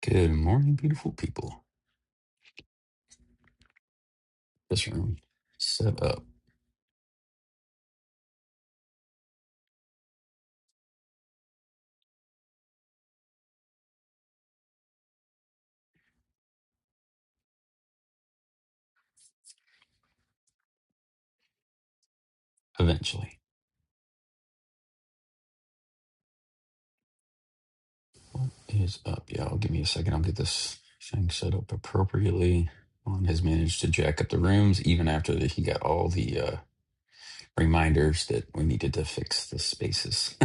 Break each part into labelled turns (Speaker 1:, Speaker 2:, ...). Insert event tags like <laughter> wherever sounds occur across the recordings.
Speaker 1: Good morning, beautiful people. This room set up eventually. What is up, y'all? Give me a second. I'll get this thing set up appropriately. Juan has managed to jack up the rooms even after that he got all the uh, reminders that we needed to fix the spaces.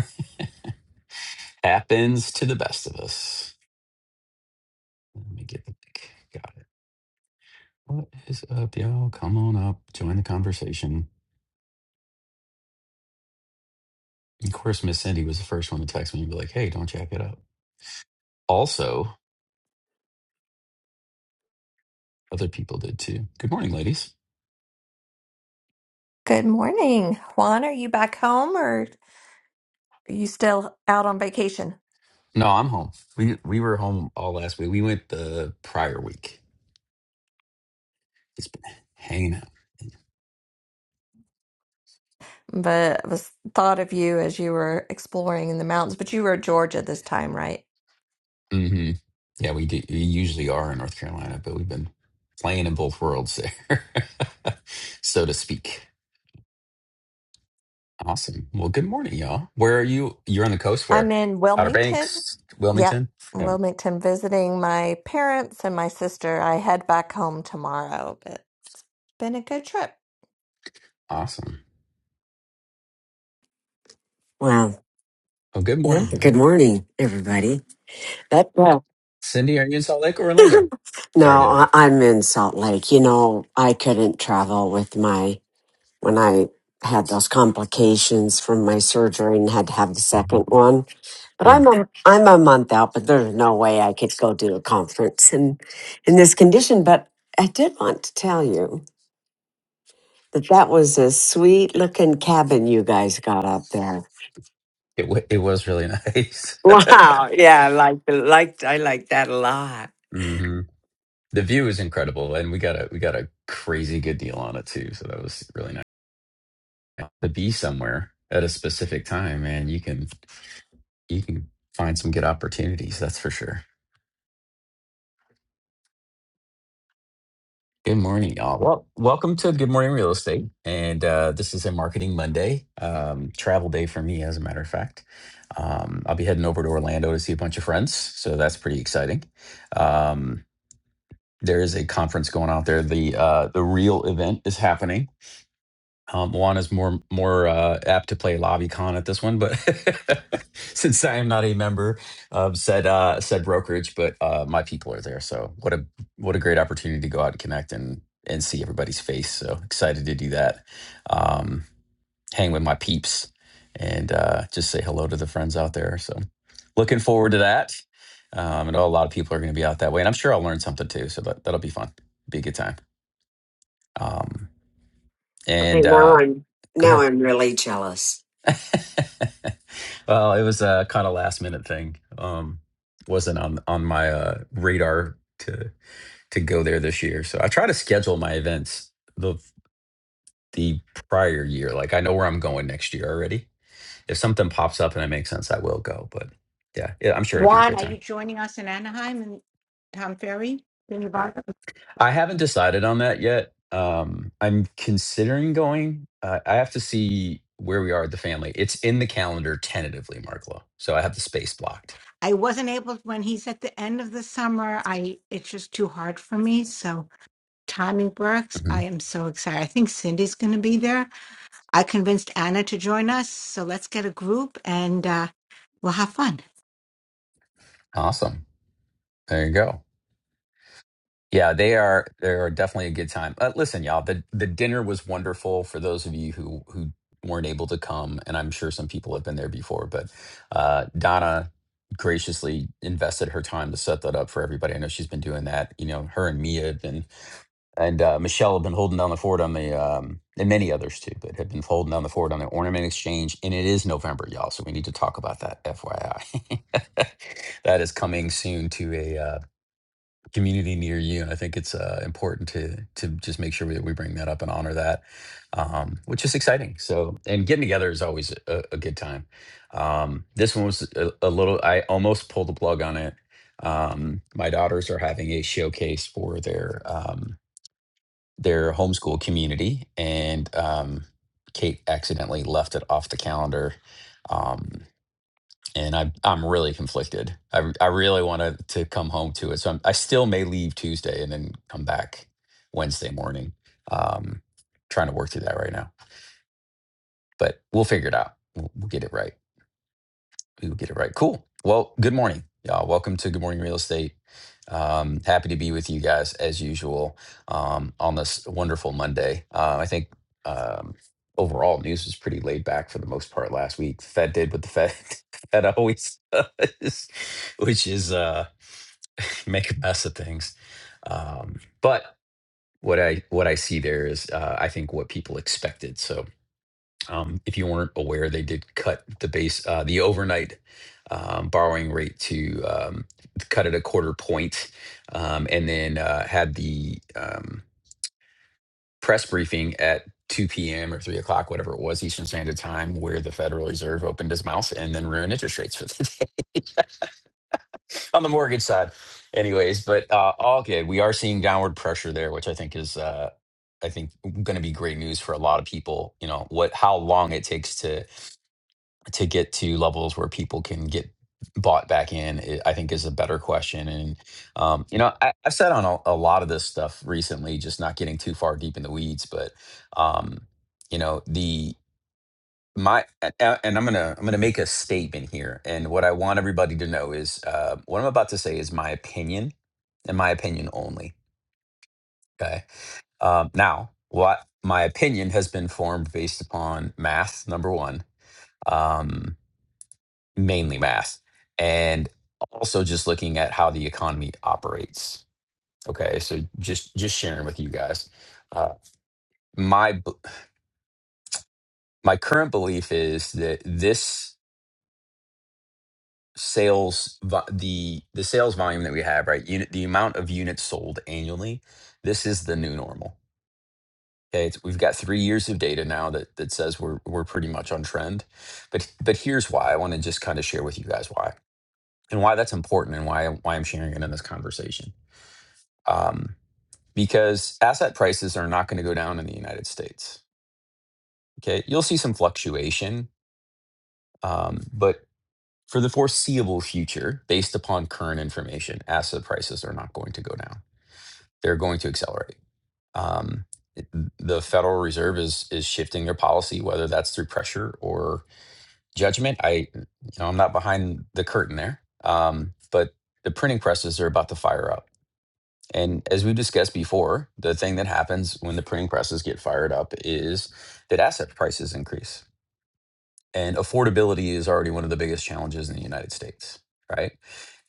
Speaker 1: <laughs> Happens to the best of us. Let me get the pick. Got it. What is up, y'all? Come on up. Join the conversation. Of course, Miss Cindy was the first one to text me and be like, hey, don't jack it up. Also, Other people did too. Good morning, ladies.
Speaker 2: Good morning, Juan. Are you back home or are you still out on vacation?
Speaker 1: No, I'm home. We we were home all last week. We went the prior week. It's been hanging out.
Speaker 2: But I was thought of you as you were exploring in the mountains, but you were in Georgia this time, right?
Speaker 1: hmm Yeah, we do. We usually are in North Carolina, but we've been playing in both worlds there, <laughs> so to speak. Awesome. Well, good morning, y'all. Where are you? You're on the coast.
Speaker 2: I'm
Speaker 1: Where?
Speaker 2: in
Speaker 1: Outer
Speaker 2: Wilmington.
Speaker 1: Banks,
Speaker 2: Yep,
Speaker 1: Wilmington. Yeah,
Speaker 2: Wilmington visiting my parents and my sister. I head back home tomorrow, but been a good trip.
Speaker 1: awesome.
Speaker 3: Wow.
Speaker 1: Well, good
Speaker 3: Yeah.
Speaker 1: morning,
Speaker 3: Good
Speaker 1: y'all.
Speaker 3: morning, everybody. That, well,
Speaker 1: Cindy, are you in Salt Lake or
Speaker 3: <laughs>
Speaker 1: Orlando?
Speaker 3: no,
Speaker 1: Sorry to
Speaker 3: I,
Speaker 1: interrupt.
Speaker 3: I'm in Salt Lake. You know, I couldn't travel with my, when I had those complications from my surgery and had to have the
Speaker 1: Mhm.
Speaker 3: second one. But
Speaker 1: Mm.
Speaker 3: I'm a, I'm a month out, but there's no way I could go do a conference in, in this condition. But I did want to tell you that that was a sweet looking cabin you guys got up there. <laughs>
Speaker 1: It wa it was really <laughs> nice.
Speaker 3: Wow. Yeah. I like, like, I like that a lot.
Speaker 1: <laughs> Mhm. The view is incredible, and we got a we got a crazy good deal on it too. So that was really nice to be somewhere at a specific time, and you can you can find some good opportunities. That's for sure. Good morning, y'all. Well, welcome to Good Morning Real Estate, and uh, this is a Marketing Monday, um, travel day for me, as a matter of fact. Um, I'll be heading over to Orlando to see a bunch of friends, so that's pretty exciting. Um, there is a conference going on out there. The uh, the real event is happening Um, Juana's more more uh, apt to play LobbyCon at this one, but <laughs> since I am not a member of said uh, said brokerage, but uh, my people are there, so what a what a great opportunity to go out and connect and and see everybody's face. So excited to do that. Um, hang with my peeps and uh, just say hello to the friends out there. So looking forward to that. Um, I know a lot of people are going to be out that way, and I'm sure I'll learn something too. So that that'll be fun. Be a good time. Um,
Speaker 3: Okay,
Speaker 1: and
Speaker 3: now
Speaker 1: uh,
Speaker 3: I'm
Speaker 1: go
Speaker 3: now
Speaker 1: ahead.
Speaker 3: I'm really jealous.
Speaker 1: <laughs> well, it was a kind of last minute thing. Um, wasn't on on my uh, radar to to go there this year. So I try to schedule my events the the prior year. Like I know where I'm going next year already. If something pops up and it makes sense, I will go. But yeah, yeah I'm sure it'll be a
Speaker 4: Juan,
Speaker 1: great
Speaker 4: are you
Speaker 1: time.
Speaker 4: joining us in Anaheim and Tom Ferry? Can you buy them?
Speaker 1: I haven't decided on that yet. Um, I'm considering going. Uh, I have to see where we are with the family. It's in the calendar tentatively, Marklo. So I have the space blocked.
Speaker 4: I wasn't able when he's at the end of the summer. I it's just too hard for me. So timing works. I
Speaker 1: Mhm.
Speaker 4: am so excited. I think Cindy's going to be there. I convinced Anna to join us. So let's get a group and uh, we'll have fun.
Speaker 1: Awesome. There you go. Yeah, they are they are definitely a good time. Uh, listen, y'all, the the dinner was wonderful for those of you who who weren't able to come, and I'm sure some people have been there before. But uh, Donna graciously invested her time to set that up for everybody. I know she's been doing that. You know, her and Mia have been, and uh, Michelle have been holding down the fort on the um, and many others too, but have been holding down the fort on the ornament exchange. And it is November, y'all, so we need to talk about that. FYI, <laughs> that is coming soon to a. uh, community near you. And I think it's uh, important to to just make sure that we bring that up and honor that, um, which is exciting. So, and getting together is always a, a good time. Um, this one was a, a little. I almost pulled the plug on it. Um, my daughters are having a showcase for their um, their homeschool community, and um, Kate accidentally left it off the calendar. Um, and I I'm really conflicted. I I really want to to come home to it, so I'm, I still may leave Tuesday and then come back Wednesday morning. Um, trying to work through that right now, but we'll figure it out. We'll, we'll get it right. Ooh, get it right. Cool. Well, good morning, y'all. Welcome to Good Morning Real Estate. Um, happy to be with you guys as usual um, on this wonderful Monday. Uh, I think um, overall news was pretty laid back for the most part last week. Fed did what the Fed <laughs> Fed always does, <laughs> which is uh, <laughs> make a mess of things. Um, but what I what I see there is uh, I think what people expected. So um, if you weren't aware, they did cut the base, uh, the overnight um, borrowing rate to um, cut it a quarter point, um, and then uh, had the um, press briefing at 2 p.m. or 3 o'clock, whatever it was, Eastern Standard Time, where the Federal Reserve opened his mouth and then ruined interest rates for the <laughs> day on the mortgage side. Anyways, but uh, all good. We are seeing downward pressure there, which I think is. Uh, I think going to be great news for a lot of people. You know what? How long it takes to to get to levels where people can get bought back in i I think is a better question and um, you know I, i've said on a, a lot of this stuff recently just not getting too far deep in the weeds but um, you know the my a- a- and i'm gonna i'm gonna make a statement here and what i want everybody to know is uh, what i'm about to say is my opinion and my opinion only okay um, now what my opinion has been formed based upon math number one um, mainly math, and also just looking at how the economy operates. Okay, so just just sharing with you guys, uh, my b- my current belief is that this sales vo- the the sales volume that we have right unit the amount of units sold annually this is the new normal okay it's, we've got three years of data now that that says we're we're pretty much on trend but but here's why i want to just kind of share with you guys why and why that's important and why why i'm sharing it in this conversation Um, because asset prices are not going to go down in the United States. Okay, you'll see some fluctuation, um, but for the foreseeable future, based upon current information, asset prices are not going to go down. They're going to accelerate. Um, it- the Federal Reserve is is shifting their policy, whether that's through pressure or judgment. I, you know, I'm not behind the curtain there, um, but the printing presses are about to fire up And as we discussed before, the thing that happens when the printing presses get fired up is that asset prices increase. And affordability is already one of the biggest challenges in the United States, right?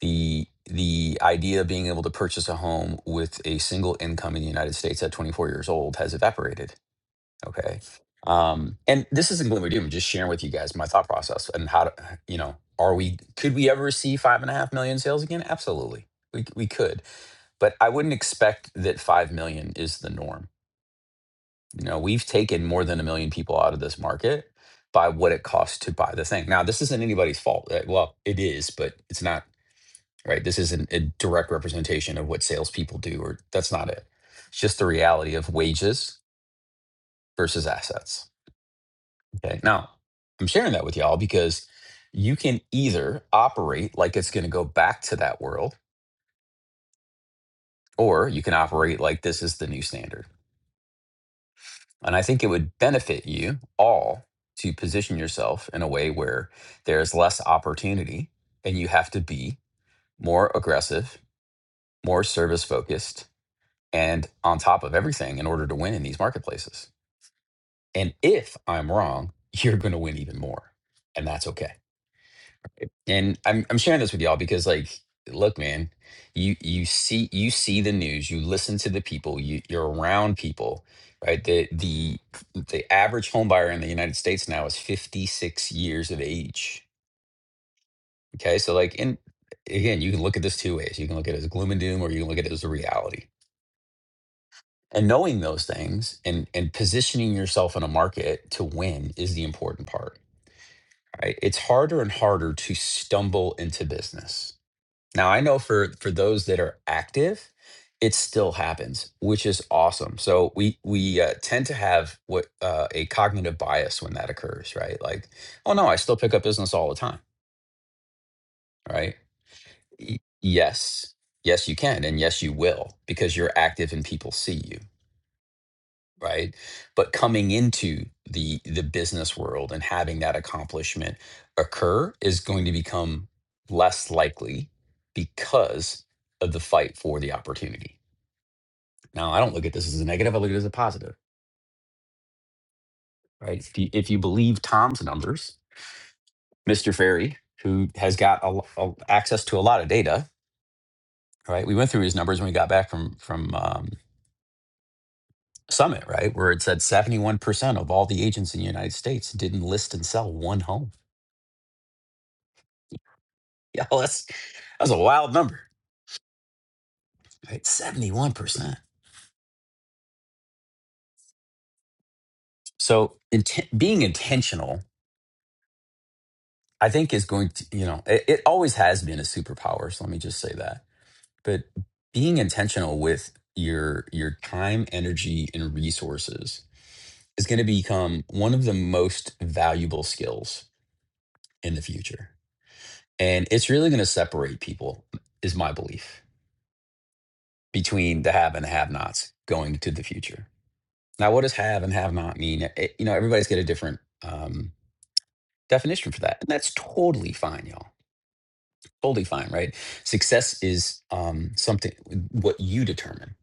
Speaker 1: The the idea of being able to purchase a home with a single income in the United States at 24 years old has evaporated Okay. Um, and this isn't gloom or doom, just sharing with you guys my thought process and how to, <sighs> you know, are we, could we ever see five and a half million sales again? Absolutely. We, c- we could, but I wouldn't expect that 5 million is the norm. You know, we've taken more than a million people out of this market by what it costs to buy the thing. Now, this isn't anybody's fault. right? Well, it is, but it's not, right? This isn't a direct representation of what salespeople do, or that's not it. It's just the reality of wages versus assets Okay. Now, I'm sharing that with y'all because you can either operate like it's going to go back to that world, or you can operate like this is the new standard. And I think it would benefit you all to position yourself in a way where there's less opportunity and you have to be more aggressive, more service focused, and on top of everything in order to win in these marketplaces. And if I'm wrong, <laughs> you're going to win even more. And that's okay. And I'm I'm sharing this with y'all because like look man, you you see you see the news, you listen to the people, you you're around people, right? The the the average home buyer in the United States now is 56 years of age. Okay? So like in again, you can look at this two ways. You can look at it as gloom and doom or you can look at it as a reality. And knowing those things and and positioning yourself in a market to win is the important part, right? It's harder and harder to stumble into business Now I know for for those that are active, it still happens, which is awesome. So we we uh, tend to have what uh, a cognitive bias when that occurs, right? Like, oh no, I still pick up business all the time, right? Y- yes, yes, you can, and yes, you will, because you're active and people see you, right? But coming into the the business world and having that accomplishment occur is going to become less likely because of the fight for the opportunity Now, I don't look at this as a negative. I look at it as a positive, right? If you, if you believe Tom's numbers, Mr. Ferry, who has got a, lo- a- access to a lot of data, right? We went through his numbers when we got back from from um, Summit, right, where it said 71% of all the agents in the United States didn't list and sell one home. Yeah, <laughs> that's that's a wild number, right? 71%. So inten- being intentional, I think, is going to, you know, it, it always has been a superpower. So let me just say that but being intentional with your your time energy and resources is going to become one of the most valuable skills in the future and it's really going to separate people is my belief between the have and the have nots going to the future now what does have and have not mean It- you know everybody's got a different um, definition for that and that's totally fine y'all totally fine, right? Success is um, something what you determine,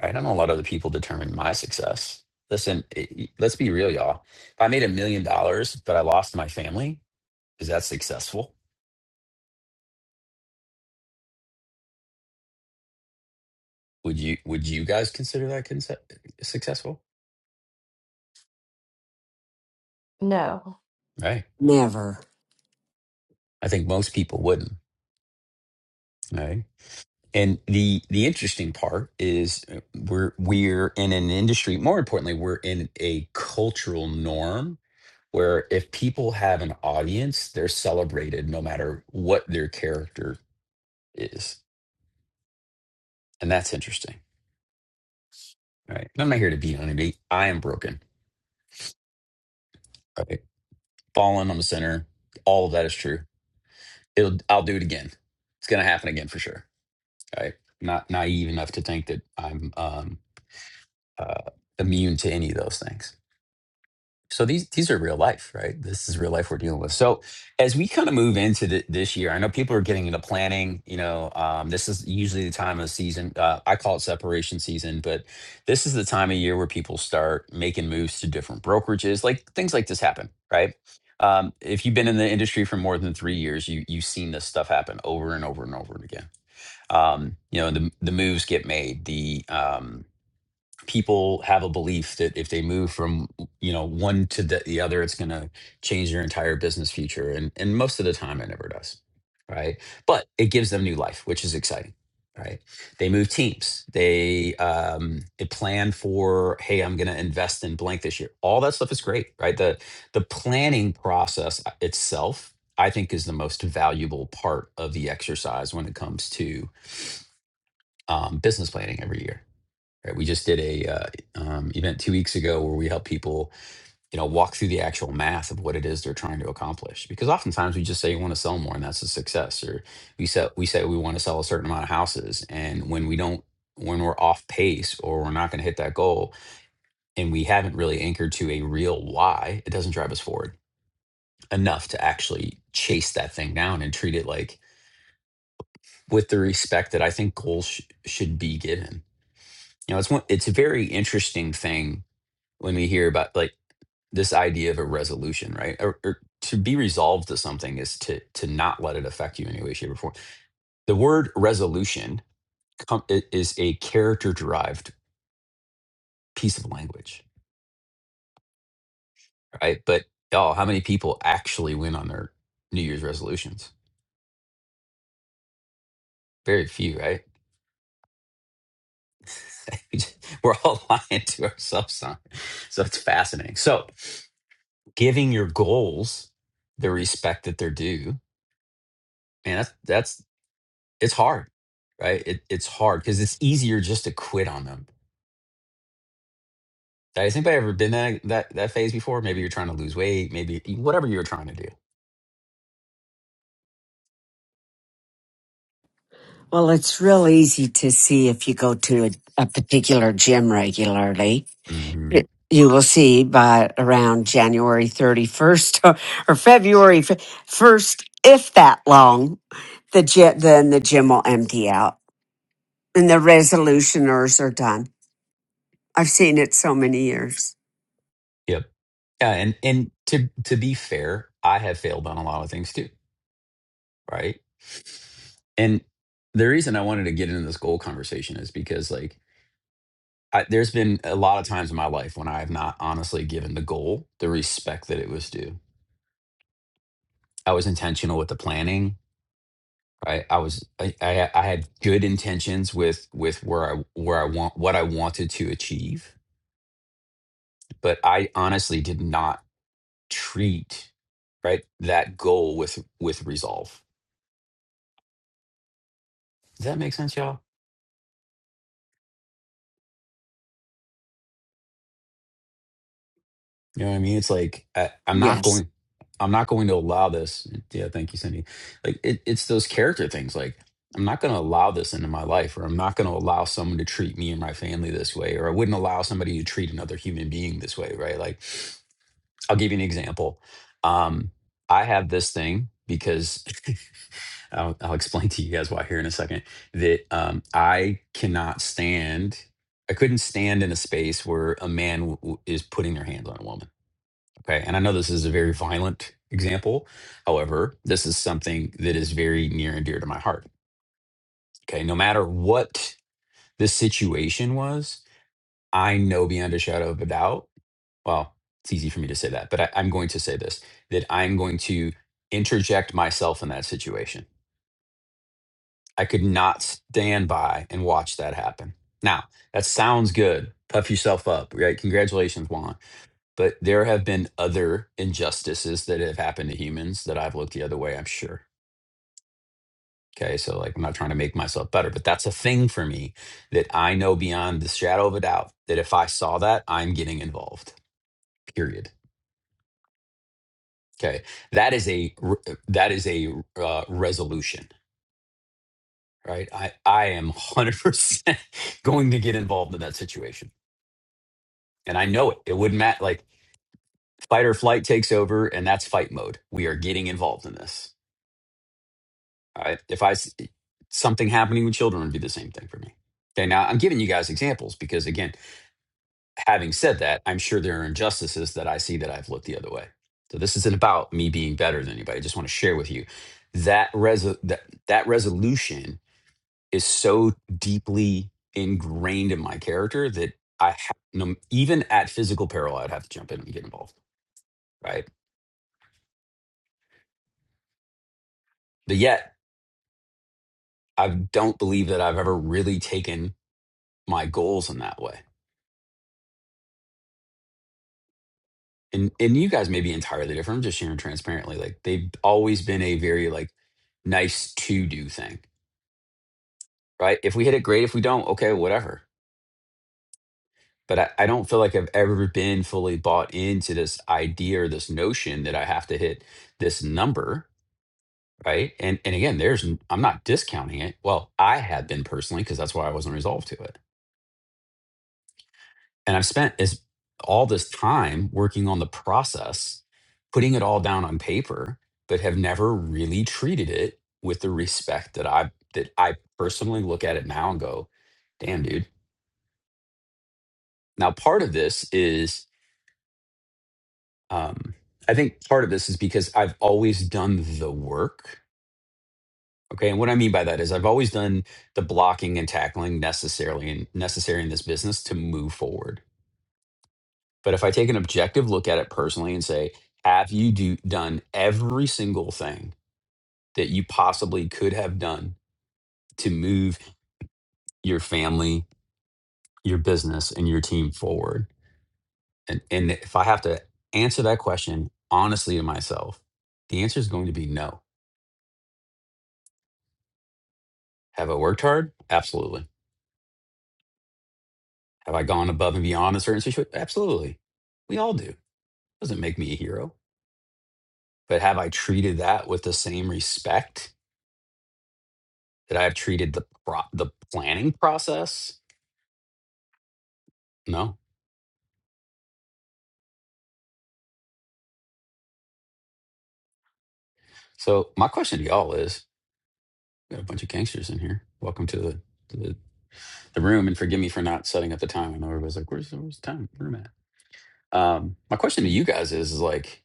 Speaker 1: right? I don't know a lot of other people determine my success. Listen, it, let's be real, y'all. If I made a million dollars, but I lost my family, is that successful? Would you Would you guys consider that conce- successful?
Speaker 2: No.
Speaker 1: Right?
Speaker 3: Never.
Speaker 1: I think most people wouldn't, right? And the the interesting part is uh, we're we're in an industry. More importantly, we're in a cultural norm where if people have an audience, they're celebrated no matter what their character is. And that's interesting. Right. I'm not here to beat on anybody. I am broken. Right. Fallen, I'm a sinner. All of that is true. It'll I'll do it again. It's gonna happen again for sure. Right. Not naive enough to think that I'm um uh immune to any of those things. so these these are real life right this is real life we're dealing with so as we kind of move into th- this year i know people are getting into planning you know um, this is usually the time of the season uh, i call it separation season but this is the time of year where people start making moves to different brokerages like things like this happen right um, if you've been in the industry for more than three years you, you've seen this stuff happen over and over and over and again um, you know the, the moves get made the um, people have a belief that if they move from you know one to the, the other it's going to change their entire business future and and most of the time it never does right but it gives them new life which is exciting right they move teams they um they plan for hey i'm going to invest in blank this year all that stuff is great right the the planning process uh, itself i think is the most valuable part of the exercise when it comes to um, business planning every year Right? We just did a uh, um, event two weeks ago where we help people, you know, walk through the actual math of what it is they're trying to accomplish. Because oftentimes we just say we want to sell more, and that's a success. Or we say we say we want to sell a certain amount of houses, and when we don't, when we're off pace or we're not going to hit that goal, and we haven't really anchored to a real why, it doesn't drive us forward enough to actually chase that thing down and treat it like with the respect that I think goals sh- should be given. You know, it's one. It's a very interesting thing when we hear about like this idea of a resolution, right? Or, or to be resolved to something is to to not let it affect you in any way, shape, or form. The word resolution com- i- is a character derived piece of language, right? But oh, how many people actually win on their New Year's resolutions? Very few, right? <laughs> We're all lying to ourselves on. it. So it's fascinating. So giving your goals the respect that they're due, man, that's It's hard, right? It, it's hard because it's easier just to quit on them. Like, Has anybody ever been that that that phase before? Maybe you're trying to lose weight, maybe whatever you're trying to do.
Speaker 3: Well, it's real easy to see if you go to a, a particular gym regularly.
Speaker 1: hmm
Speaker 3: It- You will see by around January 31st <laughs> or, or February f- 1st, if that long, the gym, then the gym will empty out and the resolutioners are done. I've seen it so many years.
Speaker 1: Yep. Yeah, and and to to be fair, I have failed on a lot of things too, right? And the reason I wanted to get into this goal conversation is because like I, there's been a lot of times in my life when I have not honestly given the goal the respect that it was due. I was intentional with the planning. right i was I, I i had good intentions with with where i where i want what i wanted to achieve but i honestly did not treat right that goal with with resolve does that make sense y'all you know what i mean it's like I, i'm not
Speaker 3: Yes,
Speaker 1: going i'm not going to allow this yeah thank you cindy like it, it's those character things like i'm not going to allow this into my life or i'm not going to allow someone to treat me and my family this way or i wouldn't allow somebody to treat another human being this way right like I'll give you an example. Um, I have this thing because <laughs> I'll, I'll explain to you guys why here in a second that um, I cannot stand. I couldn't stand in a space where a man w- w- is putting their hands on a woman. Okay, and I know this is a very violent example. However, this is something that is very near and dear to my heart. Okay, no matter what the situation was, I know beyond a shadow of a doubt well, it's easy for me to say that, but I, I'm going to say this that I'm going to interject myself in that situation. I could not stand by and watch that happen. Now, that sounds good. Puff yourself up, right? Congratulations, Juan. But there have been other injustices that have happened to humans that I've looked the other way, I'm sure. Okay. So, like, I'm not trying to make myself better, but that's a thing for me that I know beyond the shadow of a doubt that if I saw that, I'm getting involved, period. Okay, that is a r- that is a uh, resolution, right? I I am one hundred percent <laughs> going to get involved in that situation, and I know it. It wouldn't matter. Like fight or flight takes over, and that's fight mode. We are getting involved in this. All right. If I s- something happening with children would be the same thing for me. Okay. Now I'm giving you guys examples because again, having said that, I'm sure there are injustices that I see that I've looked the other way. So this isn't about me being better than anybody. I just want to share with you that res that that resolution is so deeply ingrained in my character that I have no, even at physical peril, I'd have to jump in and get involved, right? But yet, I don't believe that I've ever really taken my goals in that way. And and you guys may be entirely different. I'm just sharing transparently. Like they've always been a very like nice to do thing, right? If we hit it, great. If we don't, okay, whatever. But I, I don't feel like I've ever been fully bought into this idea or this notion that I have to hit this number right? And and again, there's n- I'm not discounting it. Well, I had been personally because that's why I wasn't resolved to it. And I've spent is all this time working on the process, putting it all down on paper, but have never really treated it with the respect that I that I personally look at it now and go, "Damn, dude." Now, part of this is um I think part of this is because I've always done the work Okay. And what I mean by that is I've always done the blocking and tackling necessarily and necessary in this business to move forward. But if I take an objective look at it personally and say, have you do, done every single thing that you possibly could have done to move your family, your business, and your team forward? And, and if I have to answer that question honestly to myself, the answer is going to be no. Have I worked hard? Absolutely. Have I gone above and beyond in certain situations? Absolutely. We all do. doesn't make me a hero. But have I treated that with the same respect that I've treated the pro- the planning process? No. So my question to y'all is: we got a bunch of gangsters in here. Welcome to the to the, the room, and forgive me for not setting up the time. I know everybody's like, "Where's where's the time room at?" Um, my question to you guys is: is like,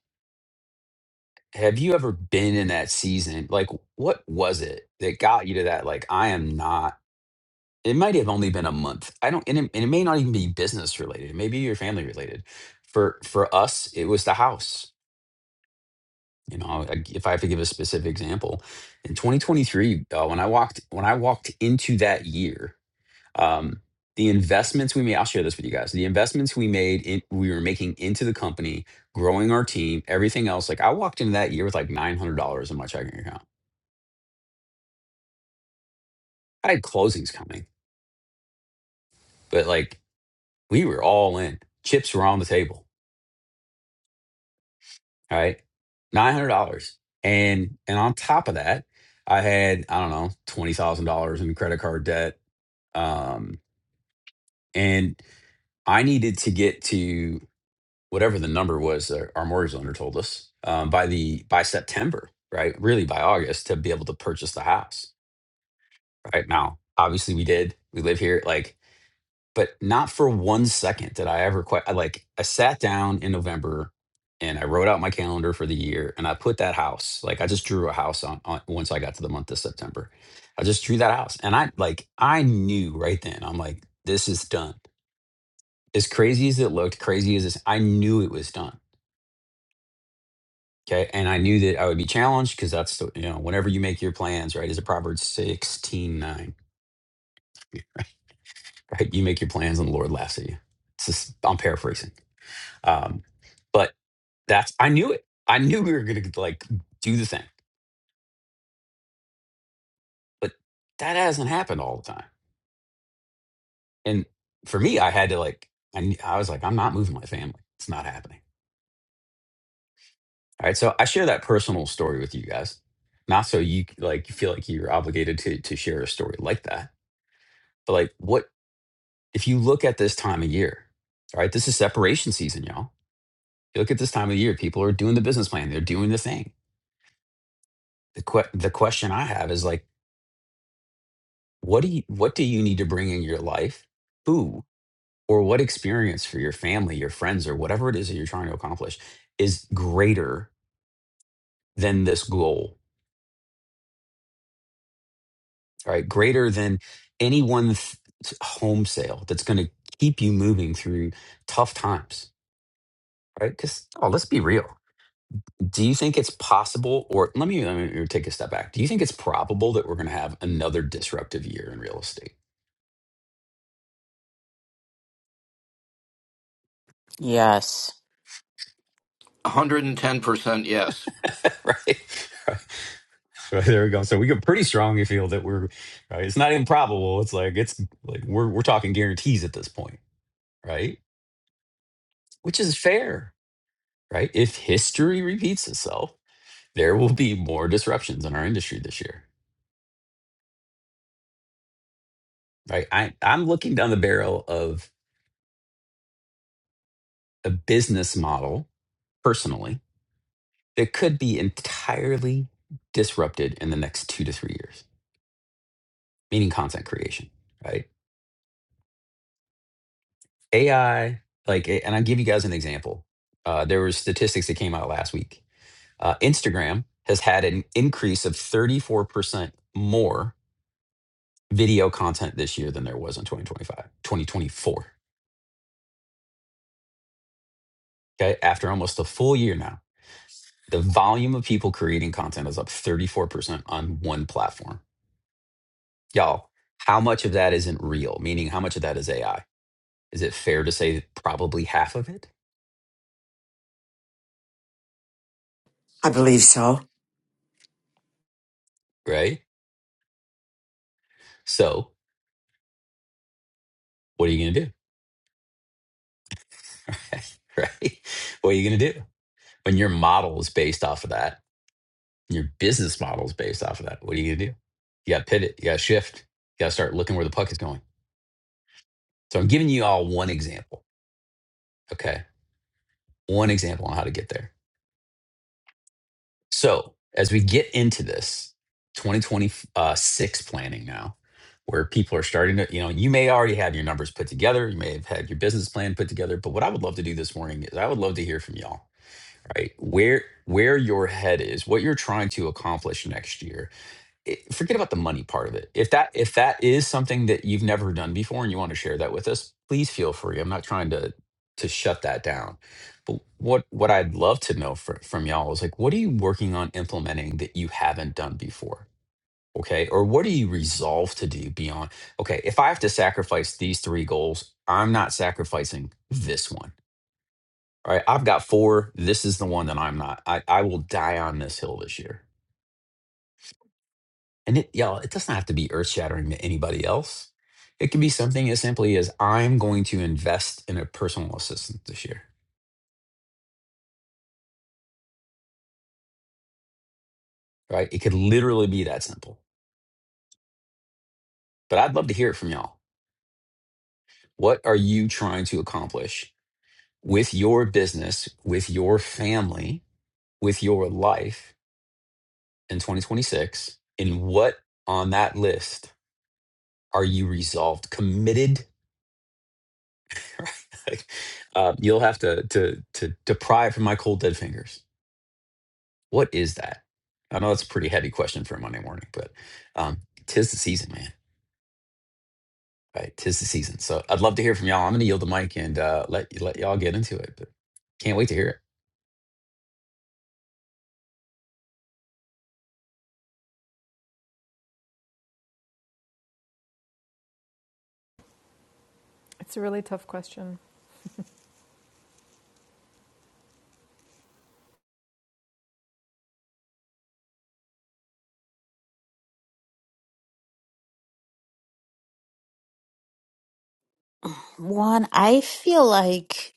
Speaker 1: have you ever been in that season? Like, what was it that got you to that? Like, I am not. It might have only been a month. I don't, and it, and it may not even be business related. It may be your family related. For for us, it was the house. You know, I- if I have to give a specific example, in 2023, uh, when I walked when I walked into that year, um, the investments we made. I'll share this with you guys. The investments we made, in, we were making into the company, growing our team, everything else. Like I walked into that year with like nine hundred dollars in my checking account. I had closings coming, but like we were all in. Chips were on the table All right. Nine hundred dollars. And and on top of that, I had, I don't know, twenty thousand dollars in credit card debt. Um, and I needed to get to whatever the number was that our mortgage lender told us, um, by the by September, right? Really by August to be able to purchase the house. Right now, obviously we did. We live here. Like but not for one second did I ever quite I, like I sat down in November and I wrote out my calendar for the year and I put that house like I just drew a house on, on once I got to the month of September. I just drew that house and I like I knew right then. I'm like this is done. As crazy as it looked, crazy as this, I knew it was done. Okay. And I knew that I would be challenged because that's, the, you know, whenever you make your plans, right? Is it Proverbs 16 9. right? You make your plans and the Lord laughs at you. It's just, I'm paraphrasing Um, but that's I knew it. I knew we were gonna like do the thing, but that hasn't happened all the time. And for me, I had to like I kn- I was like I'm not moving my family. It's not happening. All right, so I share that personal story with you guys, not so you c- like you feel like you're obligated to to share a story like that, but like what if you look at this time of year? All right, this is separation season, y'all. You look at this time of year, people are doing the business plan, they're doing the thing. The que- the question I have is like what do you what do you need to bring in your life who or what experience for your family your friends or whatever it is that you're trying to accomplish is greater than this goal right greater than any one th- home sale that's going to keep you moving through tough times right because oh let's be real do you think it's possible or let me, let me take a step back do you think it's probable that we're going to have another disruptive year in real estate
Speaker 5: Yes.
Speaker 6: 110% yes.
Speaker 1: <laughs> right <laughs> <laughs> Right, there we go. So we could pretty strongly feel that we're right. It's not improbable. It's like it's like we're we're talking guarantees at this point, right? Which is fair, right? If history repeats itself, there will be more disruptions in our industry this year, right? I I'm looking down the barrel of a business model personally that could be entirely disrupted in the next two to three years, meaning content creation, right? AI, like, and I'll give you guys an example. Uh, there were statistics that came out last week Uh, Instagram has had an increase of 34% more video content this year than there was in 2025, 2024. Okay. After almost a full year now, the volume of people creating content is up 34% on one platform. Y'all, how much of that isn't real? Meaning, how much of that is AI? Is it fair to say probably half of it?
Speaker 3: I believe so.
Speaker 1: Right. So, what are you going to do? <laughs> right. What are you going to do when your model is based off of that? Your business model is based off of that. What are you gonna do? You gotta pivot, you gotta shift, you gotta start looking where the puck is going. So I'm giving you all one example. Okay. One example on how to get there. So as we get into this 2026 planning now, where people are starting to, you know, you may already have your numbers put together, you may have had your business plan put together, but what I would love to do this morning is I would love to hear from y'all, right? Where where your head is, what you're trying to accomplish next year, it- forget about the money part of it. If that if that is something that you've never done before and you want to share that with us, please feel free. I'm not trying to to shut that down. But what what I'd love to know fr- from y'all is like what are you working on implementing that you haven't done before? Okay? Or what are you resolved to do beyond okay, if I have to sacrifice these three goals, I'm not sacrificing this one. All right? I've got four. This is the one that I'm not. I I will die on this hill this year. And it, y'all, it doesn't have to be earth shattering to anybody else. It can be something as simply as I'm going to invest in a personal assistant this year, right? It could literally be that simple. But I'd love to hear it from y'all. What are you trying to accomplish with your business, with your family, with your life in 2026? And what on that list are you resolved, committed? <laughs> Right? Like, uh, you'll have to, to, to, to pry it from my cold dead fingers What is that? I know that's a pretty heavy question for a Monday morning, but um, tis the season, man. Right, tis the season. So I'd love to hear from y'all. I'm going to yield the mic and uh, let let y'all get into it, but can't wait to hear it.
Speaker 7: It's a really tough question.
Speaker 5: Juan, I feel like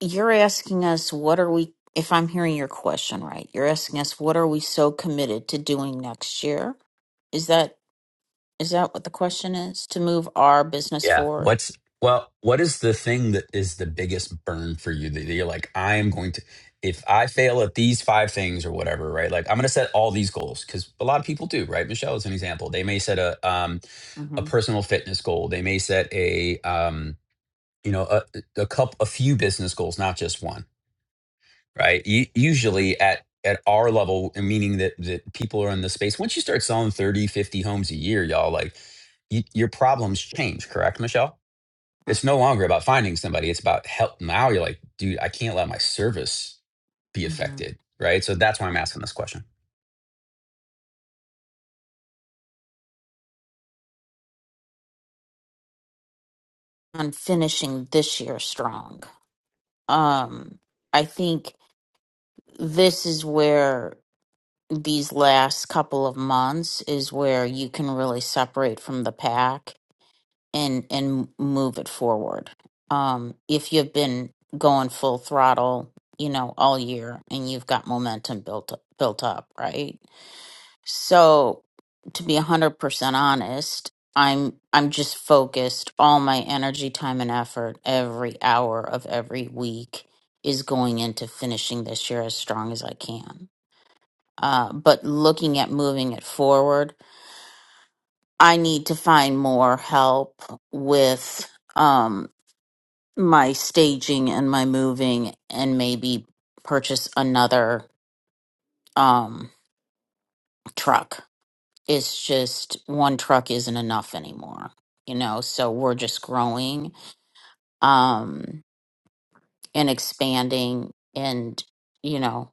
Speaker 5: you're asking us what are we, if I'm hearing your question right, you're asking us what are we so committed to doing next year? Is that is that what the question is? To move our business
Speaker 1: Yeah.
Speaker 5: forward?
Speaker 1: What's well? What is the thing that is the biggest burn for you that you're like, I am going to, if I fail at these five things or whatever, right? Like I'm going to set all these goals because a lot of people do, right? Michelle is an example. They may set a um, a
Speaker 5: Mm-hmm.
Speaker 1: personal fitness goal. They may set a um, you know a, a couple a few business goals not just one right U- usually at at our level meaning that that people are in the space once you start selling 30, 50 homes a year y'all like y your problems change correct michelle it's no longer about finding somebody it's about help now you're like dude i can't let my service be
Speaker 5: Mm-hmm.
Speaker 1: affected right so that's why i'm asking this question
Speaker 5: On finishing this year strong. Um, I think this is where these last couple of months is where you can really separate from the pack and and move it forward. Um, if you've been going full throttle, you know, all year and you've got momentum built up, built up, right? So, to be 100% honest, I'm I'm just focused all my energy, time and effort every hour of every week is going into finishing this year as strong as I can. Uh, but looking at moving it forward, I need to find more help with Um, my staging and my moving and maybe purchase another um truck. It's just one truck isn't enough anymore. You know, so we're just growing um and expanding and you know,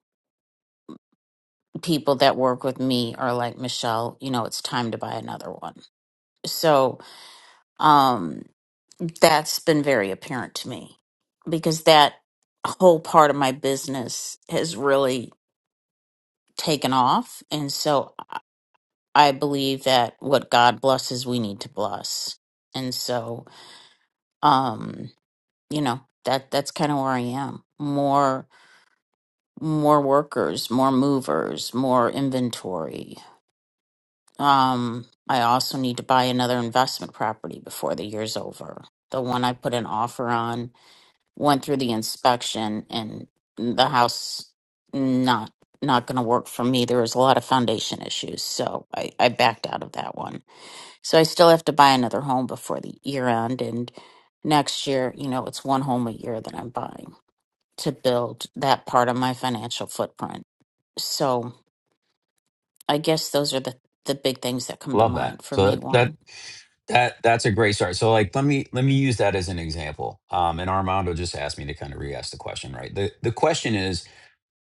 Speaker 5: people that work with me are like, "Michelle, you know, it's time to buy another one." So, um that's been very apparent to me because that whole part of my business has really taken off. And so I believe that what God blesses, we need to bless. And so, um, you know, that that's kind of where I am. More more workers, more movers, more inventory. Um, I also need to buy another investment property before the year's over. The one I put an offer on went through the inspection and the house not not going to work for me there was a lot of foundation issues so I, I backed out of that one so i still have to buy another home before the year end and next year you know it's one home a year that i'm buying to build that part of my financial footprint So. I guess those are the, the big things that come to
Speaker 1: love that
Speaker 5: mind for
Speaker 1: so
Speaker 5: me,
Speaker 1: that that
Speaker 5: Juan.
Speaker 1: that that's a great start so like let me let me use that as an example um and armando just asked me to kind of re-ask the question right the the question is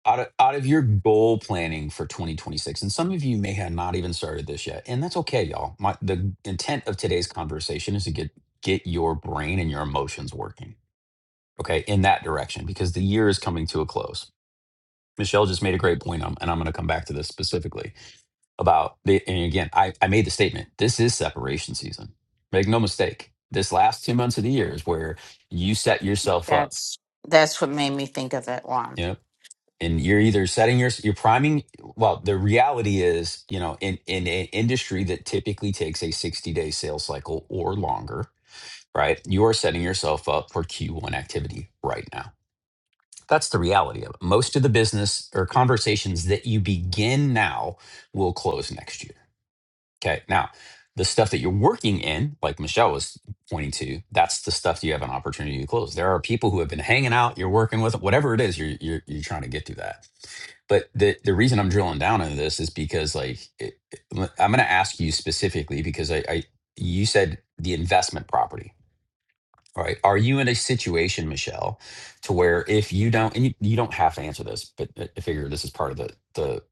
Speaker 1: out of, out of your goal planning for 2026 and some of you may have not even started this yet and that's okay y'all my the intent of today's conversation is to get get your brain and your emotions working okay in that direction because the year is coming to a close michelle just made a great point um, and i'm going to come back to this specifically about the and again I, I made the statement this is separation season make no mistake this last two months of the year is where you set yourself up
Speaker 5: That's that's what made me think of it, Juan.
Speaker 1: You know, and you're either setting your you're priming well the reality is you know in in an industry that typically takes a 60 day sales cycle or longer right you are setting yourself up for q1 activity right now that's the reality of it most of the business or conversations that you begin now will close next year Okay. Now, the stuff that you're working in, like Michelle was pointing to, that's the stuff you have an opportunity to close. There are people who have been hanging out, you're working with, whatever it is, you're you're, you're trying to get to that. But the the reason I'm drilling down into this is because like it, it- I'm going to ask you specifically because I, I you said the investment property all right. Are you in a situation, Michelle, to where if you don't, and you, you don't have to answer this, but uh, I figure this is part of the the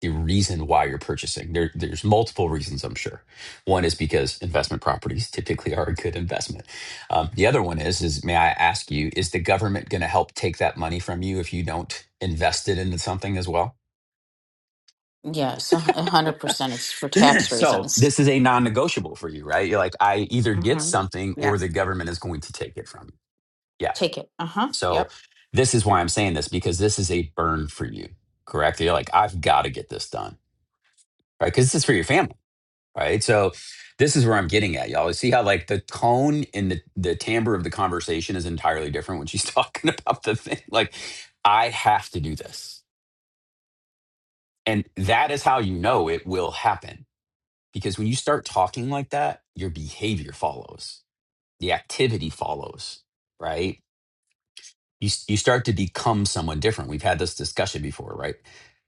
Speaker 1: the reason why you're purchasing. There, there's multiple reasons, I'm sure. One is because investment properties typically are a good investment. Um, the other one is, is may I ask you, is the government going to help take that money from you if you don't invest it into something as well?
Speaker 5: Yes, a hu- a hundred percent. It's for
Speaker 1: <clears throat>
Speaker 5: tax
Speaker 1: so
Speaker 5: reasons.
Speaker 1: this is a non-negotiable for you, right? You're like, I either get
Speaker 5: Mm-hmm.
Speaker 1: something
Speaker 5: Yeah.
Speaker 1: or the government is going to take it from you. Yeah.
Speaker 5: Take it. Uh huh.
Speaker 1: So
Speaker 5: Yep.
Speaker 1: this is why I'm saying this because this is a burn for you, correct? You're like, I've got to get this done, right? Because this is for your family, right? So this is where I'm getting at, y'all. You see how like the tone and the the timbre of the conversation is entirely different when she's <laughs> talking about the thing. Like, I have to do this, and that is how you know it will happen. Because when you start talking like that, your behavior follows, the activity follows, right? you s- you start to become someone different. We've had this discussion before, right?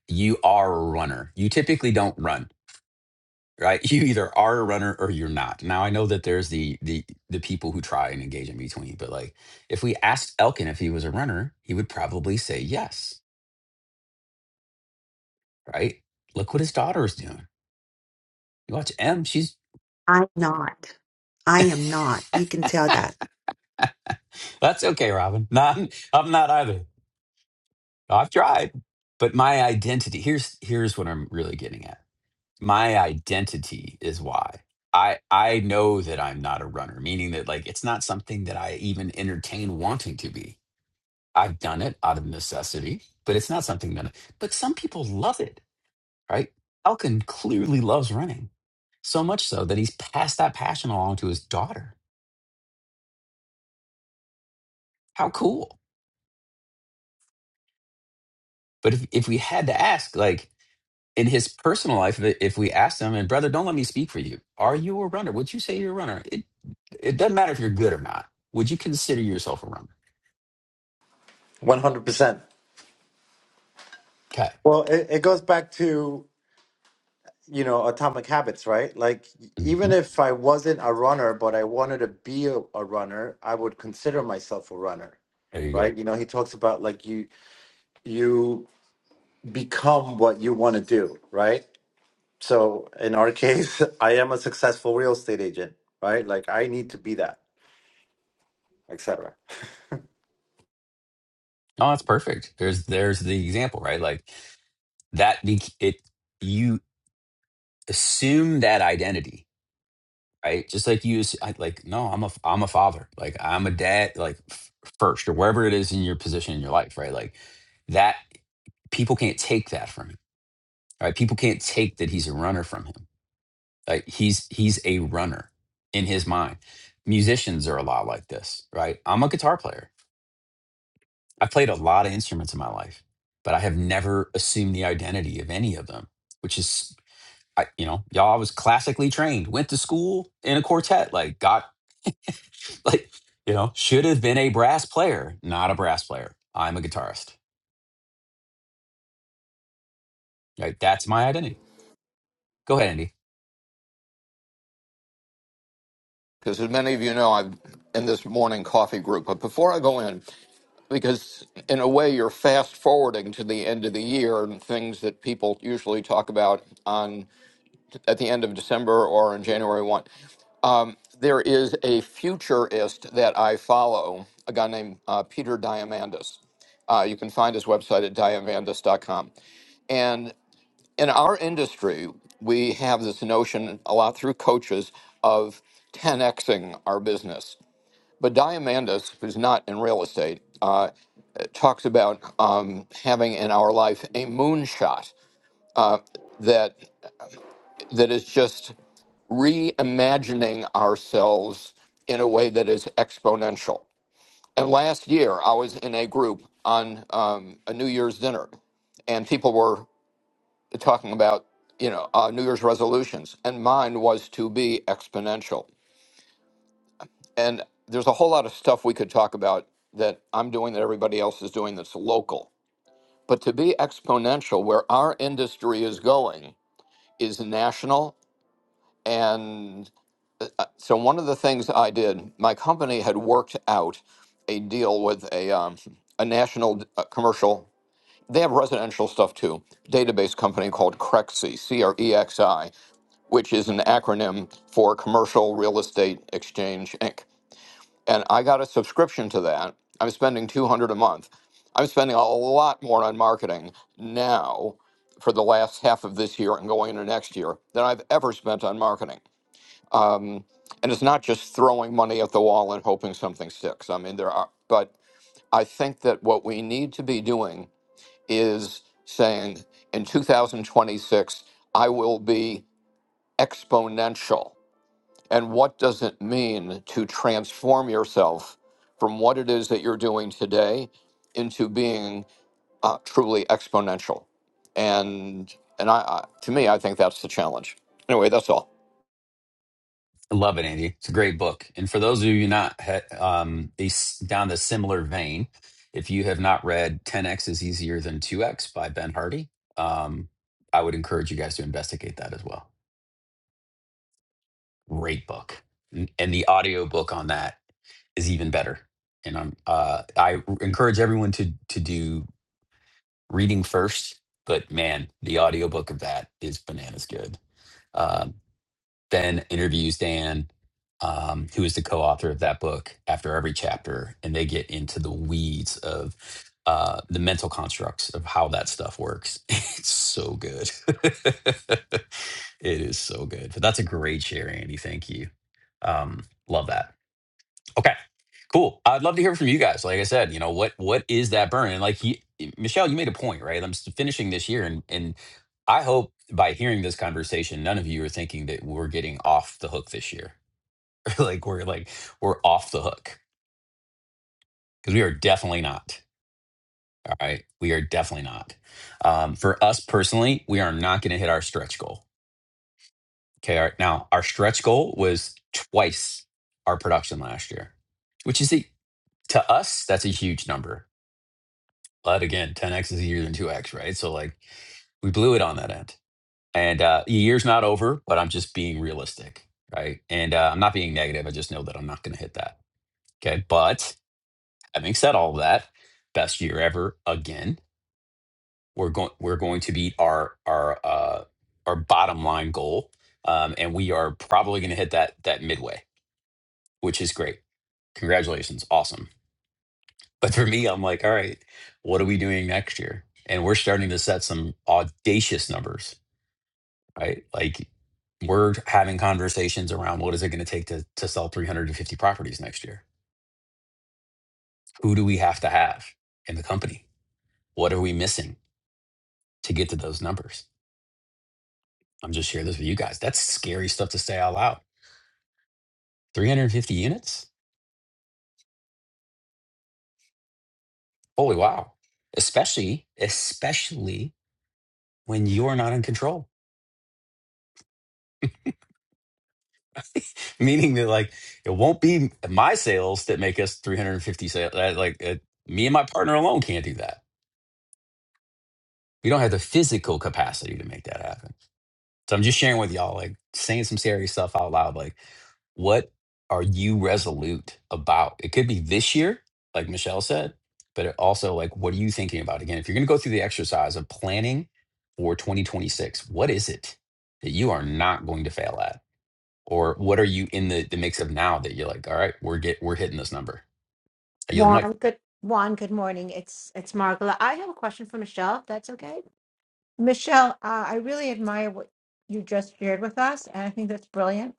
Speaker 1: You are a runner. You typically don't run, right? <laughs> You either are a runner or you're not. Now I know that there's the the the people who try and engage in between, but like if we asked Elkin if he was a runner, he would probably say yes, right? Look what his daughter is doing. You watch M, she's
Speaker 8: I'm not. I am not. You can tell that.
Speaker 1: that's okay, Robin. <laughs> Not I'm not either. I've tried. But my identity, here's here's what I'm really getting at my identity is why i i know that i'm not a runner meaning that like it's not something that i even entertain wanting to be i've done it out of necessity but it's not something that but some people love it right elkin clearly loves running so much so that he's passed that passion along to his daughter how cool but if, if we had to ask like in his personal life, if if we asked him, and brother, don't let me speak for you. Are you a runner? Would you say you're a runner? It it doesn't matter if you're good or not. Would you consider yourself a runner?
Speaker 9: One hundred percent.
Speaker 1: Okay.
Speaker 9: Well, it, it goes back to you know atomic habits, right? Like
Speaker 1: hmm
Speaker 9: even if I wasn't a runner, but I wanted to be a, a runner, I would consider myself a runner,
Speaker 1: There you go.
Speaker 9: right? You know, he talks about like you you become what you want to do, right? So in our case, <laughs> I am a successful real estate agent, right? Like I need to be that, etc.
Speaker 1: Oh, that's perfect. There's there's the example, right? Like that. Be, it you assume that identity, right? Just like you ass- I- like no, I'm a f- I'm a father. Like I'm a dad. Like f- first or wherever it is in your position in your life, right? Like that people can't take that from him, right? People can't take that he's a runner from him Like he's he's a runner in his mind. Musicians are a lot like this, right? I'm a guitar player. I played a lot of instruments in my life, but I have never assumed the identity of any of them, which is I, you know, y'all I was classically trained, went to school in a quartet, like got <laughs> like, you know, should have been a brass player, not a brass player. I'm a guitarist. Right? That's my identity. Go ahead, Andy.
Speaker 6: Because as many of you know, I'm in this morning coffee group. But before I go in, because in a way you're fast forwarding to the end of the year and things that people usually talk about on at the end of December or in January 1. Um, there is a futurist that I follow, a guy named uh, Peter Diamandis. Uh, you can find his website at diamandis.com. in our industry, we have this notion a lot through coaches of 10xing our business. But Diamandis, who's not in real estate, uh, talks about um, having in our life a moonshot that that is just reimagining ourselves in a way that is exponential. And last year, I was in a group on um, a New Year's dinner, and people were talking about you know uh, New Year's resolutions, and mine was to be exponential. And there's a whole lot of stuff we could talk about that I'm doing that everybody else is doing that's local. But to be exponential, where our industry is going, is national. And uh, so one of the things I did, my company had worked out a deal with a um, a national uh, commercial. They have residential stuff too. Database company called Crexi, C R E X I which is an acronym for Commercial Real Estate Exchange Inc. And I got a subscription to that. I'm spending 200 a month. I'm spending a lot more on marketing now for the last half of this year and going into next year than I've ever spent on marketing. Um, and it's not just throwing money at the wall and hoping something sticks. I mean, there are, but I think that what we need to be doing is saying in 2026, I will be exponential and what does it mean to transform yourself from what it is that you're doing today into being uh, truly exponential? And and I, I to me, I think that's the challenge. Anyway, that's all.
Speaker 1: I love it, Andy. It's a great book. And for those of you not ha- um, a s- down the similar vein, if you have not read 10x is easier than 2x by Ben Hardy, um, I would encourage you guys to investigate that as well. Great book. N- And the audio book on that is even better. And I'm, uh, I r- encourage everyone to to do reading first, but man, the audio book of that is bananas good. Um, Ben interviews Dan, um, who is the co-author of that book, after every chapter, and they get into the weeds of uh, the mental constructs of how that stuff works. <laughs> It's so good. <laughs> it is so good. But that's a great share, Andy. Thank you. Um, love that. Okay, cool. I'd love to hear from you guys. Like I said, you know what what is that burn? And like he, Michelle, you made a point, right? I'm s- finishing this year, and and I hope by hearing this conversation, none of you are thinking that we're getting off the hook this year. <laughs> like we're like we're off the hook because we are definitely not. All right, we are definitely not. Um, for us personally, we are not going to hit our stretch goal. Okay, our, now our stretch goal was twice our production last year, which is the to us that's a huge number But again, 10x is easier than 2x, right? So like we blew it on that end. And uh, the year's not over, but I'm just being realistic, right? And uh, I'm not being negative. I just know that I'm not going to hit that. Okay. But having said all of that, best year ever again. We're going we're going to beat our our uh, our bottom line goal, um, and we are probably going to hit that that midway, which is great. Congratulations, awesome. But for me, I'm like, all right, what are we doing next year? And we're starting to set some audacious numbers right? Like we're having conversations around what is it going to take to to sell 350 properties next year? Who do we have to have in the company? What are we missing to get to those numbers? I'm just sharing this with you guys. That's scary stuff to say out loud. 350 units? Holy wow. Especially, especially when you're not in control. <laughs> Meaning that like it won't be my sales that make us 350 sales. Like uh, me and my partner alone can't do that. We don't have the physical capacity to make that happen So I'm just sharing with y'all, like saying some serious stuff out loud. Like, what are you resolute about? It could be this year, like Michelle said, but it also like, what are you thinking about? Again, if you're going to go through the exercise of planning for 2026, what is it that you are not going to fail at? Or what are you in the, the mix of now that you're like, all right, we're get we're hitting this number? I yield the mic.
Speaker 4: Juan, good Juan, good morning. It's it's Margola. I have a question for Michelle. If that's okay, Michelle. Uh, I really admire what you just shared with us, and I think that's brilliant.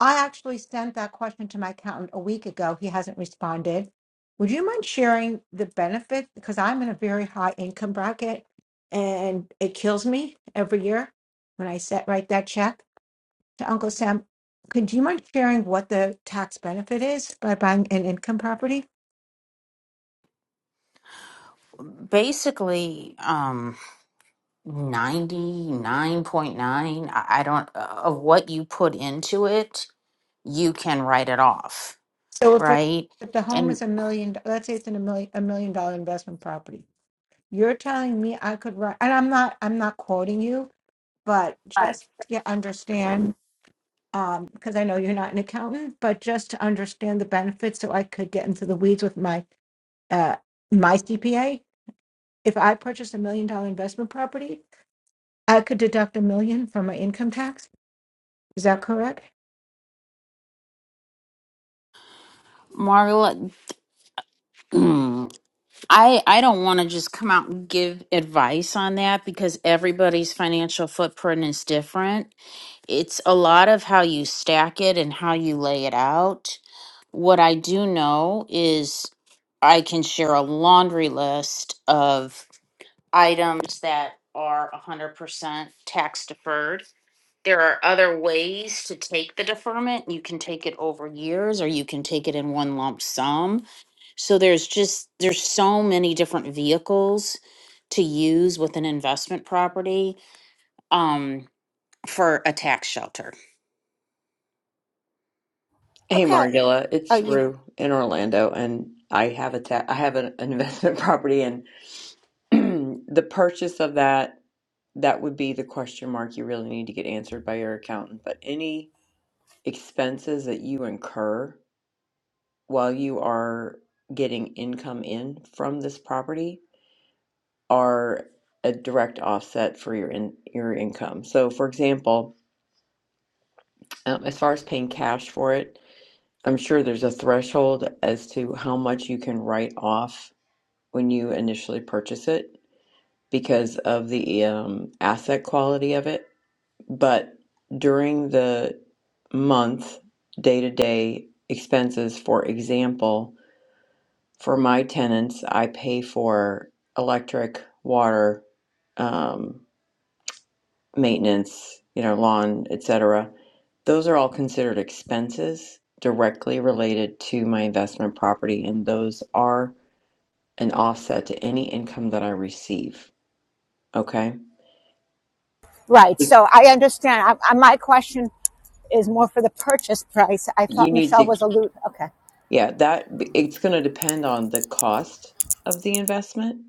Speaker 4: I actually sent that question to my accountant a week ago. He hasn't responded. Would you mind sharing the benefit? Because I'm in a very high income bracket and it kills me every year when I set write that check to Uncle Sam. Could you mind sharing what the tax benefit is by buying an income property?
Speaker 5: Basically, um, 99.9 i I don't uh, of what you put into it you can write it off
Speaker 4: So if,
Speaker 5: right
Speaker 4: if the home
Speaker 5: and
Speaker 4: is a million, let's say it's in a million a million dollar investment property, you're telling me I could write, and I'm not I'm not quoting you, but
Speaker 5: Right.
Speaker 4: just to understand um, because I know you're not an accountant, but just to understand the benefits so I could get into the weeds with my uh my CPA. If I purchased a million dollar investment property, I could deduct a million from my income tax. Is that correct?
Speaker 5: marla <clears throat> mm, i i don't want to just come out and give advice on that because everybody's financial footprint is different it's a lot of how you stack it and how you lay it out what i do know is i can share a laundry list of. items that are hundred percent tax deferred. There are other ways to take the deferment. You can take it over years or you can take it in one lump sum. So there's just, there's so many different vehicles to use with an investment property, um, for a tax shelter.
Speaker 10: Hey Margilla, it's Rue in Orlando, and I have a ta- I have an an investment <laughs> property, and <clears throat> the purchase of that that would be the question mark you really need to get answered by your accountant. But any expenses that you incur while you are getting income in from this property are a direct offset for your in- your income. So, for example, um, as far as paying cash for it, I'm sure there's a threshold as to how much you can write off when you initially purchase it because of the um, asset quality of it. But during the month, day to day expenses, for example, for my tenants, I pay for electric, water, um, maintenance, you know, lawn, etc. Those are all considered expenses directly related to my investment property, and those are an offset to any income that I receive. Okay.
Speaker 4: Right.
Speaker 10: if
Speaker 4: So I, I, my question is more for the purchase price. I
Speaker 10: you
Speaker 4: thought
Speaker 10: need
Speaker 4: Michelle
Speaker 10: to
Speaker 4: was allude. Okay.
Speaker 10: yeah that it's going to depend on the cost of the investment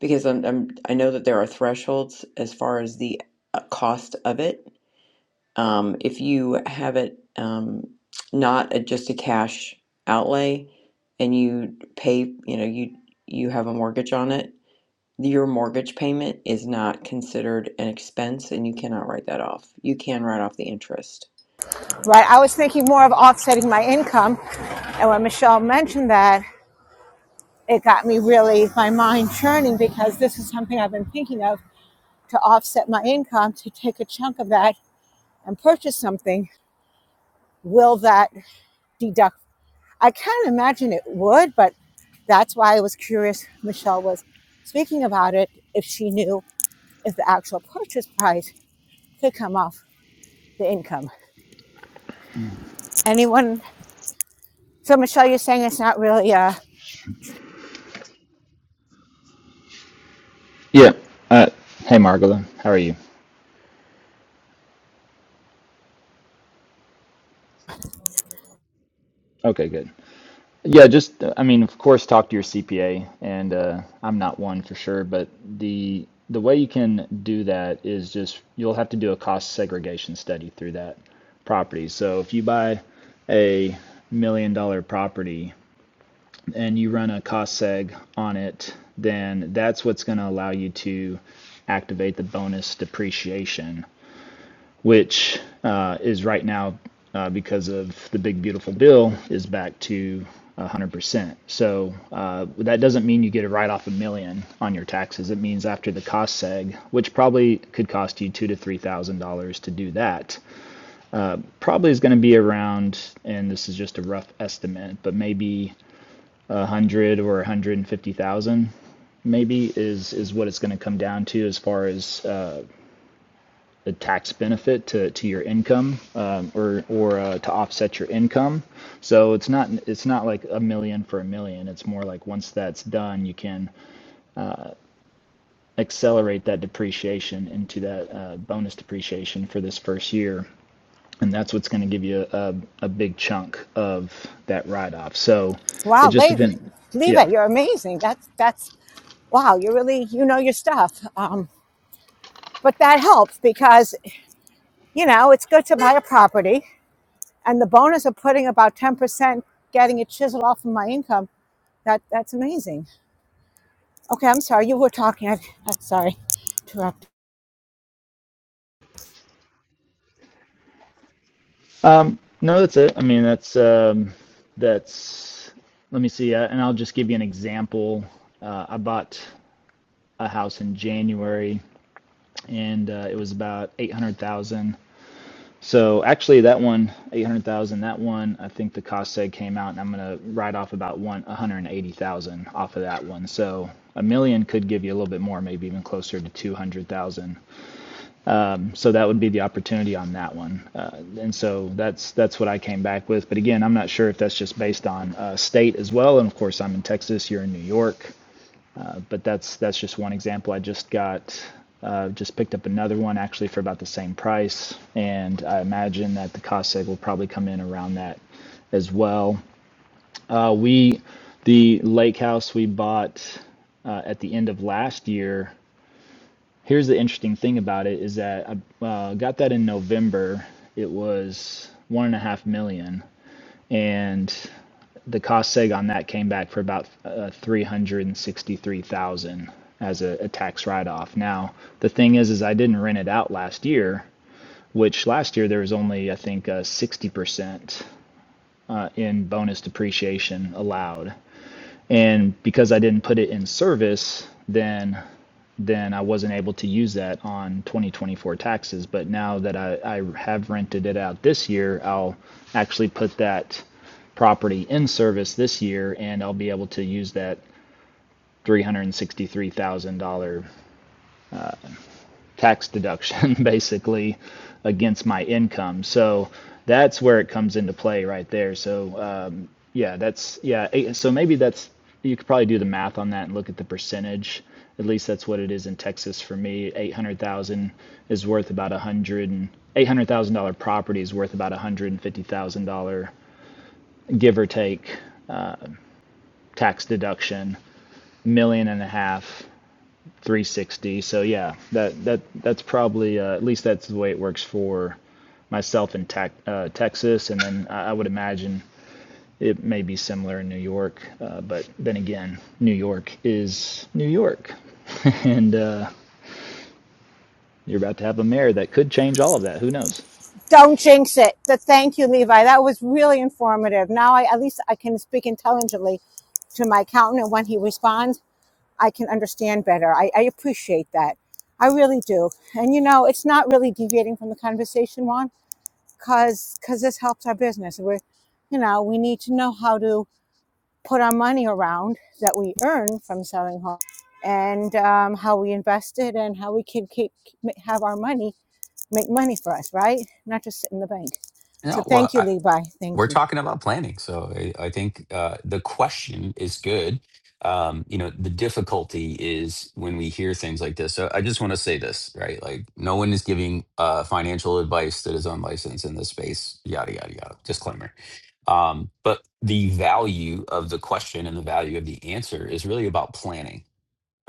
Speaker 10: because I'm, I'm i know that there are thresholds as far as the uh, cost of it um, if you have it um, not a, just a cash outlay and you pay you know you you have a mortgage on it your mortgage payment is not considered an expense and you cannot write that off you can write off the interest
Speaker 4: Right. I was thinking more of offsetting my income. And when Michelle mentioned that, it got me really, my mind churning because this is something I've been thinking of to offset my income, to take a chunk of that. and purchase something, will that deduct? I can't imagine it would, but that's why I was curious. Michelle was speaking about it if she knew if the price could come off the income. Anyone? So, uh,
Speaker 11: Yeah. Uh, hey, Margola. How are you? Okay, good. Yeah, just, uh, I mean, of course, talk to your CPA, and uh, I'm not one for sure, but the the way you can do that is just you'll have to do a cost segregation study through that property. So if you buy a million dollar property and you run a cost seg on it, then that's what's going to allow you to activate the bonus depreciation which uh, is right now uh, because of the big beautiful bill is back to 100%. So uh, that doesn't mean you get a write off a million on your taxes. It means after the cost seg, which probably could cost you two to three thousand dollars to do that, probably is going to be around, and this is just a rough estimate, but maybe a hundred or a hundred and fifty thousand maybe is is what it's going to come down to as far as uh, the tax benefit to, to your income um, or or uh, to offset your income. So it's not it's not like a million for a million. It's more like once that's done, you can accelerate that depreciation into that uh, bonus depreciation for this first year, and that's what's going to give you a, a big chunk of that write off. So it
Speaker 4: wow,
Speaker 11: just depends.
Speaker 4: Leva,
Speaker 11: Yeah.
Speaker 4: you're amazing. That's that's wow. you really you know your stuff. Um, but that helps because you know it's good to buy a property, and the bonus of putting about ten percent, getting it chiseled off of my income. That that's amazing. Okay, I'm sorry. You were talking. I, I'm sorry. to interrupt.
Speaker 11: No, that's it. I mean, that's um, that's. Let me see, uh, and I'll just give you an example. Uh, I bought. a house in January, and uh, it was about eight hundred thousand. So actually, that one eight hundred thousand. That one, I think the cost tag came out, and I'm gonna write off about one one hundred eighty thousand off of that one. So a million could give you a little bit more, maybe even closer to two hundred thousand. So that would be the opportunity on that one. Uh, and so that's that's what I came back with. But again, I'm not sure if that's just based on uh, state as well. And of course, I'm in Texas. You're in New York. but that's that's just one example. I just got uh, just picked up another one actually for about the same price, and I imagine that the cost seg will probably come in around that as well. Uh, we the lake house we bought uh, at the end of last year. Here's the interesting thing about it is that I uh, got that in November. It was one and a half million, and the cost seg on that came back for about uh, 363,000 as a, a tax write-off. Now, the thing is is I didn't rent it out last year, which last year there was only I think uh, 60% uh, in bonus depreciation allowed. And because I didn't put it in service, then then I wasn't able to use that on 2024 taxes. But now that I, I have rented it out this year, I'll actually put that property in service this year and I'll be able to use that $363,000 tax deduction <laughs> basically against my income. So that's where it comes into play right there. So um, yeah, that's yeah. eh, So maybe that's you could probably do the math on that and look at the percentage. At least that's what it is in Texas for me. Eight hundred thousand is worth about a hundred and eight hundred thousand dollar property is worth about a hundred and fifty thousand dollar give or take tax deduction. Million and a half 360. So yeah, that that that's probably uh, at least that's the way it works for myself in Tac uh, Texas, and then I, would imagine it may be similar in New York. Uh, but then again, New York is New York, <laughs> and uh, you're about to have a mayor that could change all of that. Who knows?
Speaker 4: Don't jinx it. So thank you, Levi. That was really informative. Now I at least I can speak intelligently to my accountant and when he responds, I can understand better. I, I appreciate that. I really do. And you know, it's not really deviating from the conversation, Juan, because this helps our business. We're you know, we need to know how to put our money around that we earn from selling homes and um, how we invest it and how we can keep have our money make money for us, right? Not just sit in the bank. So
Speaker 1: No, well,
Speaker 4: thank you,
Speaker 1: I,
Speaker 4: Levi.
Speaker 1: we're
Speaker 4: Thank you.
Speaker 1: talking about planning. So I, I think uh, the question is good. Um, you know, the difficulty is when we hear things like this. So I just want to say this, right? Like, no one is giving uh, financial advice that is unlicensed in this space, yada, yada, yada. Disclaimer. Um, but the value of the question and the value of the answer is really about planning.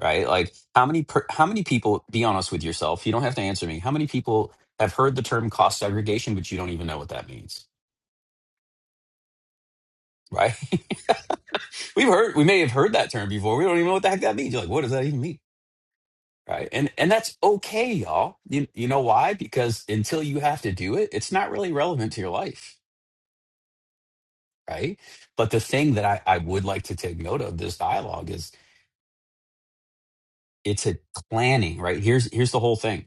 Speaker 1: Right, like how many per, how many people? Be honest with yourself. You don't have to answer me. How many people have heard the term cost segregation, but you don't even know what that means? right? <laughs> We've heard we may have heard that term before. We don't even know what the heck that means. You're like, what does that even mean? Right. And and that's okay, y'all. You you know why? Because until you have to do it, it's not really relevant to your life. Right. But the thing that I, I would like to take note of this dialogue is it's a planning, right? Here's here's the whole thing.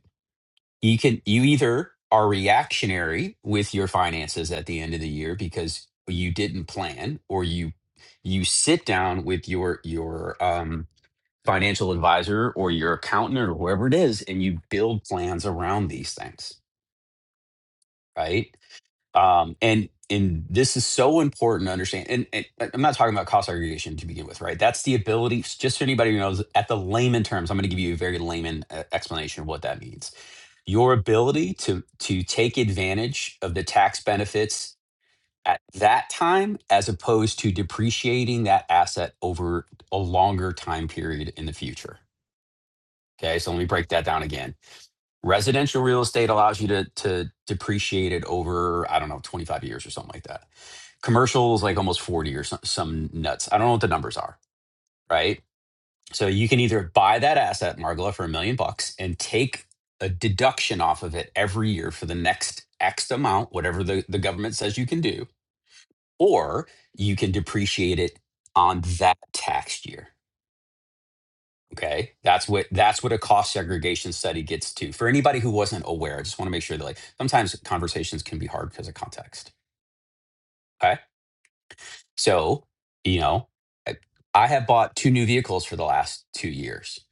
Speaker 1: You can you either are reactionary with your finances at the end of the year because you didn't plan or you you sit down with your your um financial advisor or your accountant or whoever it is, and you build plans around these things, right? Um, and and this is so important to understand. And, and I'm not talking about cost aggregation to begin with, right? That's the ability. Just for anybody who knows, at the layman terms, I'm going to give you a very layman uh, explanation of what that means. Your ability to to take advantage of the tax benefits at that time, as opposed to depreciating that asset over a longer time period in the future Okay, so let me break that down again. Residential real estate allows you to to depreciate it over, I don't know, 25 years or something like that. Commercial is like almost 40 or some, some nuts. I don't know what the numbers are, right? So you can either buy that asset, Margola, for a million bucks and take a deduction off of it every year for the next X amount, whatever the, the government says you can do, or you can depreciate it on that tax year. Okay, that's what that's what a cost segregation study gets to. For anybody who wasn't aware, I just want to make sure that like sometimes conversations can be hard because of context. Okay, so you know, I I have bought two new vehicles for the last two years.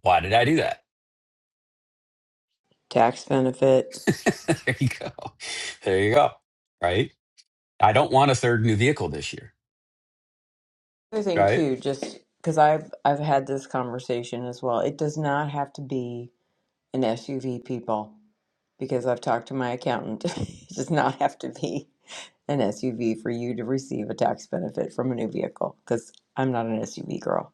Speaker 1: Why did I do that?
Speaker 10: tax benefit
Speaker 1: <laughs> there you go. There you go. Right. I don't want a third new vehicle this year.
Speaker 10: Other thing
Speaker 1: Right
Speaker 10: too, just because I've I've had this conversation as well. It does not have to be an SUV, people, because I've talked to my accountant. <laughs> it does not have to be an SUV for you to receive a tax benefit from a new vehicle. Because I'm not an SUV girl.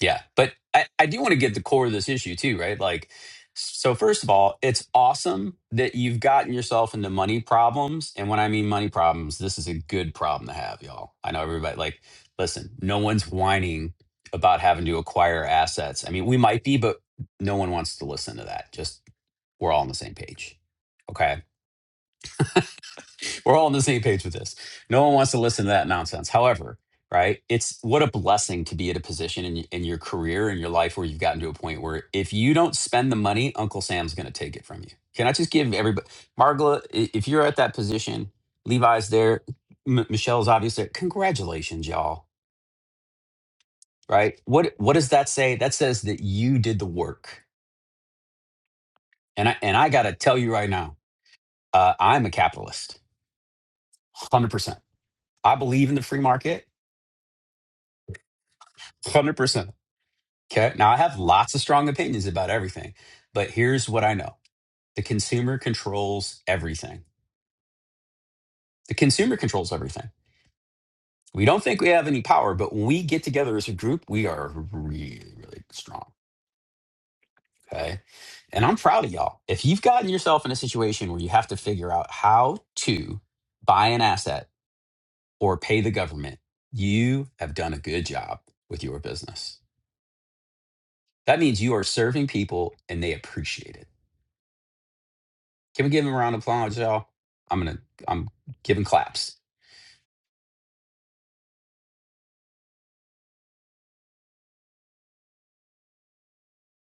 Speaker 1: Yeah, but I, I do want to get the core of this issue too, right? Like, so first of all, it's awesome that you've gotten yourself into money problems. And when I mean money problems, this is a good problem to have, y'all. I know everybody, like, listen, no one's whining about having to acquire assets. I mean, we might be, but no one wants to listen to that. Just we're all on the same page. Okay. We're all on the same page with this. No one wants to listen to that nonsense. However, right? It's what a blessing to be at a position in, in your career in your life where you've gotten to a point where if you don't spend the money, Uncle Sam's going to take it from you. Can I just give everybody, Margla, i- if you're at that position, Levi's there, M- Michelle's obviously there. Congratulations, y'all. Right? What What does that say? That says that you did the work. And I and I got to tell you right now, uh, I'm a capitalist, hundred percent. I believe in the free market, hundred percent. Okay. Now, I have lots of strong opinions about everything, but here's what I know the consumer controls everything. The consumer controls everything. We don't think we have any power, but when we get together as a group, we are really, really strong. Okay. And I'm proud of y'all. If you've gotten yourself in a situation where you have to figure out how to buy an asset or pay the government, you have done a good job with your business. That means you are serving people and they appreciate it. Can we give him a round of applause, y'all? I'm gonna I'm giving claps.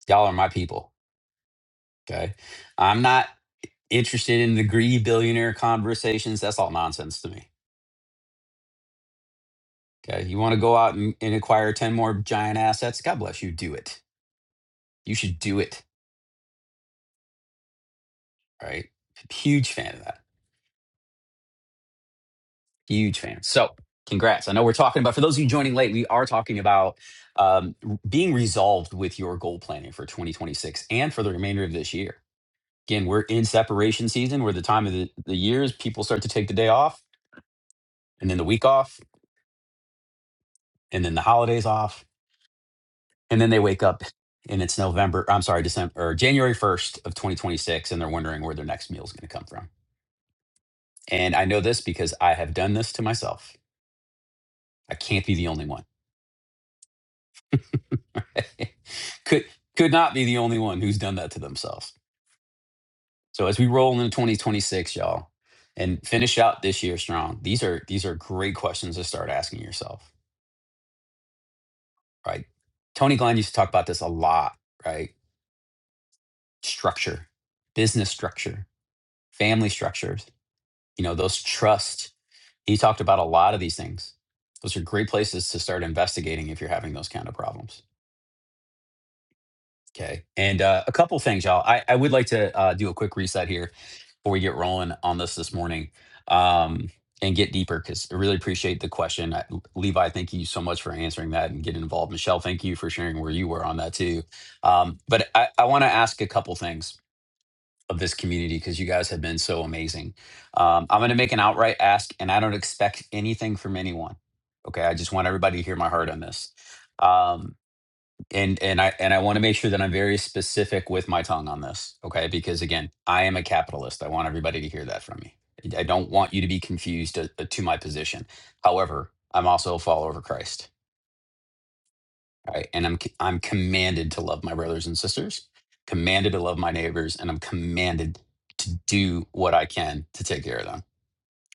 Speaker 1: Y'all are my people. Okay. I'm not interested in the greedy billionaire conversations. That's all nonsense to me. Okay. You want to go out and, and acquire 10 more giant assets? God bless you. Do it. You should do it. All Right. Huge fan of that. Huge fan. So congrats. I know we're talking about for those of you joining late, we are talking about um, being resolved with your goal planning for 2026 and for the remainder of this year Again, we're in separation season. We're the time of the, the years people start to take the day off and then the week off and then the holidays off. And then they wake up and it's November, I'm sorry, December or January 1st of 2026, and they're wondering where their next meal is going to come from. And I know this because I have done this to myself. I can't be the only one. <laughs> could could not be the only one who's done that to themselves. So as we roll into 2026, y'all, and finish out this year strong, these are these are great questions to start asking yourself right? Tony Glenn used to talk about this a lot, right? Structure, business structure, family structures, you know, those trust. He talked about a lot of these things. Those are great places to start investigating if you're having those kind of problems. Okay. And uh, a couple things, y'all. I, I would like to uh, do a quick reset here before we get rolling on this this morning um, and get deeper because I really appreciate the question. I, Levi, thank you so much for answering that and getting involved. Michelle, thank you for sharing where you were on that too. Um, but I, I want to ask a couple things of this community because you guys have been so amazing. Um, I'm going to make an outright ask and I don't expect anything from anyone. Okay. I just want everybody to hear my heart on this. Um, and and I and I want to make sure that I'm very specific with my tongue on this, okay? Because again, I am a capitalist. I want everybody to hear that from me. I I don't want you to be confused to, to my position. However, I'm also a follower of Christ, right? And I'm c- I'm commanded to love my brothers and sisters, commanded to love my neighbors, and I'm commanded to do what I can to take care of them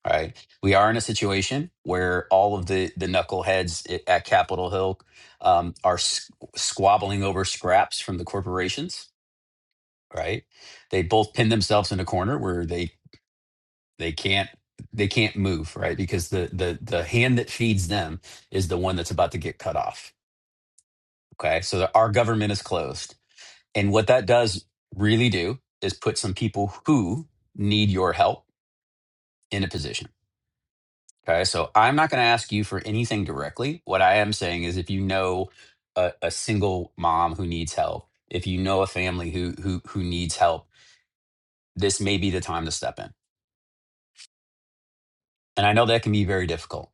Speaker 1: right? We are in a situation where all of the the knuckleheads i- at Capitol Hill um, are s- squabbling over scraps from the corporations, right? They both pin themselves in a corner where they they can't they can't move, right? Because the the the hand that feeds them is the one that's about to get cut off. Okay, so the, our government is closed, and what that does really do is put some people who need your help in a position Okay, so I'm not going to ask you for anything directly. What I am saying is if you know a, a single mom who needs help, if you know a family who who who needs help, this may be the time to step in. And I know that can be very difficult.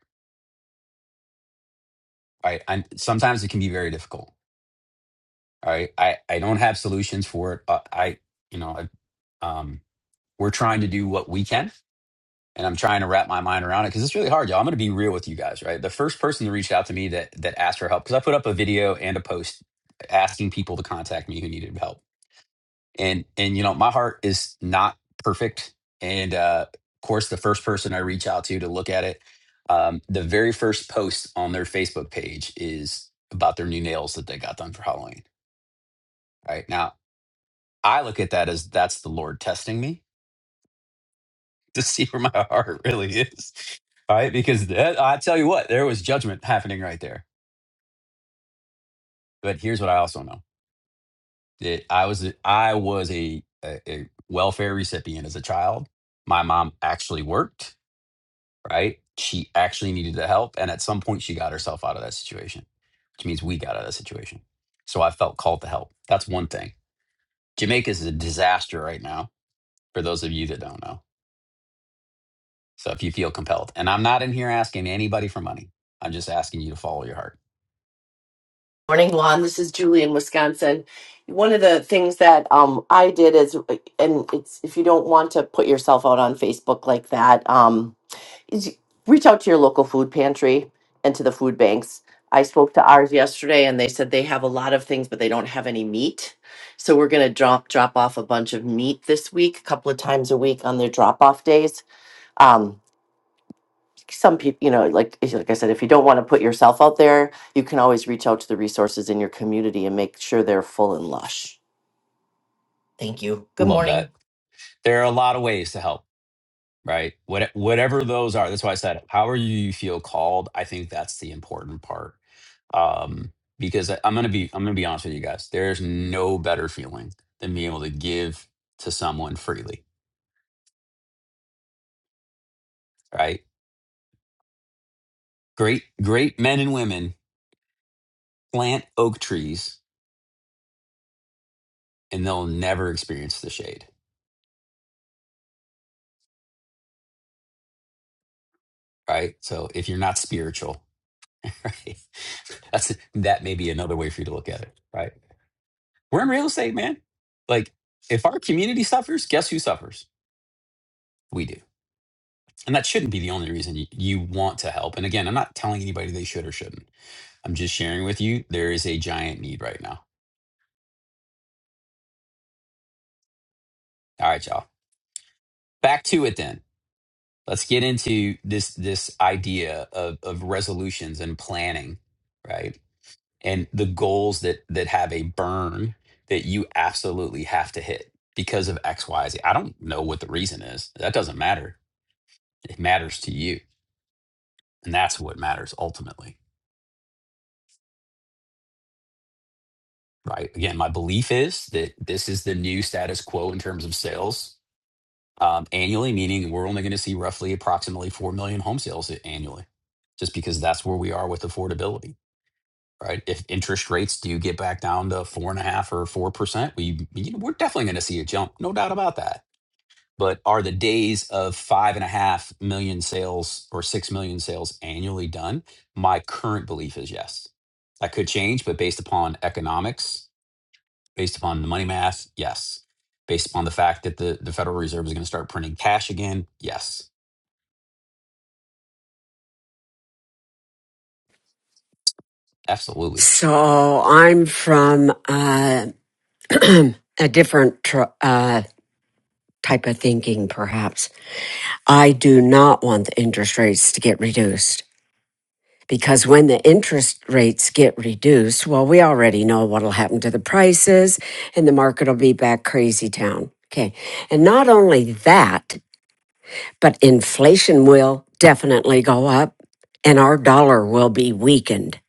Speaker 1: Right? And sometimes it can be very difficult. All right. I, I don't have solutions for it. But I, you know, I, um, we're trying to do what we can and I'm trying to wrap my mind around it because it's really hard, y'all. I'm going to be real with you guys, right? The first person that reached out to me that that asked for help because I put up a video and a post asking people to contact me who needed help, and and you know my heart is not perfect, and uh, of course the first person I reach out to to look at it, um, the very first post on their Facebook page is about their new nails that they got done for Halloween. Right now, I look at that as that's the Lord testing me <laughs> to see where my heart really is. All right, because that, I tell you what, there was judgment happening right there. But here's what I also know: that I was a- I was a, a a welfare recipient as a child. My mom actually worked. Right, she actually needed the help, and at some point, she got herself out of that situation, which means we got out of that situation. So I felt called to help. That's one thing. Jamaica is a disaster right now. For those of you that don't know, so if you feel compelled, and I'm not in here asking anybody for money. I'm just asking you to follow your heart.
Speaker 12: Morning, Juan. This is Julie in Wisconsin. One of the things that um, I did is, and it's if you don't want to put yourself out on Facebook like that, um, is you reach out to your local food pantry and to the food banks. I spoke to ours yesterday, and they said they have a lot of things, but they don't have any meat. So we're going to drop drop off a bunch of meat this week, a couple of times a week on their drop off days. Um, some people, you know, like like I said, if you don't want to put yourself out there, you can always reach out to the resources in your community and make sure they're full and lush. Thank you. Good
Speaker 1: Love that.
Speaker 12: morning.
Speaker 1: There are a lot of ways to help, right? What, whatever those are. That's why I said, however you feel called, I think that's the important part. Um, because I, I'm gonna be, I'm gonna be honest with you guys. There's no better feeling than being able to give to someone freely, right? Great, great men and women plant oak trees and they'll never experience the shade, right? So if you're not spiritual, <laughs> right, that's that may be another way for you to look at it, right? We're in real estate, man. Like, if our community suffers, guess who suffers? We do. And that shouldn't be the only reason you, you want to help. And again, I'm not telling anybody they should or shouldn't. I'm just sharing with you there is a giant need right now. All right, y'all. Back to it then. Let's get into this this idea of, of resolutions and planning, right? And the goals that that have a burn that you absolutely have to hit because of X, Y, Z. I don't know what the reason is. That doesn't matter. It matters to you And that's what matters ultimately, right? Again, my belief is that this is the new status quo in terms of sales um, annually, meaning we're only going to see roughly approximately 4 million home sales annually, just because that's where we are with affordability, right? If interest rates do get back down to four and a half or 4%, we, you know, we're definitely going to see a jump, no doubt about that but are the days of five and a half million sales or six million sales annually done? My current belief is yes. That could change, but based upon economics, based upon the money math, yes. Based upon the fact that the, the Federal Reserve is going to start printing cash again, yes, absolutely.
Speaker 3: So I'm from uh, a different tr- uh, type of thinking, perhaps. I do not want the interest rates to get reduced because when the interest rates get reduced, well, we already know what'll happen to the prices and the market will be back crazy town. Okay. And not only that, but inflation will definitely go up and our dollar will be weakened.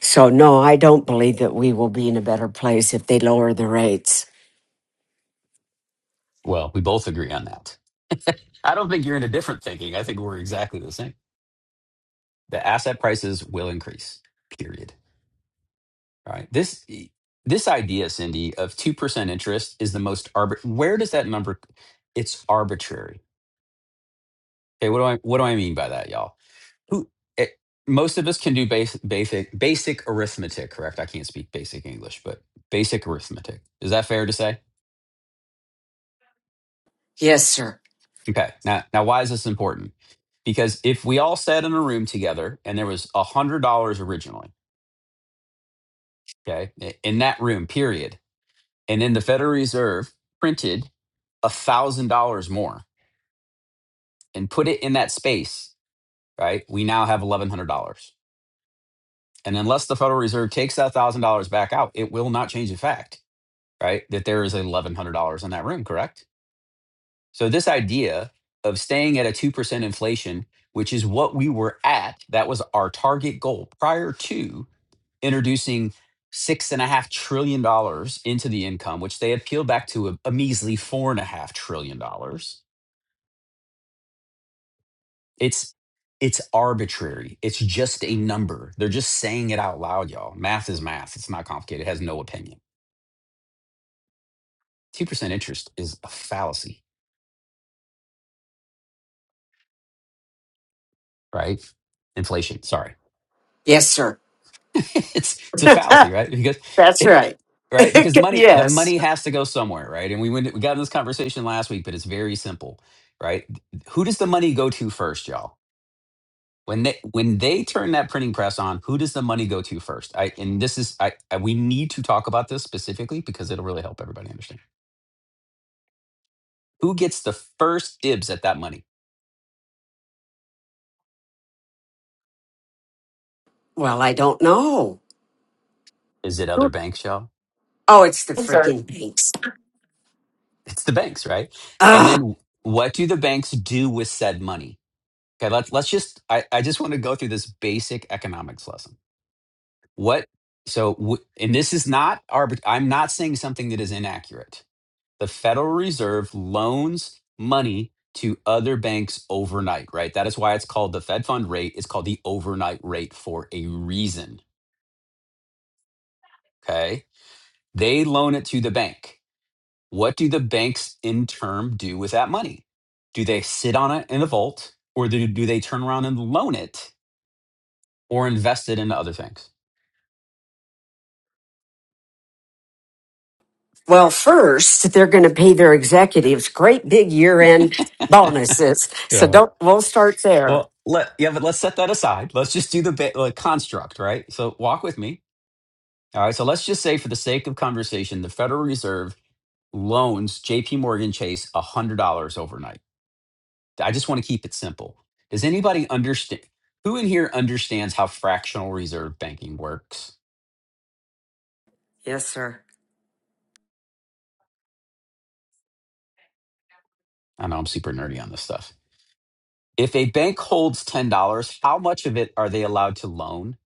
Speaker 3: So, no, I don't believe that we will be in a better place if they lower the rates.
Speaker 1: Well, we both agree on that. I don't think you're into different thinking. I think we're exactly the same. The asset prices will increase, period. Right. This e, this idea, Cindy, of two percent interest is the most arbit. Where does that number? It's arbitrary. Okay. What do I what do I mean by that, y'all? Who it, most of us can do basic basic basic arithmetic, correct? I can't speak basic English, but basic arithmetic. Is that fair to say?
Speaker 3: Yes, sir.
Speaker 1: Okay. Now now why is this important? Because if we all sat in a room together and there was a hundred dollars originally, okay, i- in that room, period, and then the Federal Reserve printed a thousand dollars more and put it in that space, right, we now have $1,100. And unless the Federal Reserve takes that $1,000 back out, it will not change the fact, right, that there is $1,100 in that room, correct? So this idea of staying at a 2% inflation, which is what we were at, that was our target goal prior to introducing six and a half trillion dollars into the income, which they have peeled back to a, a measly four and a half trillion dollars It's it's arbitrary. It's just a number. They're just saying it out loud, y'all. Math is math. It's not complicated. It has no opinion. Two percent interest is a fallacy, right? Inflation. Sorry,
Speaker 3: Yes, sir.
Speaker 1: <laughs> it's it's
Speaker 3: <laughs>
Speaker 1: a fallacy, right? Because
Speaker 3: That's
Speaker 1: it, it-
Speaker 3: right.
Speaker 1: right because the
Speaker 3: <laughs>
Speaker 1: money the
Speaker 3: yes.
Speaker 1: money has to go somewhere, right? And we went we got in this conversation last week, but it's very simple, right? Who does the money go to first, y'all? When they when they turn that printing press on, who does the money go to first? I and this is I, I we need to talk about this specifically because it'll really help everybody understand. Who gets the first dibs at that money?
Speaker 3: Well, I don't know.
Speaker 1: Is it other banks, y'all?
Speaker 3: Oh, it's the
Speaker 12: Thanks, Art.
Speaker 3: freaking banks.
Speaker 1: It's the banks, right? And
Speaker 3: Ah,
Speaker 1: then what do the banks do with said money? Okay, let's let's just I, I just want to go through this basic economics lesson. What so w- and this is not arbit- I'm not saying something that is inaccurate. the Federal Reserve loans money to other banks overnight, right? That is why it's called the Fed fund rate. It's called the overnight rate for a reason. Okay. They loan it to the bank. What do the banks in turn do with that money? Do they sit on it in a vault or do, do they turn around and loan it or invest it into other things?
Speaker 3: well, first they're going to pay their executives great big year-end bonuses. So
Speaker 1: Yeah.
Speaker 3: don't. We'll start there.
Speaker 1: Well, let yeah, but let's set that aside. Let's just do the ba- like construct, right? So walk with me. All right. So let's just say, for the sake of conversation, the Federal Reserve loans JP Morgan Chase $100 overnight. I just want to keep it simple. Does anybody understand? Who in here understands how fractional reserve banking works?
Speaker 3: Yes, sir.
Speaker 1: I know I'm super nerdy on this stuff. If a bank holds $10, how much of it are they allowed to loan?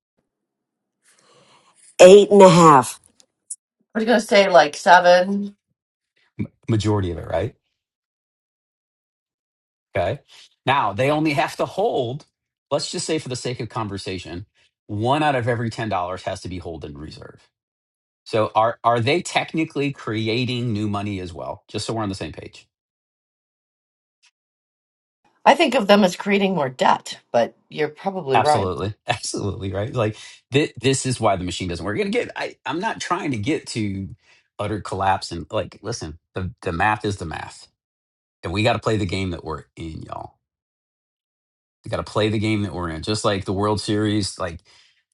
Speaker 3: Eight and a half.
Speaker 12: I was going to say like seven.
Speaker 1: M- Majority of it, right? Okay. Now they only have to hold, let's just say for the sake of conversation, one out of every $10 has to be held in reserve. So are are they technically creating new money as well? Just so we're on the same page.
Speaker 12: I think of them as creating more debt, but you're probably right.
Speaker 1: Absolutely. <laughs> Absolutely. Right. Like th- this is why the machine doesn't work. And again, I, I'm not trying to get to utter collapse and like, listen, the, the math is the math and we got to play the game that we're in y'all. We got to play the game that we're in. Just like the world series, like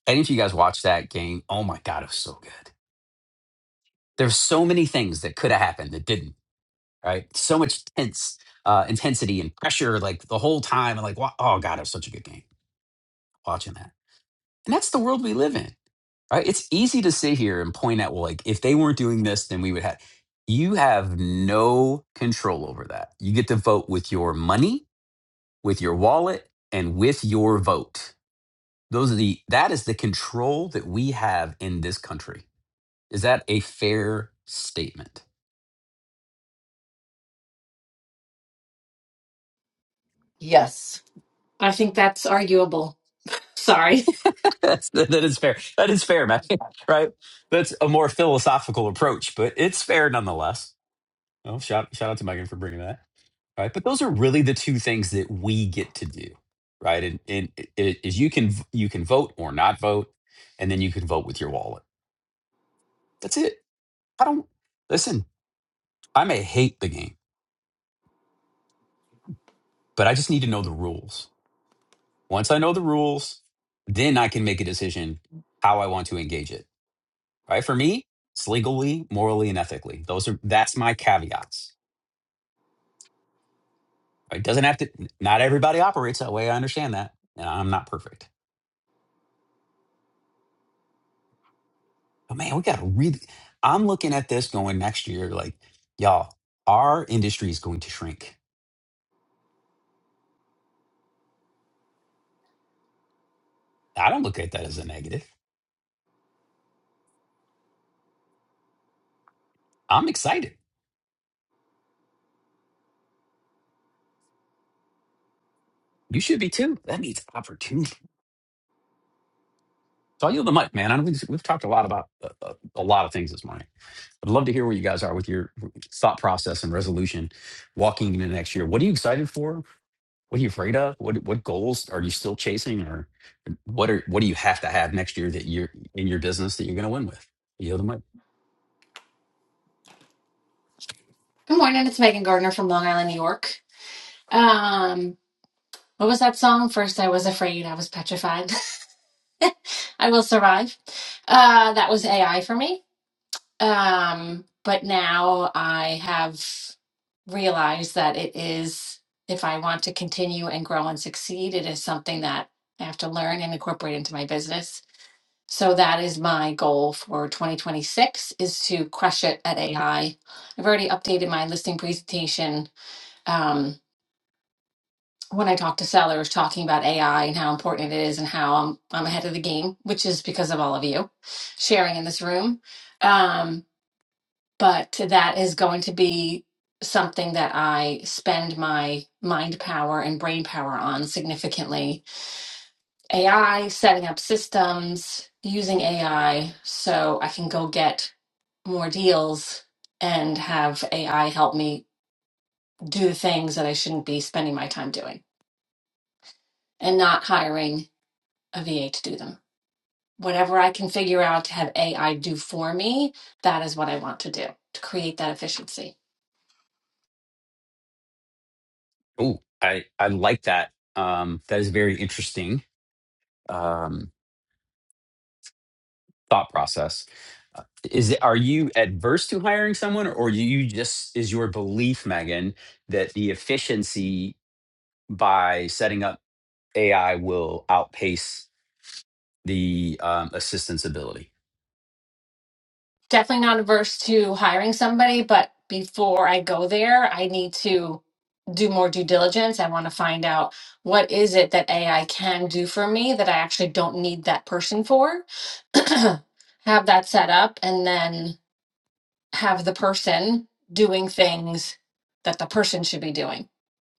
Speaker 1: any of you guys watched that game. Oh my God. It was so good. There's so many things that could have happened that didn't, right? So much tense, uh, intensity and pressure, like the whole time. And like, wa- oh God, it was such a good game watching that. And that's the world we live in. Right? It's easy to sit here and point out, well, like if they weren't doing this, then we would have. You have no control over that. You get to vote with your money, with your wallet, and with your vote. Those are the that is the control that we have in this country. Is that a fair statement?
Speaker 12: Yes,
Speaker 13: I think that's arguable. Sorry.
Speaker 1: <laughs> That's, that is fair. That is fair, man. <laughs> Right? That's a more philosophical approach, but it's fair nonetheless. Well, shout shout out to Megan for bringing that. right? But those are really the two things that we get to do, right? And, and it, it is you can v- you can vote or not vote, and then you can vote with your wallet. That's it. I don't listen. I may hate the game, but I just need to know the rules. Once I know the rules, then I can make a decision how I want to engage it. Right? For me, it's legally, morally, and ethically. Those are that's my caveats. It doesn't have to. Not everybody operates that way. I understand that, and I'm not perfect. But man, we got to really. I'm looking at this going next year, like, y'all, our industry is going to shrink. I don't look at that as a negative. I'm excited. You should be too. That means opportunity. So I yield the mic, man. I know we've, we've talked a lot about a, a, a lot of things this morning. I'd love to hear where you guys are with your thought process and resolution walking into next year. What are you excited for? What are you afraid of? What what goals are you still chasing, or what are what do you have to have next year that you're in your business that you're going to win with? I Yield the mic.
Speaker 13: <laughs> Good morning. It's Megan Gardner from Long Island, New York. Um, what was that song? First, I was afraid. I was petrified. <laughs> I will survive. Uh, that was AI for me. Um, but now I have realized that it is, if I want to continue and grow and succeed, it is something that I have to learn and incorporate into my business So that is my goal for 2026 is to crush it at AI. I've already updated my listing presentation um, when I talk to sellers talking about AI and how important it is and how I'm, I'm ahead of the game, which is because of all of you sharing in this room. Um, but that is going to be something that I spend my mind power and brain power on significantly. AI, setting up systems, using AI so I can go get more deals and have AI help me do things that I shouldn't be spending my time doing and not hiring a VA to do them. Whatever I can figure out to have AI do for me, that is what I want to do to create that efficiency.
Speaker 1: Oh, I I like that. Um, that is very interesting um, thought process. Uh, Is it, are you adverse to hiring someone, or do you just is your belief, Megan, that the efficiency by setting up AI will outpace the um, assistant's ability?
Speaker 13: Definitely not averse to hiring somebody, but before I go there, I need to do more due diligence. I want to find out what is it that AI can do for me that I actually don't need that person for. <clears throat> have that set up and then have the person doing things that the person should be doing.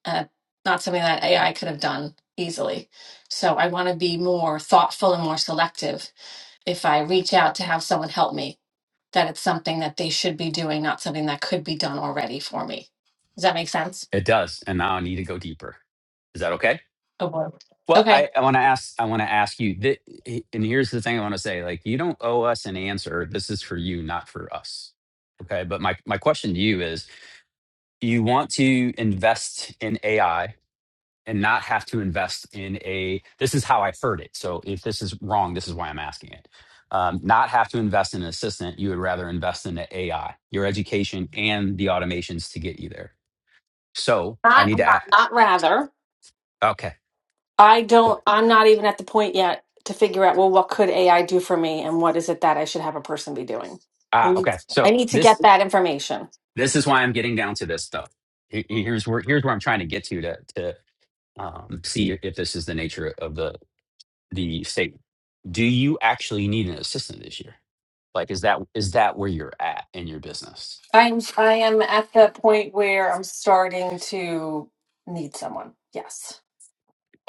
Speaker 13: Uh, not something that AI could have done easily. So I want to be more thoughtful and more selective if I reach out to have someone help me, that it's something that they should be doing, not something that could be done already for me. Does that make sense?
Speaker 1: It does, and now I need to go deeper. Is that okay?
Speaker 13: Oh boy.
Speaker 1: Well,
Speaker 13: Okay.
Speaker 1: I, I want to ask. I want to ask you. That, and here's the thing I want to say: like, you don't owe us an answer. This is for you, not for us. Okay. But my my question to you is: Do you want to invest in AI and not have to invest in a? This is how I heard it. So if this is wrong, this is why I'm asking it. Um, not have to invest in an assistant. You would rather invest in the AI, your education, and the automations to get you there. So I
Speaker 13: Not,
Speaker 1: need to.
Speaker 13: hold on,
Speaker 1: add.
Speaker 13: not rather.
Speaker 1: Okay.
Speaker 13: I
Speaker 1: cool.
Speaker 13: don't, I'm not even at the point yet to figure out, well, what could AI do for me and what is it that I should have a person be doing? I
Speaker 1: Ah,
Speaker 13: need,
Speaker 1: okay.
Speaker 13: I
Speaker 1: So
Speaker 13: need to
Speaker 1: this
Speaker 13: get that information.
Speaker 1: This is why I'm getting down to this stuff. Here- Here's where here's where I'm trying to get to to to um, see if this is the nature of the the statement. Do you actually need an assistant this year? Like, is that is that where you're at in your business?
Speaker 13: I'm, I am at the point where I'm starting to need someone. Yes.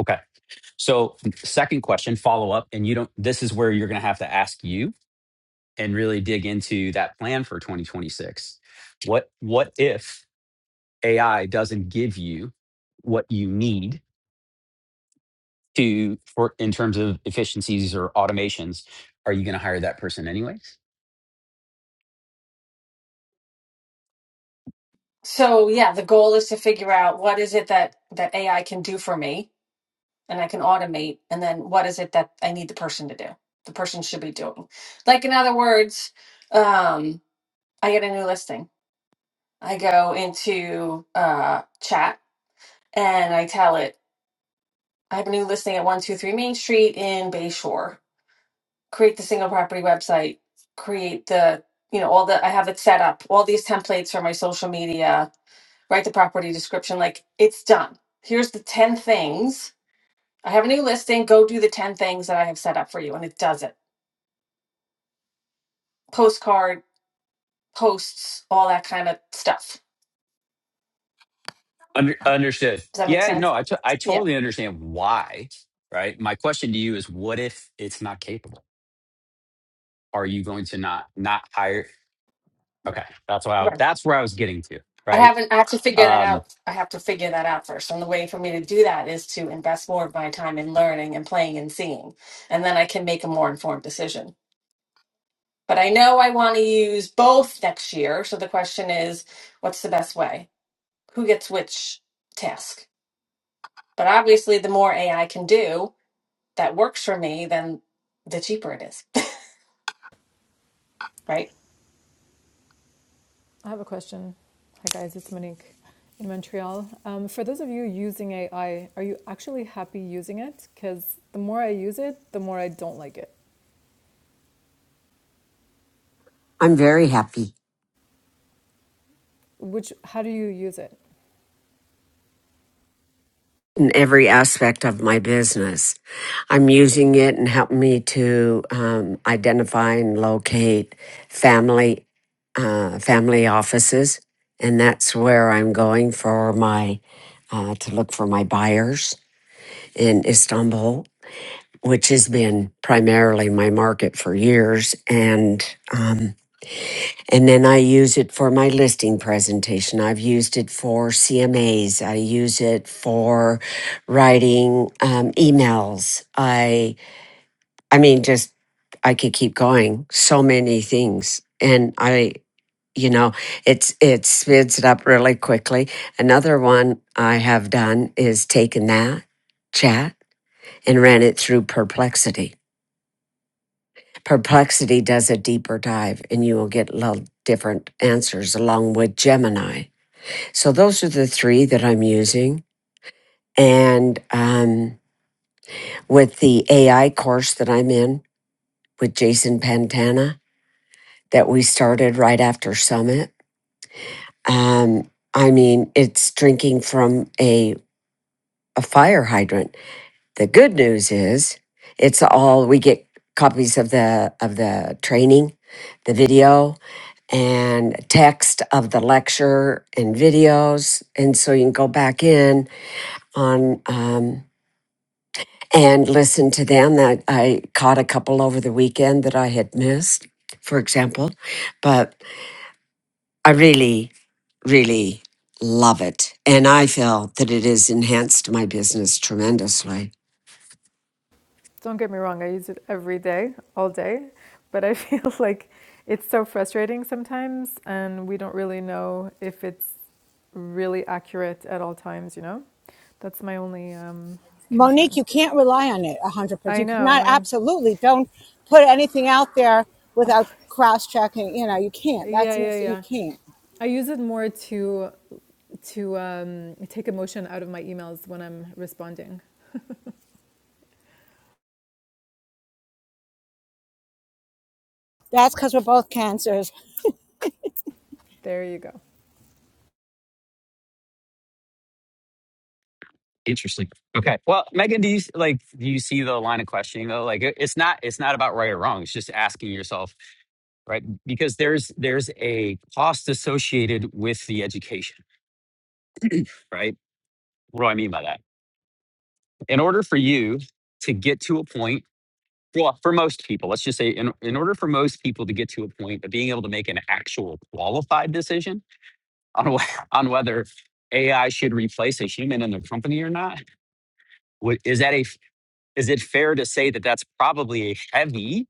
Speaker 1: Okay. So, second question, follow up, and you don't. This is where you're going to have to ask you and really dig into that plan for 2026. What what if AI doesn't give you what you need to for in terms of efficiencies or automations, are you going to hire that person anyways?
Speaker 13: So yeah, the goal is to figure out what is it that that AI can do for me and I can automate and then what is it that I need the person to do? The person should be doing. Like in other words, um I get a new listing. I go into uh chat and I tell it I have a new listing at 123 Main Street in Bayshore. Create the single property website, create the you know all the I have it set up, all these templates for my social media, write the property description like it's done. Here's the 10 things. I have a new listing. Go do the 10 things that I have set up for you. And it does it. Postcard, posts, all that kind of stuff.
Speaker 1: Under, understood.
Speaker 13: Does that make
Speaker 1: Yeah,
Speaker 13: sense?
Speaker 1: no, I t- I
Speaker 13: Yeah.
Speaker 1: totally understand why. Right. My question to you is, what if it's not capable? Are you going to not not hire? Okay, that's why I,
Speaker 13: Right.
Speaker 1: that's where I was getting to.
Speaker 13: I
Speaker 1: Right.
Speaker 13: haven't, I have to figure that
Speaker 1: Um,
Speaker 13: out. I have to figure that out first. And the way for me to do that is to invest more of my time in learning and playing and seeing. And then I can make a more informed decision. But I know I want to use both next year. So the question is, what's the best way? Who gets which task? But obviously, the more AI can do that works for me, then the cheaper it is, <laughs> right?
Speaker 7: I have a question. Hi, guys, it's Monique in Montreal. Um, for those of you using AI, are you actually happy using it? Because the more I use it, the more I don't like it.
Speaker 3: I'm very happy.
Speaker 7: Which, how do you use it?
Speaker 3: in every aspect of my business. I'm using it and helping me to um, identify and locate family uh, family offices, and that's where I'm going for my uh, to look for my buyers in Istanbul, which has been primarily my market for years, and. Um, and then I use it for my listing presentation. I've used it for CMAs. I use it for writing um, emails. I, I mean, just I could keep going. So many things, and I, you know, it's it speeds it up really quickly. Another one I have done is taken that chat and ran it through Perplexity Perplexity does a deeper dive and you will get little different answers along with Gemini. So those are the three that I'm using. And um, with the AI course that I'm in with Jason Pantana that we started right after Summit, um, I mean, it's drinking from a, a fire hydrant. The good news is it's all we get copies of the of the training, the video, and text of the lecture and videos. And so you can go back in on um, and listen to them. That I caught a couple over the weekend that I had missed, for example. But I really, really love it. And I feel that it has enhanced my business tremendously.
Speaker 7: Don't get me wrong, I use it every day, all day, but I <laughs> feel like it's so frustrating sometimes, and we don't really know if it's really accurate at all times, you know? That's my only um,
Speaker 4: Monique,
Speaker 7: concern.
Speaker 4: you can't rely on it 100%.
Speaker 7: I
Speaker 4: You
Speaker 7: know,
Speaker 4: cannot,
Speaker 7: I,
Speaker 4: absolutely, don't put anything out there
Speaker 7: Of
Speaker 4: without
Speaker 7: course.
Speaker 4: cross checking. You know, you can't.
Speaker 7: Yeah,
Speaker 4: That's a
Speaker 7: yeah,
Speaker 4: mistake. You
Speaker 7: yeah.
Speaker 4: can't.
Speaker 7: I use it more to to um, take emotion out of my emails when I'm responding.
Speaker 4: That's because we're both cancers. <laughs>
Speaker 7: There you go.
Speaker 1: Interesting. Okay. Well, Megan, do you s- like do you see the line of questioning though? Like, it- it's not it's not about right or wrong. It's just asking yourself, right? Because there's there's a cost associated with the education right? What do I mean by that? In order for you to get to a point, well, for most people, let's just say, in, in order for most people to get to a point of being able to make an actual qualified decision on, <laughs> on whether AI should replace a human in their company or not, what, is that a is it fair to say that that's probably a heavy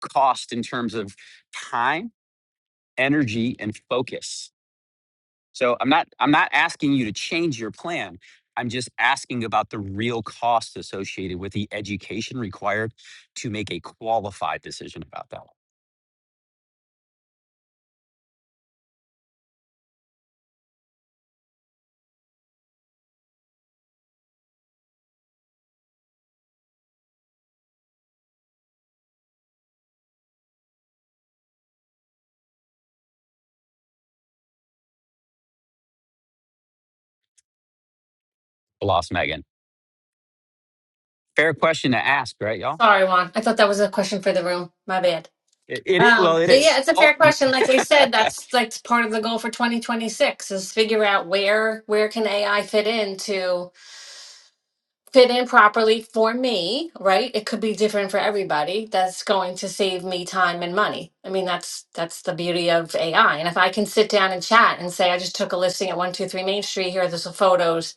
Speaker 1: cost in terms of time, energy, and focus? So I'm not I'm not asking you to change your plan. I'm just asking about the real costs associated with the education required to make a qualified decision about that. one. I lost Megan. Fair question to ask, right, y'all?
Speaker 13: Sorry, Juan. I thought that was a question for the room. My bad.
Speaker 1: It, it, it-
Speaker 13: Um,
Speaker 1: well, it
Speaker 13: but yeah,
Speaker 1: is.
Speaker 13: it's a
Speaker 1: Oh,
Speaker 13: fair
Speaker 1: you-
Speaker 13: question. Like I said,
Speaker 1: <laughs>
Speaker 13: that's like part of the goal for 2026 is figure out where where can AI fit into fit in properly for me, right? It could be different for everybody. That's going to save me time and money. I mean, that's that's the beauty of AI. And if I can sit down and chat and say, I just took a listing at 123 Main Street, here are the photos,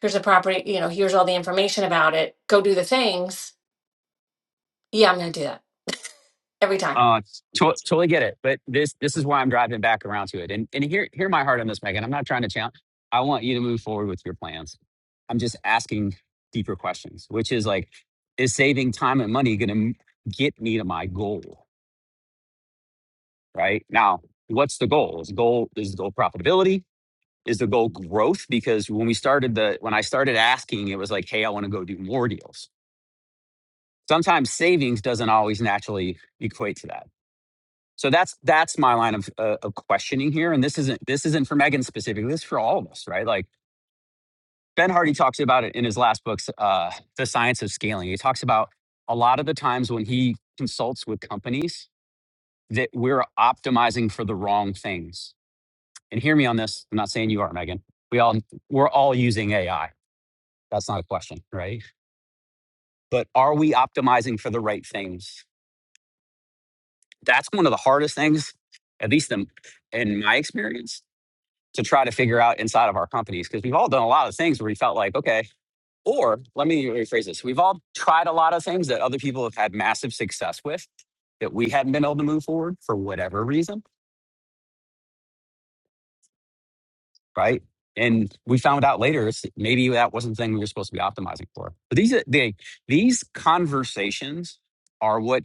Speaker 13: here's the property, you know, here's all the information about it, go do the things. Yeah, I'm gonna do that every time.
Speaker 1: uh, to- totally get it. But this this is why I'm driving back around to it. And and hear hear my heart on this, Megan. I'm not trying to challenge. I want you to move forward with your plans. I'm just asking deeper questions, which is like, is saving time and money going to get me to my goal? right? Now, what's the goal? Is the goal is the goal profitability? Is the goal growth? Because when we started the when I started asking, it was like, hey, I want to go do more deals. Sometimes savings doesn't always naturally equate to that. So that's that's my line of uh, of questioning here, and this isn't this isn't for Megan specifically. This is for all of us, right? Like Ben Hardy talks about it in his last book, uh, The Science of Scaling. He talks about a lot of the times when he consults with companies that we're optimizing for the wrong things and hear me on this. I'm not saying you are, Megan. We all we're all using AI. That's not a question, right? But are we optimizing for the right things? That's one of the hardest things, at least in, in my experience, to try to figure out inside of our companies because we've all done a lot of things where we felt like, okay, or let me rephrase this: we've all tried a lot of things that other people have had massive success with that we hadn't been able to move forward for whatever reason right? And we found out later it's, maybe that wasn't the thing we were supposed to be optimizing for. But these are- they, these conversations are what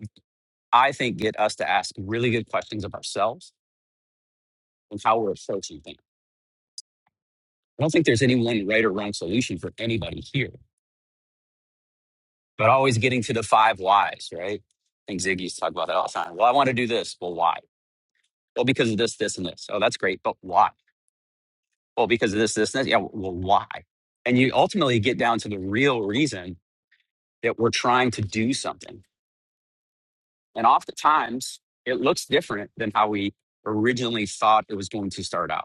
Speaker 1: I think get us to ask really good questions of ourselves and how we're approaching things. I don't think there's any one right or wrong solution for anybody here, but always getting to the five whys, right? I think Ziggy's talk about that all the time. Well, I want to do this. Well, why? Well, because of this, this, and this. Oh, that's great, but why? Well, because of this, this, and this. Yeah, well, why? And you ultimately get down to the real reason that we're trying to do something. And oftentimes it looks different than how we originally thought it was going to start out.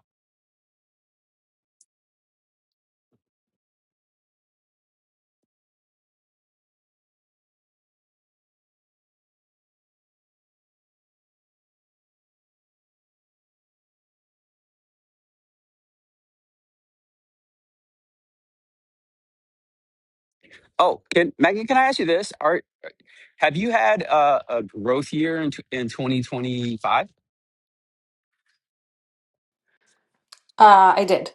Speaker 1: Oh, can Megan, can I ask you this? Are have you had uh, a growth year in tw- in 2025?
Speaker 13: Uh, I did.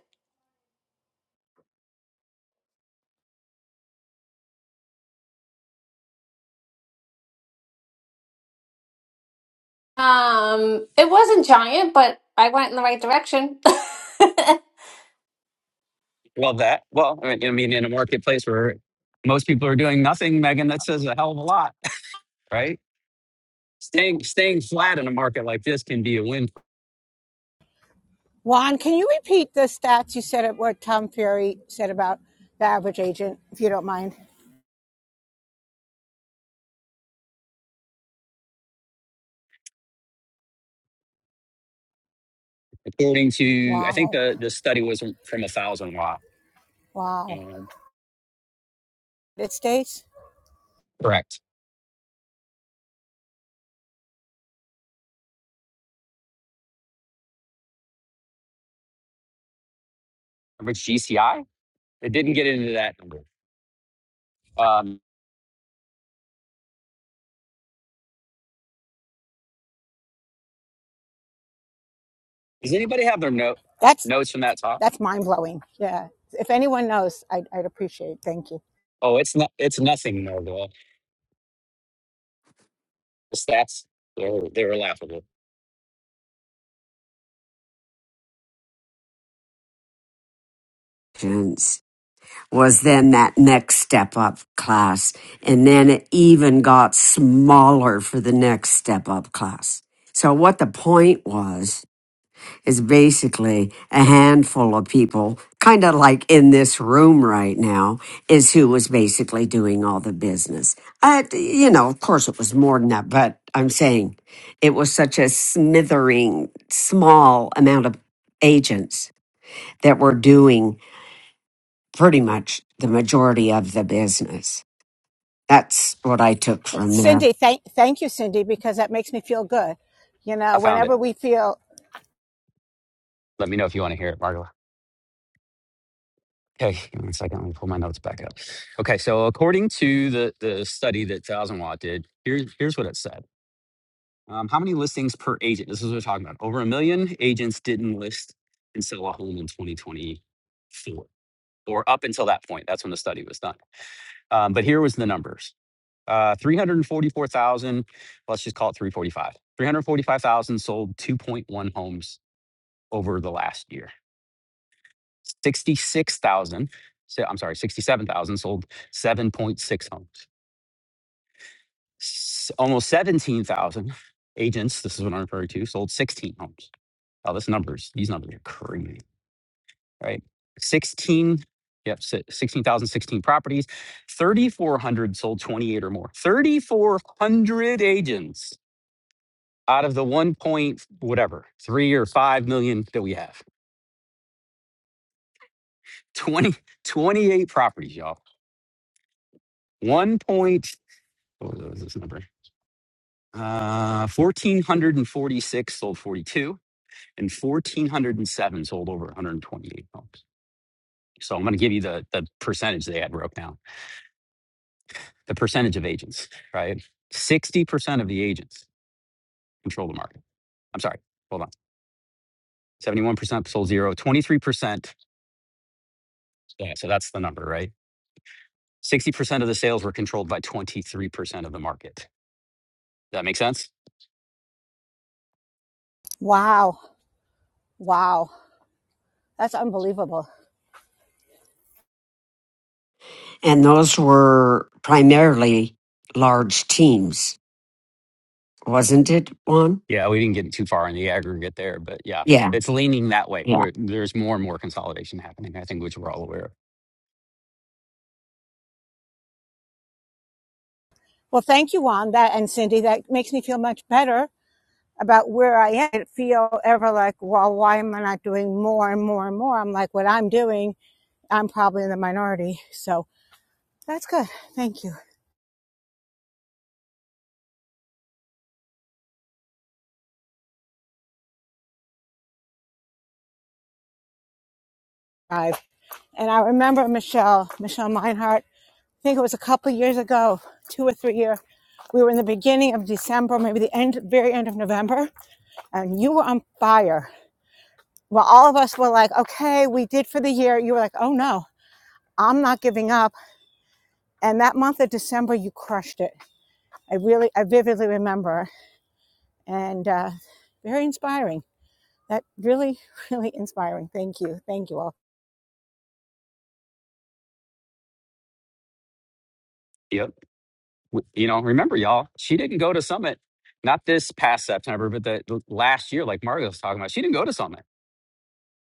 Speaker 13: Um, It wasn't giant, but I went in the right direction. <laughs>
Speaker 1: Well, that well, I mean, I mean, in a marketplace where most people are doing nothing, Megan, that says a hell of a lot. right? Staying staying flat in a market like this can be a win.
Speaker 4: Juan, can you repeat the stats you said of what Tom Fury said about the average agent, if you don't mind?
Speaker 1: According to, I think
Speaker 4: Wow.
Speaker 1: the the study was from a thousand watt.
Speaker 4: Wow.
Speaker 1: Um,
Speaker 4: It states?
Speaker 1: Correct. Which GCI? It didn't get into that number. Um, does anybody have their note
Speaker 4: That's
Speaker 1: notes from that talk?
Speaker 4: that's mind blowing. Yeah. If anyone knows, I'd, I'd appreciate. Thank you,
Speaker 1: Oh, it's not. It's nothing, Margola. The stats they were, they were laughable.
Speaker 3: And. was then that next step up class. And then it even got smaller for the next step up class. So what the point was is basically a handful of people, kind of like in this room right now, is who was basically doing all the business. Uh, you know, of course it was more than that, but I'm saying it was such a smithering, small amount of agents that were doing pretty much the majority of the business. That's what I took
Speaker 4: Well,
Speaker 3: from there.
Speaker 4: Cindy. Thank thank you, Cindy, because that makes me feel good. You
Speaker 1: I
Speaker 4: know,
Speaker 1: found it.
Speaker 4: whenever we feel,
Speaker 1: Let me know if you want to hear it, Margola. Okay, give me one second. Let me pull my notes back up. Okay, so according to the the study that Thousand Watt did, here's here's what it said. Um, how many listings per agent? This is what we're talking about. Over a million agents didn't list and sell a home in 2024 or up until that point. That's when the study was done. Um, but here was the numbers. Uh, 344,000, let's just call it 345. 345,000 sold 2.1 homes over the last year. 66,000, so- I'm sorry, 67,000 sold 7.6 homes. S- almost 17,000 agents, this is what I'm referring to, sold 16 homes. Oh, this numbers, these numbers are crazy, right? 16, yep, si- 16,016 properties, 3,400 sold 28 or more, 3,400 agents out of the 1 point whatever, 3 or 5 million that we have. 20 28 properties, y'all. 1 point, what was this number? Uh, 1,446 sold 42 and 1,407 sold over 128 homes. So I'm going to give you the, the percentage they had broke down. the percentage of agents, right? 60% of the agents control the market. I'm sorry, hold on. 71% sold zero, 23%. Yeah, so that's the number, right? 60% of the sales were controlled by 23% of the market. Does that make sense?
Speaker 4: wow, wow, that's unbelievable.
Speaker 3: And those were primarily large teams, wasn't it, Juan?
Speaker 1: Yeah, we didn't get too far in the aggregate there, but yeah,
Speaker 3: Yeah,
Speaker 1: it's leaning that way
Speaker 3: yeah.
Speaker 1: where there's more and more consolidation happening, I think, which we're all aware of.
Speaker 4: Well, thank you, Juan, that and Cindy. That makes me feel much better about where I am. I don't feel ever like, well, why am I not doing more and more and more? I'm like, what I'm doing, I'm probably in the minority. So that's good. Thank you. And I remember Michelle, Michelle Meinhardt. think it was a couple years ago, two or three years. We were in the beginning of December, maybe the end, very end of November, and you were on fire. Well, all of us were like, okay, we did for the year. You were like, oh no, I'm not giving up. And that month of December, you crushed it. I really, I vividly remember, and uh, very inspiring. That really, <laughs> really inspiring. Thank you, thank you all.
Speaker 1: Yep. You know, remember, y'all, she didn't go to Summit, not this past September, but the last year, like Mario was talking about, she didn't go to Summit.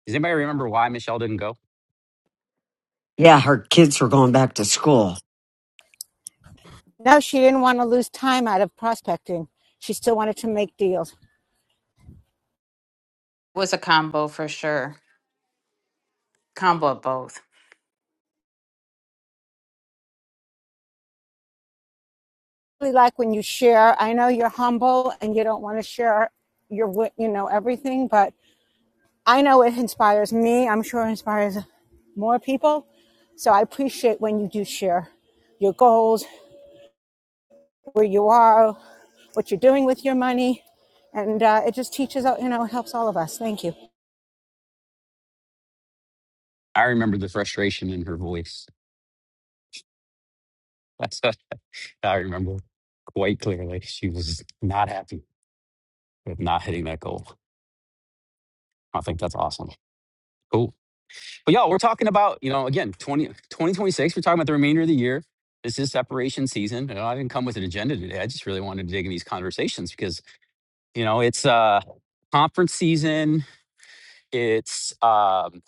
Speaker 1: Does anybody remember why Michelle didn't go?
Speaker 3: Yeah, her kids were going back to school.
Speaker 4: No, she didn't want to lose time out of prospecting. She still wanted to make deals.
Speaker 5: Was a combo for sure, combo of both.
Speaker 4: really like when you share. I know you're humble and you don't want to share your you know, everything, but I know it inspires me. I'm sure it inspires more people. So I appreciate when you do share your goals, where you are, what you're doing with your money. And uh, it just teaches, uh, you know, it helps all of us. Thank you.
Speaker 1: I remember the frustration in her voice. <laughs> That's what I remember quite clearly. She was not happy with not hitting that goal. I think that's awesome. Cool. But y'all, we're talking about, you know, again, twenty twenty twenty-six, we're talking about the remainder of the year. This is separation season. You know, I didn't come with an agenda today. I just really wanted to dig in these conversations because, you know, it's uh conference season. It's um,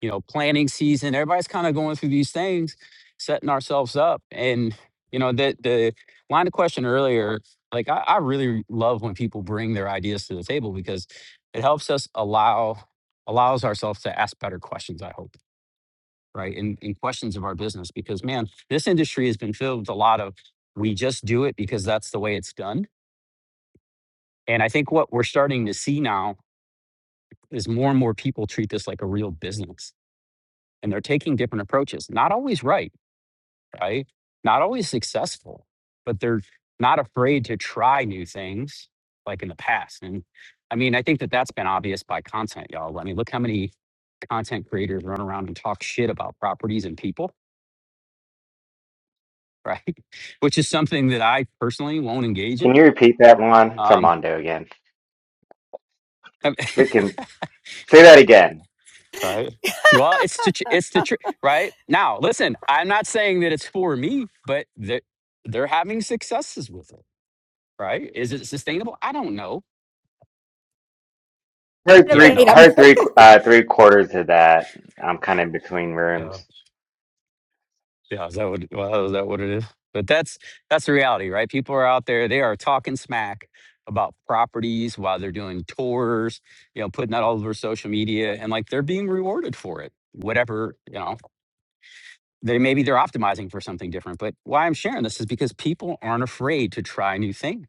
Speaker 1: you know, planning season. Everybody's kind of going through these things, setting ourselves up. And, you know, the the line of question earlier, like I, I really love when people bring their ideas to the table because it helps us allow allows ourselves to ask better questions, I hope, right? And in questions of our business. Because man, this industry has been filled with a lot of we just do it because that's the way it's done. And I think what we're starting to see now is more and more people treat this like a real business and they're taking different approaches, not always right, right? Not always successful, but they're not afraid to try new things like in the past. And I mean, I think that that's been obvious by content, y'all. I mean, look how many content creators run around and talk shit about properties and people, right? <laughs> Which is something that I personally won't engage
Speaker 14: Can
Speaker 1: in.
Speaker 14: you repeat that one? It's
Speaker 1: Um,
Speaker 14: Armando again.
Speaker 1: <laughs>
Speaker 14: Freaking say that again.
Speaker 1: right. Well, it's the tr- it's the truth, right? Now, listen, I'm not saying that it's for me, but they're, they're having successes with it right? Is it sustainable? I don't know.
Speaker 14: heard
Speaker 1: Yeah, I
Speaker 14: three.
Speaker 1: know.
Speaker 4: Debate
Speaker 1: I'm.
Speaker 4: them.
Speaker 14: heard three. Uh, three quarters of that. I'm kind of between
Speaker 1: Uh,
Speaker 14: rooms.
Speaker 1: yeah, is that what? Well, is that what it is? But that's that's the reality, right? People are out there. They are talking smack about properties while they're doing tours. You know, putting that all over social media, and like they're being rewarded for it. Whatever you know, they maybe they're optimizing for something different. But why I'm sharing this is because people aren't afraid to try new things.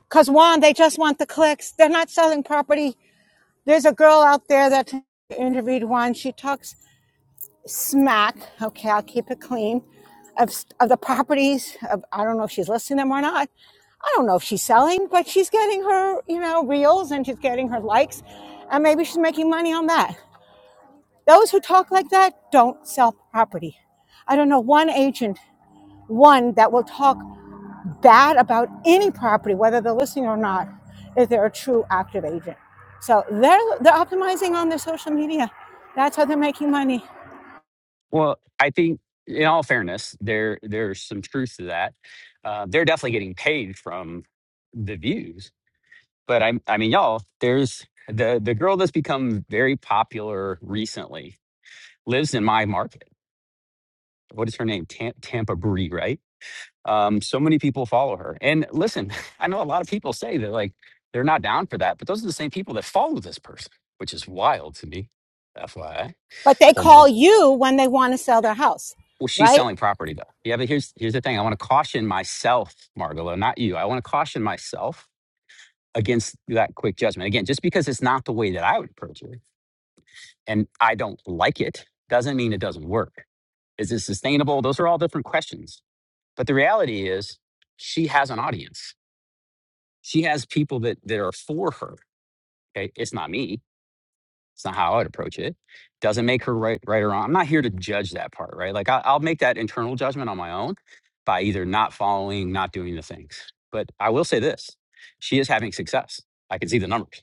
Speaker 4: Because one, they just want the clicks. They're not selling property. There's a girl out there that interviewed one. She talks smack, okay, I'll keep it clean, of, of the properties. Of, I don't know if she's listing them or not. I don't know if she's selling, but she's getting her, you know, reels and she's getting her likes, and maybe she's making money on that. Those who talk like that don't sell property. I don't know one agent, one that will talk bad about any property, whether they're listing or not, if they're a true active agent. So they're they're optimizing on their social media. That's how they're making money.
Speaker 1: Well, I think, in all fairness, there there's some truth to that. Uh, they're definitely getting paid from the views But I, I mean, y'all, there's the the girl that's become very popular recently lives in my market. What is her name? Tam- Tampa Bree, right? Um, so many people follow her. And listen, <laughs> I know a lot of people say that like they're not down for that, but those are the same people that follow this person, which is wild to me. FYI,
Speaker 4: but they
Speaker 1: whole nother.
Speaker 4: call you when they want to sell their house,
Speaker 1: Well, she's
Speaker 4: right?
Speaker 1: selling property though. Yeah, but here's here's the thing. I want to caution myself, Margolo, not you. I want to caution myself against that quick judgment. Again, just because it's not the way that I would approach it and I don't like it doesn't mean it doesn't work. Is it sustainable? Those are all different questions. But the reality is, she has an audience. She has people that that are for her. Okay, it's not me. It's not how I would approach it. Doesn't make her right, right or wrong. I'm not here to judge that part, right? Like I, I'll make that internal judgment on my own by either not following, not doing the things. But I will say this: she is having success. I can see the numbers.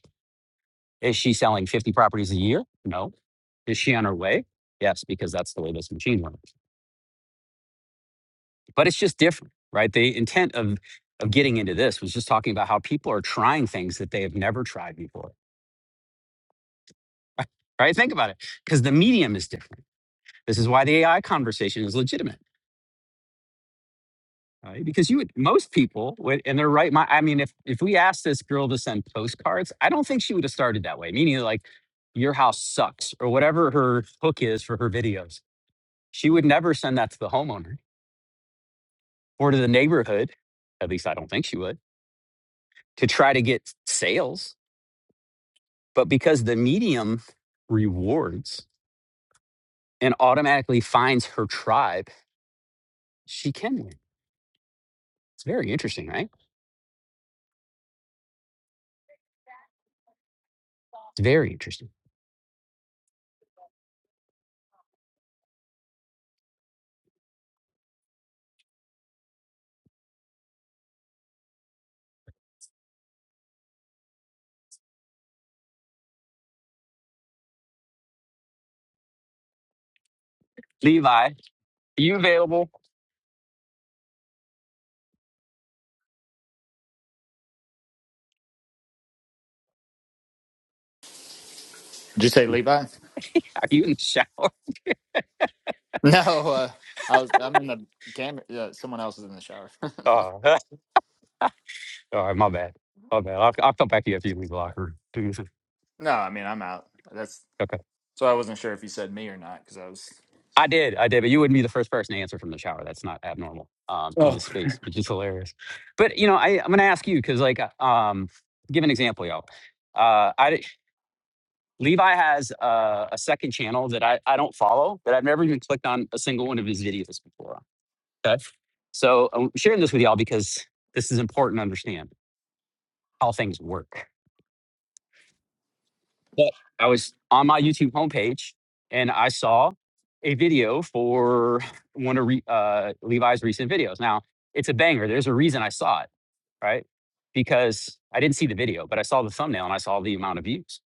Speaker 1: Is she selling 50 properties a year? No. Is she on her way? Yes, because that's the way this machine works. But it's just different, right? The intent of of getting into this was just talking about how people are trying things that they have never tried before. <laughs> Right? Think about it. Because the medium is different. This is why the AI conversation is legitimate. Right? Because you would most people would and they're right. My I mean, if if we asked this girl to send postcards, I don't think she would have started that way. Meaning like your house sucks or whatever her hook is for her videos She would never send that to the homeowner or to the neighborhood. At least I don't think she would to try to get sales. But because the medium rewards and automatically finds her tribe, she can win. It's very interesting, right? It's very interesting. Levi, are you available?
Speaker 11: Did you say Levi? <laughs>
Speaker 1: Are you in the shower? Oh,
Speaker 11: No, uh, I was. I'm in the camera. Uh, someone else is in the shower.
Speaker 1: <laughs> all right, my bad. My bad. I'll, I'll come back to you after you leave the locker room. <laughs>
Speaker 11: <laughs> no, I mean I'm out. That's
Speaker 1: Okay.
Speaker 11: so I wasn't sure if you said me or not because I was.
Speaker 1: I did, I did, but you wouldn't be the first person to answer from the shower. That's not abnormal um, in
Speaker 11: Oh.
Speaker 1: this space, which is hilarious. But you know, I, I'm going to ask you because, like, uh, um, give an example, y'all. Uh, I d- Levi has uh, a second channel that I, I don't follow, but I've never even clicked on a single one of his videos before. Okay, so I'm sharing this with y'all because this is important to understand how things work. But I was on my YouTube homepage and I saw a video for one of re, uh, Levi's recent videos. Now, it's a banger. There's a reason I saw it, right? Because I didn't see the video, but I saw the thumbnail and I saw the amount of views,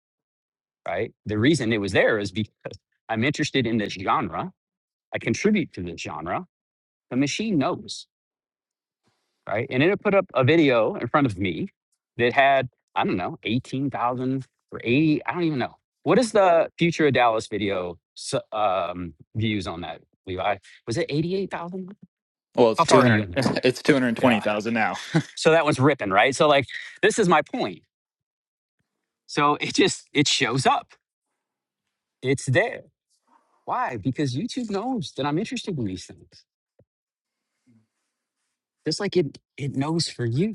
Speaker 1: right? The reason it was there is because I'm interested in this genre. I contribute to this genre. The machine knows right? And it put up a video in front of me that had, I don't know, 18,000 or 80, I don't even know. What is the future of Dallas video s- um, views on that, Levi? Was it 88,000?
Speaker 11: Well,
Speaker 1: How
Speaker 11: it's
Speaker 1: far are you
Speaker 11: 200
Speaker 1: in
Speaker 11: <laughs>
Speaker 1: there?
Speaker 11: it's
Speaker 1: Yeah.
Speaker 11: 220,000 now.
Speaker 1: So that one's ripping, right? So, like, this is my point. So it just, it shows up. It's there. Why? Because YouTube knows that I'm interested in these things. Just like it, it knows for you.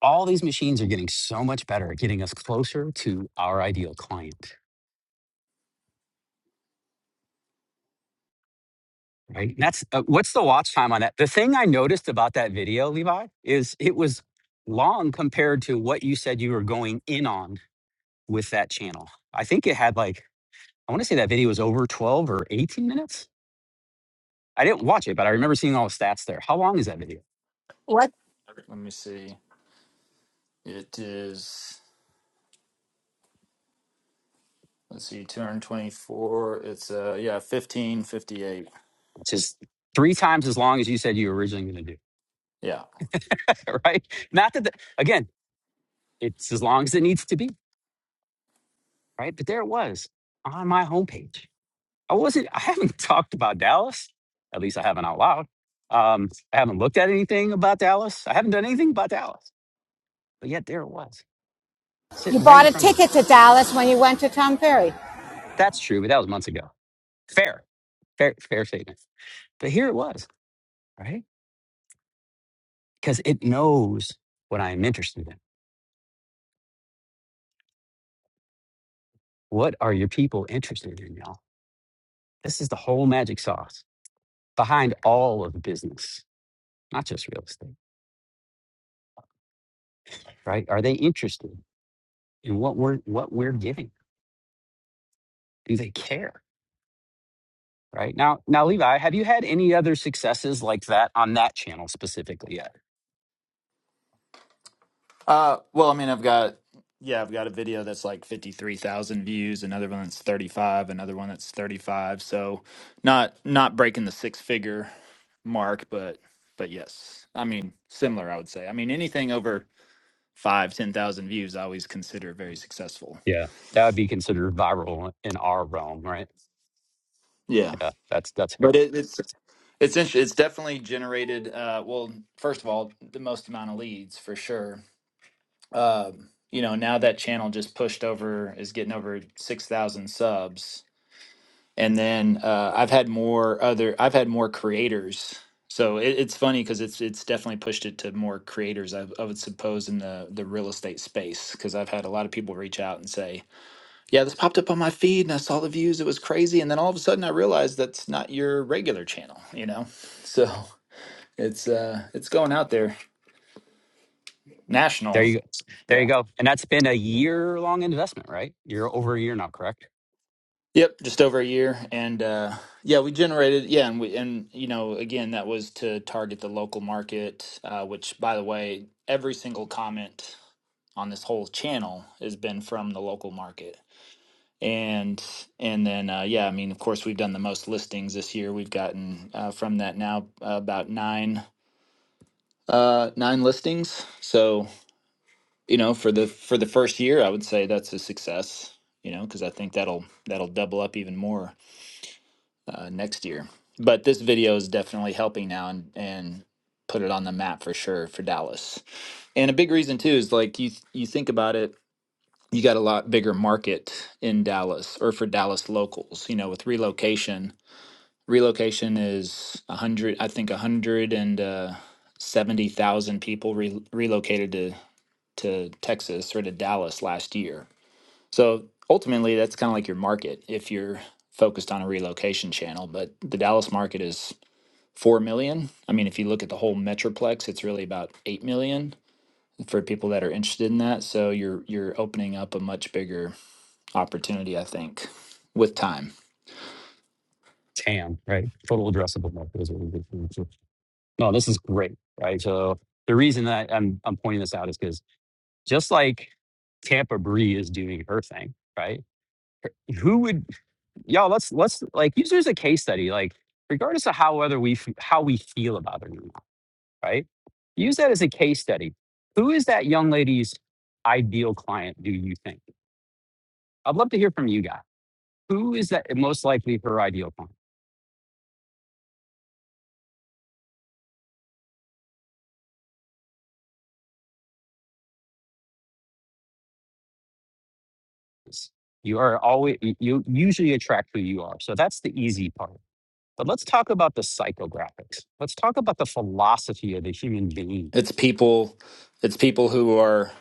Speaker 1: All these machines are getting so much better at getting us closer to our ideal client Right. That's uh, what's the watch time on that? The thing I noticed about that video, Levi, is it was long compared to what you said you were going in on with that channel. I think it had like, I want to say that video was over 12 or 18 minutes. I didn't watch it, but I remember seeing all the stats there. How long is that video?
Speaker 15: What.
Speaker 11: Let me see. It is let's see 224. It's uh yeah, 1558.
Speaker 1: Which is three times as long as you said you were originally going to do.
Speaker 11: Yeah.
Speaker 1: <laughs> right. Not that, the, again, it's as long as it needs to be. Right. But there it was on my homepage. I wasn't. I haven't <laughs> talked about Dallas. At least I haven't out loud. Um, I haven't looked at anything about Dallas. I haven't done anything about Dallas. But yet there it was,
Speaker 4: You
Speaker 1: sitting right
Speaker 4: bought
Speaker 1: in
Speaker 4: a
Speaker 1: front of me.
Speaker 4: ticket to Dallas when you went to Tom Ferry.
Speaker 1: That's true, but that was months ago. Fair, fair, fair statement. But here it was, right? Because it knows what I am interested in. What are your people interested in, y'all? This is the whole magic sauce behind all of business, not just real estate, right? Are they interested in what we're what we're giving? Do they care? Right now, now Levi, have you had any other successes like that on that channel specifically yet?
Speaker 11: Uh well, I mean, I've got yeah, I've got a video that's like 53,000 views, another one that's 35, another one that's 35. So not not breaking the six figure mark, but but yes. I mean, similar I would say. I mean, anything over five, ten thousand views I always consider very successful.
Speaker 1: Yeah, that would be considered viral in our realm, right?
Speaker 11: Yeah.
Speaker 1: Yeah, that's that's fair.
Speaker 11: But it, it's it's interesting. It's definitely generated. Uh, well, first of all, the most amount of leads for sure. Um, you know, now that channel just pushed over is getting over six thousand subs, and then uh, I've had more other. I've had more creators. So it, it's funny because it's it's definitely pushed it to more creators. I, I would suppose in the the real estate space because I've had a lot of people reach out and say, yeah, this popped up on my feed and I saw the views. It was crazy. And then all of a sudden I realized that's not your regular channel, you know? <laughs> So it's uh it's going out there
Speaker 1: There
Speaker 11: national.
Speaker 1: you go. There you
Speaker 11: Yeah.
Speaker 1: go. And that's been a year long investment, right? You're over a year now, correct?
Speaker 11: Yep, just over a year. And uh yeah, we generated yeah, and we and you know, again, that was to target the local market, uh, which by the way, every single comment on this whole channel has been from the local market. and and then uh, yeah i mean of course we've done the most listings this year we've gotten uh, from that now uh, about nine uh nine listings so you know for the for the first year i would say that's a success you know because i think that'll that'll double up even more uh, next year but this video is definitely helping now and and put it on the map for sure for dallas and a big reason too is like you you think about it you got a lot bigger market in dallas or for dallas locals you know with relocation Relocation is a hundred, I think a hundred and uh, seventy thousand people re- relocated to to Texas or to Dallas last year. So ultimately, that's kind of like your market if you're focused on a relocation channel. But the Dallas market is four million. I mean, if you look at the whole metroplex, it's really about eight million for people that are interested in that. So you're you're opening up a much bigger opportunity, I think, with time.
Speaker 1: TAM, right? Total addressable market is what we do. No, this is great, right? So the reason that I'm I'm pointing this out is because just like Tampa Bree is doing her thing, right? Who would y'all? Let's let's like use it as a case study. Like regardless of how whether we f- how we feel about it or not, right? Use that as a case study. Who is that young lady's ideal client? Do you think? I'd love to hear from you guys. Who is that most likely her ideal client? is? You are always you you usually attract who you are. So that's the easy part But let's talk about the psychographics. Let's talk about the philosophy of the human being.
Speaker 11: It's people, it's people who are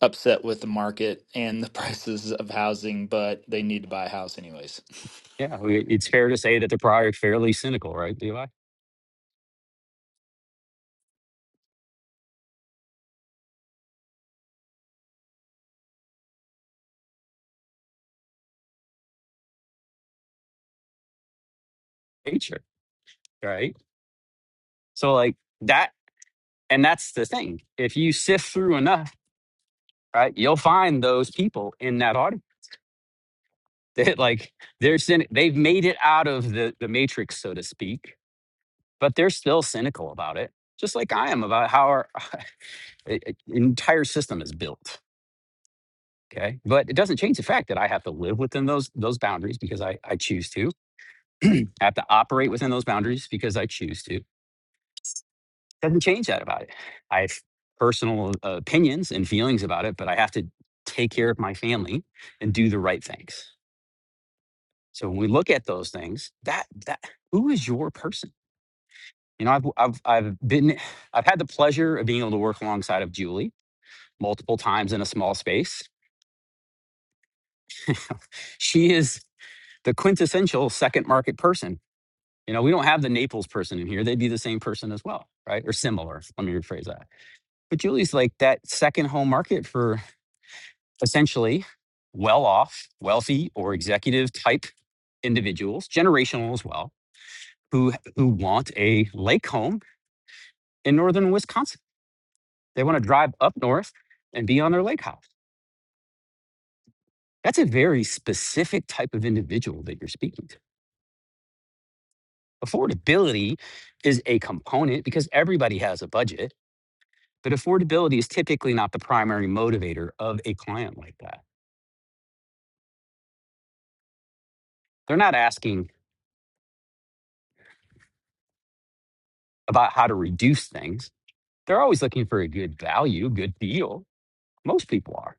Speaker 11: upset with the market and the <laughs> prices of housing, but they need to buy a house anyways.
Speaker 1: Yeah, we- it's fair to say that they're probably fairly cynical, right, Levi? Nature, right? So, like that, and that's the thing. If you sift through enough, right, you'll find those people in that audience <laughs> that, like, they're cynic. They've made it out of the the matrix, so to speak, but they're still cynical about it, just like I am about how our <sighs> uh, entire system is built. Okay. But it doesn't change the fact that I have to live within those those boundaries because I, I choose to. <clears throat> I have to operate within those boundaries because I choose to. Doesn't change that about it. I have personal uh, opinions and feelings about it, but I have to take care of my family and do the right things. So when we look at those things, that that who is your person? You know, I've I've I've been I've had the pleasure of being able to work alongside of Julie multiple times in a small space. <laughs> she is the quintessential second market person You know, we don't have the Naples person in here. They'd be the same person as well, right? Or similar. Let me rephrase that. But Julie's like that second home market for essentially well off, wealthy, or executive type individuals, generational as well, who who want a lake home in northern Wisconsin. They want to drive up north and be on their lake house. That's a very specific type of individual that you're speaking to. Affordability is a component because everybody has a budget But affordability is typically not the primary motivator of a client like that. They're not asking about how to reduce things. They're always looking for a good value, good deal. Most people are.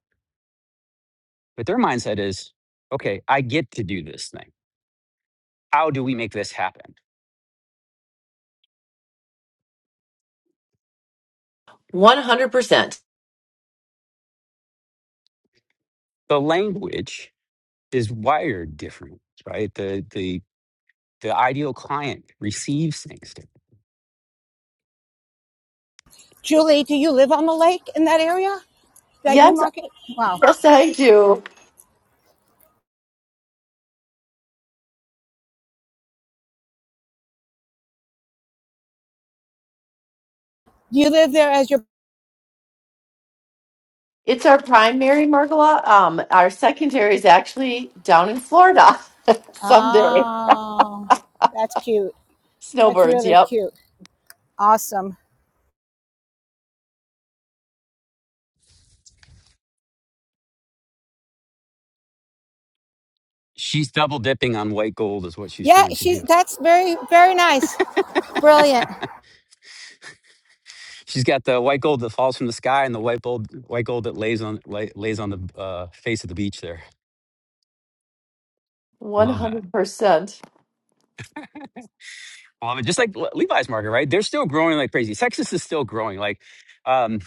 Speaker 1: But their mindset is okay, I get to do this thing. How do we make this happen?
Speaker 12: one hundred percent.
Speaker 1: The language is wired different, right? The, the, the ideal client receives things different.
Speaker 4: Julie, do you live on the lake in that area that you
Speaker 12: Yes,
Speaker 4: market? Wow.
Speaker 12: yes, I do.
Speaker 4: You live there as your.
Speaker 12: It's our primary, Margola. Um, our secondary is actually down in Florida. <laughs> Someday,
Speaker 4: Oh, that's cute. That's
Speaker 12: snowbirds.
Speaker 4: really
Speaker 12: Yep,
Speaker 4: cute. Awesome.
Speaker 1: She's double dipping on white gold, is what she's
Speaker 4: Yeah,
Speaker 1: trying to
Speaker 4: she's
Speaker 1: do
Speaker 4: that's very, very nice. Brilliant.
Speaker 1: She's got the white gold that falls from the sky and the white gold, white gold that lays on lay, lays on the uh, face of the beach. There, I
Speaker 12: one
Speaker 1: love that.
Speaker 12: hundred percent.
Speaker 1: I love it. Just like Le- Levi's market, right? They're still growing like crazy. Texas is still growing. Like, um,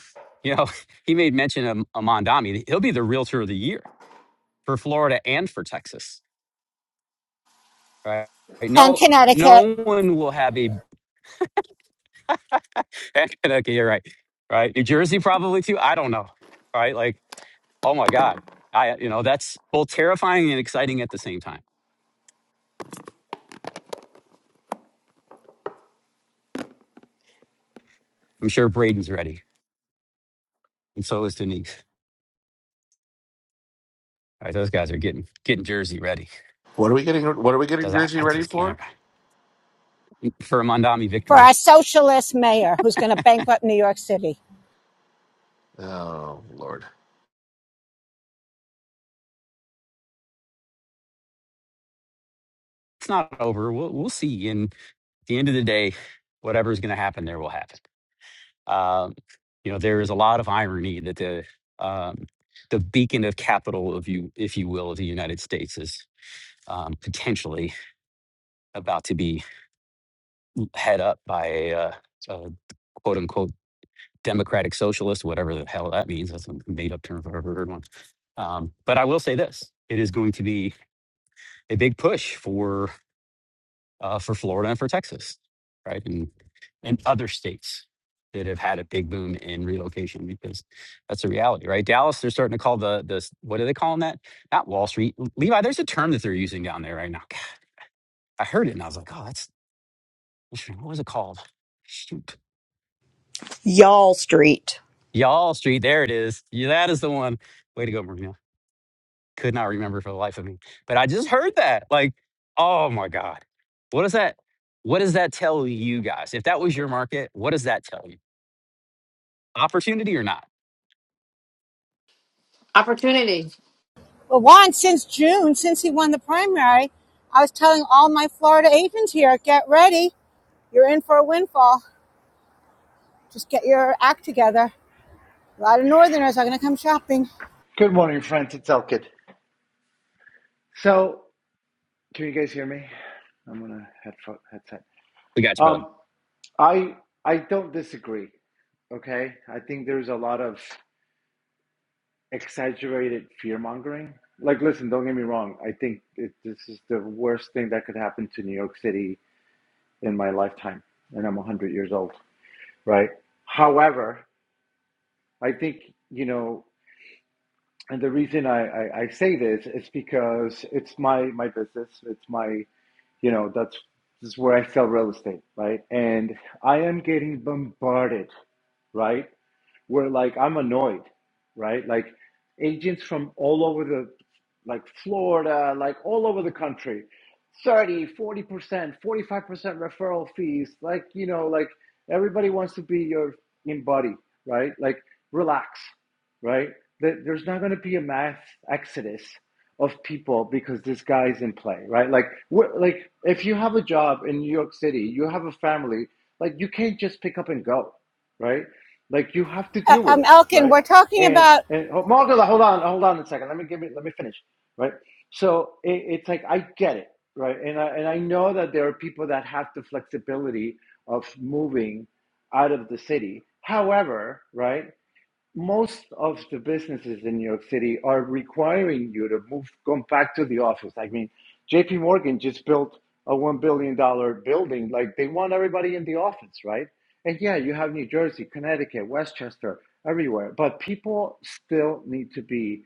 Speaker 1: you know, <laughs> he made mention of Mondami. He'll be the realtor of the year for Florida and for Texas, right? Right?
Speaker 4: And
Speaker 1: No,
Speaker 4: Connecticut
Speaker 1: no one will have a. <laughs> okay, you're right. Right, New Jersey probably too. I don't know. Right, like, oh my God, I you know that's both terrifying and exciting at the same time I'm sure Braden's ready, and so is Denise. All right, those guys are getting getting Jersey ready
Speaker 16: What are we getting? What are we getting
Speaker 1: because I,
Speaker 16: Jersey
Speaker 1: I
Speaker 16: ready
Speaker 1: just
Speaker 16: for?
Speaker 1: can't for a Mondami
Speaker 4: for our
Speaker 1: victory.
Speaker 4: socialist mayor who's going to bankrupt New York City.
Speaker 16: Oh Lord,
Speaker 1: It's not over. We'll we'll see. And at the end of the day, whatever's going to happen there will happen. Um, you know, there is a lot of irony that the um, the beacon of capital, of you, if you will, of the United States is um, potentially about to be head up by a, uh, a quote unquote democratic socialist, whatever the hell that means. That's a made up term if I've ever heard one. Um, but I will say this: it is going to be a big push for uh, for Florida and for Texas, right, and and other states that have had a big boom in relocation because that's a reality, right? Dallas, they're starting to call the the s- what are they calling that? Not Wall Street, Levi. There's a term that they're using down there right now. God, I heard it and I was like, oh, that's what was it called? Shoot,
Speaker 17: Y'all Street.
Speaker 1: Y'all Street. There it is. Yeah, that is the one. Way to go, Marina. Could not remember for the life of me. But I just heard that. Like, oh my God. What does that what does that tell you guys? If that was your market, what does that tell you? Opportunity or not?
Speaker 13: opportunity.
Speaker 4: Well, Juan, since June, since he won the primary, I was telling all my Florida agents here, get ready. You're in for a windfall. Just get your act together. A lot of Northerners are going to come shopping.
Speaker 9: Good morning, friends. It's Elkid. So, can you guys hear me? I'm gonna headset. headset.
Speaker 1: We got you, brother.
Speaker 9: Um, I I don't disagree. Okay, I think there's a lot of exaggerated fear mongering. Like, listen, don't get me wrong. I think it, this is the worst thing that could happen to New York City in my lifetime, and I'm 100 years old, right? However, I think you know, and the reason I, I, I say this is because it's my my business. It's my you know that's this is where I sell real estate, right? And I am getting bombarded, right? where like I'm annoyed, right? Like agents from all over the like Florida, like all over the country, thirty, forty percent 45% referral fees. Like, you know, like everybody wants to be your in buddy, right? Like relax, right? There- There's not going to be a mass exodus of people because this guy's in play, right? Like, like if you have a job in New York City, you have a family, like you can't just pick up and go, right? Like you have to
Speaker 4: Uh,
Speaker 9: deal with
Speaker 4: um,
Speaker 9: it,
Speaker 4: Elkin,
Speaker 9: right?
Speaker 4: we're talking
Speaker 9: And
Speaker 4: about,
Speaker 9: and oh, Margola, hold on, hold on a second. Let me give it. Let me finish, right? So it, it's like I get it, right? And I and I know that there are people that have the flexibility of moving out of the city. However, right? most of the businesses in New York City are requiring you to move, come back to the office. I mean, JP Morgan just built a $1 billion dollars building. Like they want everybody in the office, right? And yeah, you have New Jersey, Connecticut, Westchester, everywhere, but people still need to be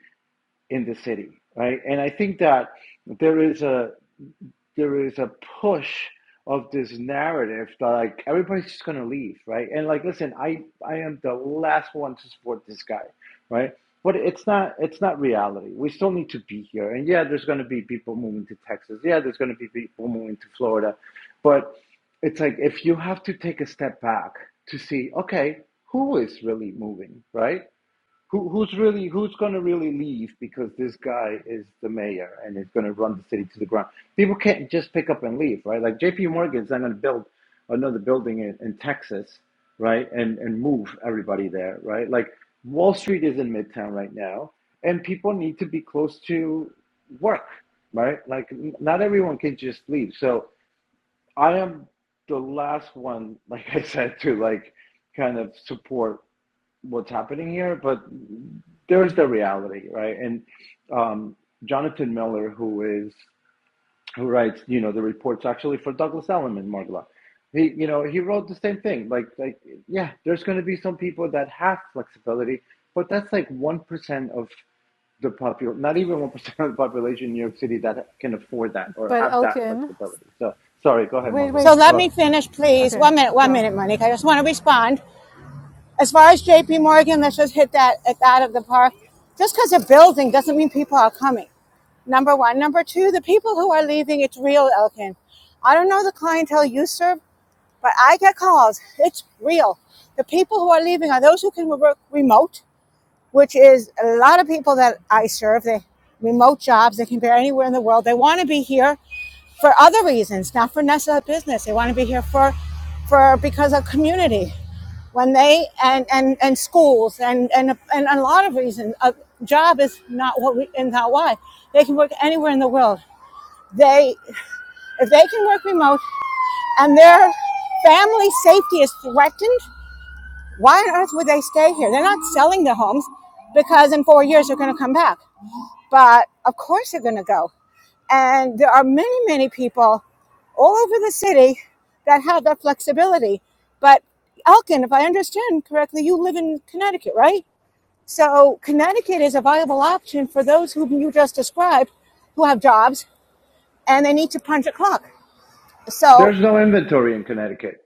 Speaker 9: in the city, right? And I think that there is a, there is a push of this narrative that like everybody's just gonna leave, right? And like, listen, I I am the last one to support this guy, right? But it's not it's not reality. We still need to be here, and yeah, there's gonna be people moving to Texas. Yeah, there's gonna be people moving to Florida, but it's like if you have to take a step back to see, okay, who is really moving, right? Who, who's really who's going to really leave because this guy is the mayor and is going to run the city to the ground? People can't just pick up and leave, right? Like J.P. Morgan's not going to build another building in, in Texas, right? And and move everybody there, right? Like Wall Street is in Midtown right now, and people need to be close to work, right? Like n- not everyone can just leave. So I am the last one, <laughs> like I said, to like kind of support what's happening here, but there's the reality, right? And um, Jonathan Miller, who is who writes, you know, the reports actually for Douglas Elliman, Margla. He, you know, he wrote the same thing. Like, like, yeah, there's going to be some people that have flexibility, but that's like one percent of the popul, not even one percent of the population in New York City that can afford that or
Speaker 7: But
Speaker 9: have that
Speaker 7: Elkin,
Speaker 9: flexibility. So, sorry, go ahead,
Speaker 7: wait,
Speaker 9: Margla.
Speaker 7: wait.
Speaker 4: so let
Speaker 9: Uh,
Speaker 4: me finish, please.
Speaker 7: Okay,
Speaker 4: One minute, one
Speaker 7: go.
Speaker 4: minute, Monique. I just want to respond. As far as JP Morgan, let's just hit that at that of the park. Just because a building doesn't mean people are coming. Number one. Number two, the people who are leaving, it's real, Elkin. I don't know the clientele you serve, But I get calls. It's real. The people who are leaving are those who can work remote, which is a lot of people that I serve. They remote jobs. They can be anywhere in the world. They want to be here for other reasons, not for necessarily business. They want to be here for, for because of community. When they and and, and schools and and and a lot of reasons. A job is not what we and not why. They can work anywhere in the world. They if they can work remote, and their family safety is threatened, why on earth would they stay here? They're not selling their homes because in four years they're going to come back. But of course they're going to go. And there are many, many people all over the city that have that flexibility. But Elkin, if I understand correctly, you live in Connecticut, right? So Connecticut is a viable option for those whom you just described who have jobs and they need to punch a clock. So
Speaker 9: there's no inventory in Connecticut,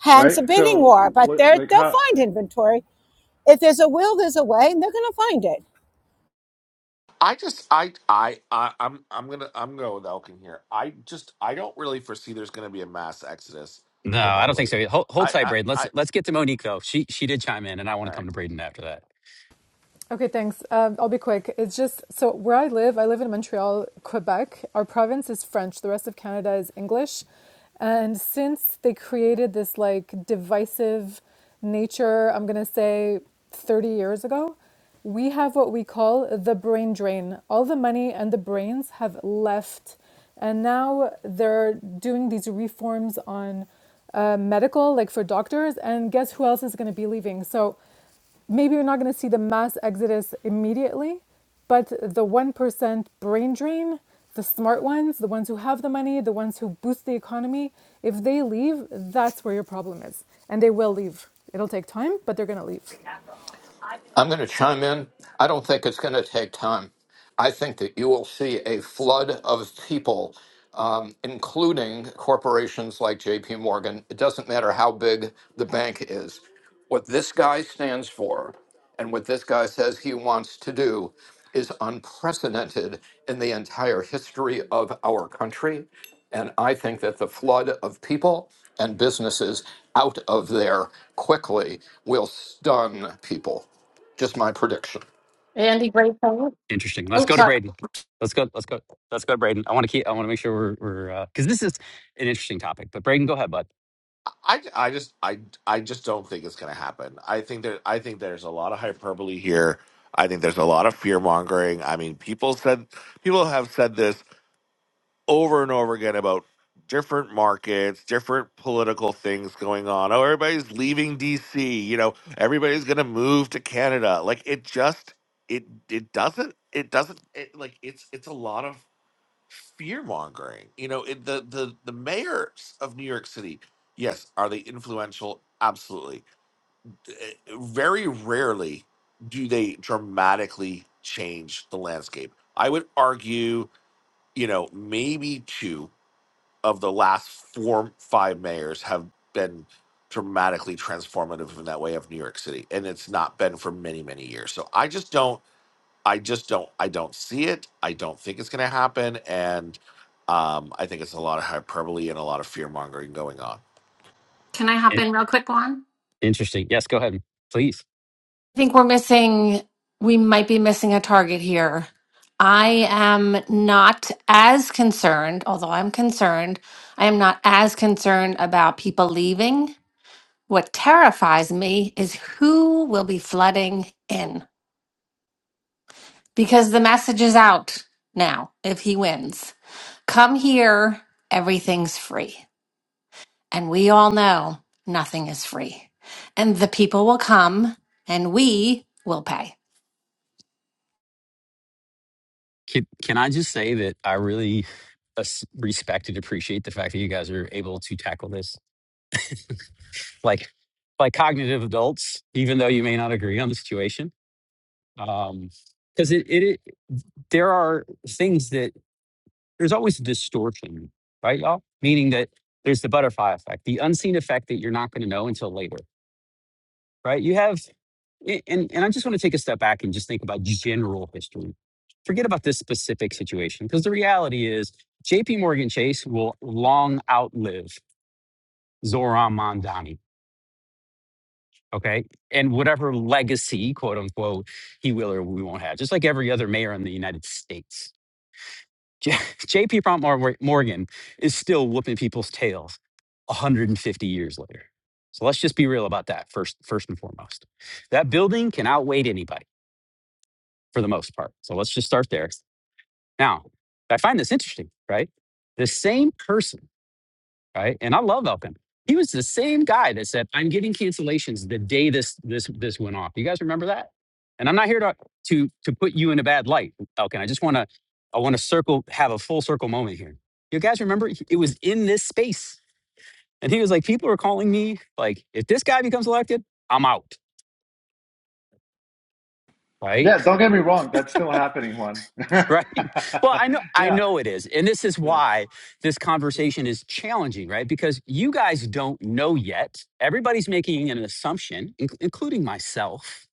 Speaker 4: Hence
Speaker 9: right?
Speaker 4: a bidding
Speaker 9: So,
Speaker 4: war, but
Speaker 9: what,
Speaker 4: they're,
Speaker 9: like,
Speaker 4: they'll
Speaker 9: how?
Speaker 4: find inventory. If there's a will, there's a way, and they're going to find it.
Speaker 16: I just I I, I I'm I'm gonna I'm going with Elkin here. I just I don't really foresee there's going to be a mass exodus
Speaker 1: No, I don't
Speaker 16: remotely.
Speaker 1: think so. Hold, hold
Speaker 16: I
Speaker 1: tight,
Speaker 16: I
Speaker 1: Braden. Let's
Speaker 16: I
Speaker 1: let's get to Monique though. She she did chime in, and I want
Speaker 16: all
Speaker 1: to
Speaker 16: right.
Speaker 1: come to Braden after that.
Speaker 7: Okay, thanks. Um, I'll be quick. It's just so where I live, I live in Montreal, Quebec. Our province is French, the rest of Canada is English. And since they created this like divisive nature, I'm going to say 30 years ago, we have what we call the brain drain. All the money and the brains have left. And now they're doing these reforms on uh, medical, like for doctors. And guess who else is going to be leaving? So maybe you're not going to see the mass exodus immediately, but the 1% brain drain, the smart ones, the ones who have the money, the ones who boost the economy, if they leave, that's where your problem is. And they will leave. It'll take time, but they're going to leave.
Speaker 6: I'm going to chime in. I don't think it's going to take time. I think that you will see a flood of people, um, including corporations like JP Morgan. It doesn't matter how big the bank is. What this guy stands for and what this guy says he wants to do is unprecedented in the entire history of our country. And I think that the flood of people and businesses out of there quickly will stun people. Just my prediction.
Speaker 13: Andy, great point.
Speaker 1: Interesting. Let's
Speaker 13: Oops,
Speaker 1: go to
Speaker 13: sorry.
Speaker 1: Braden. Let's go. Let's go. Let's go, to Braden. I want to keep. I want to make sure we're we're because this is an interesting topic. But Braden, go ahead, bud.
Speaker 16: I, I just I I just don't think it's going to happen. I think that I think there's a lot of hyperbole here. I think there's a lot of fear mongering. I mean, people said people have said this. over and over again about different markets, different political things going on. Oh, everybody's leaving DC, you know, everybody's going to move to Canada. Like it just it it doesn't it doesn't it, like it's it's a lot of fear mongering. You know, it, the the the mayors of New York City, yes, are they influential? Absolutely. Eh, Very rarely do they dramatically change the landscape. I would argue, you know, maybe two of the last four five mayors have been dramatically transformative in that way of New York City, and it's not been for many many years. So I just don't, I just don't, I don't see it. I don't think it's going to happen, and um, I think it's a lot of hyperbole and a lot of fear mongering going on.
Speaker 13: Can I hop
Speaker 1: In-
Speaker 13: in real quick, Juan?
Speaker 1: interesting. Yes, go ahead, please.
Speaker 13: I think we're missing, we might be missing a target here. I am not as concerned, although I'm concerned, I am not as concerned about people leaving. What terrifies me is who will be flooding in because the message is out now if he wins. Come here, everything's free. And we all know nothing is free. And the people will come and we will pay.
Speaker 1: Can, can I just say that I really as- respect and appreciate the fact that you guys are able to tackle this like like cognitive adults, even though you may not agree on the situation. Um, Because it, it, it there are things that there's always a distortion, right, y'all? Meaning that there's the butterfly effect, the unseen effect that you're not going to know until later, right? You have A- And, and I just want to take a step back and just think about general history. Forget about this specific situation, because the reality is JP Morgan Chase will long outlive Zoran Mondani, okay? And whatever legacy, quote unquote, he will or we won't have, just like every other mayor in the United States. J- <laughs> JP Prompt Mor- Morgan is still whooping people's tails 150 years later. So let's just be real about that first, first and foremost. That building can outweigh anybody. for the most part. So let's just start there. Now, I find this interesting, right? The same person, right? And I love Elkin. He was the same guy that said, "I'm getting cancellations the day this this this went off." You guys remember that? And I'm not here to to to put you in a bad light, Elkin. I just want to I want to circle have a full circle moment here. You guys remember it was in this space, and he was like, "People are calling me like, if this guy becomes elected, I'm out." Right?
Speaker 9: Yeah, don't get me wrong, that's still happening, Juan. <laughs>
Speaker 1: <laughs> right well i know i
Speaker 9: yeah,
Speaker 1: know it is and this is why this conversation is challenging right because you guys don't know yet everybody's making an assumption in- including myself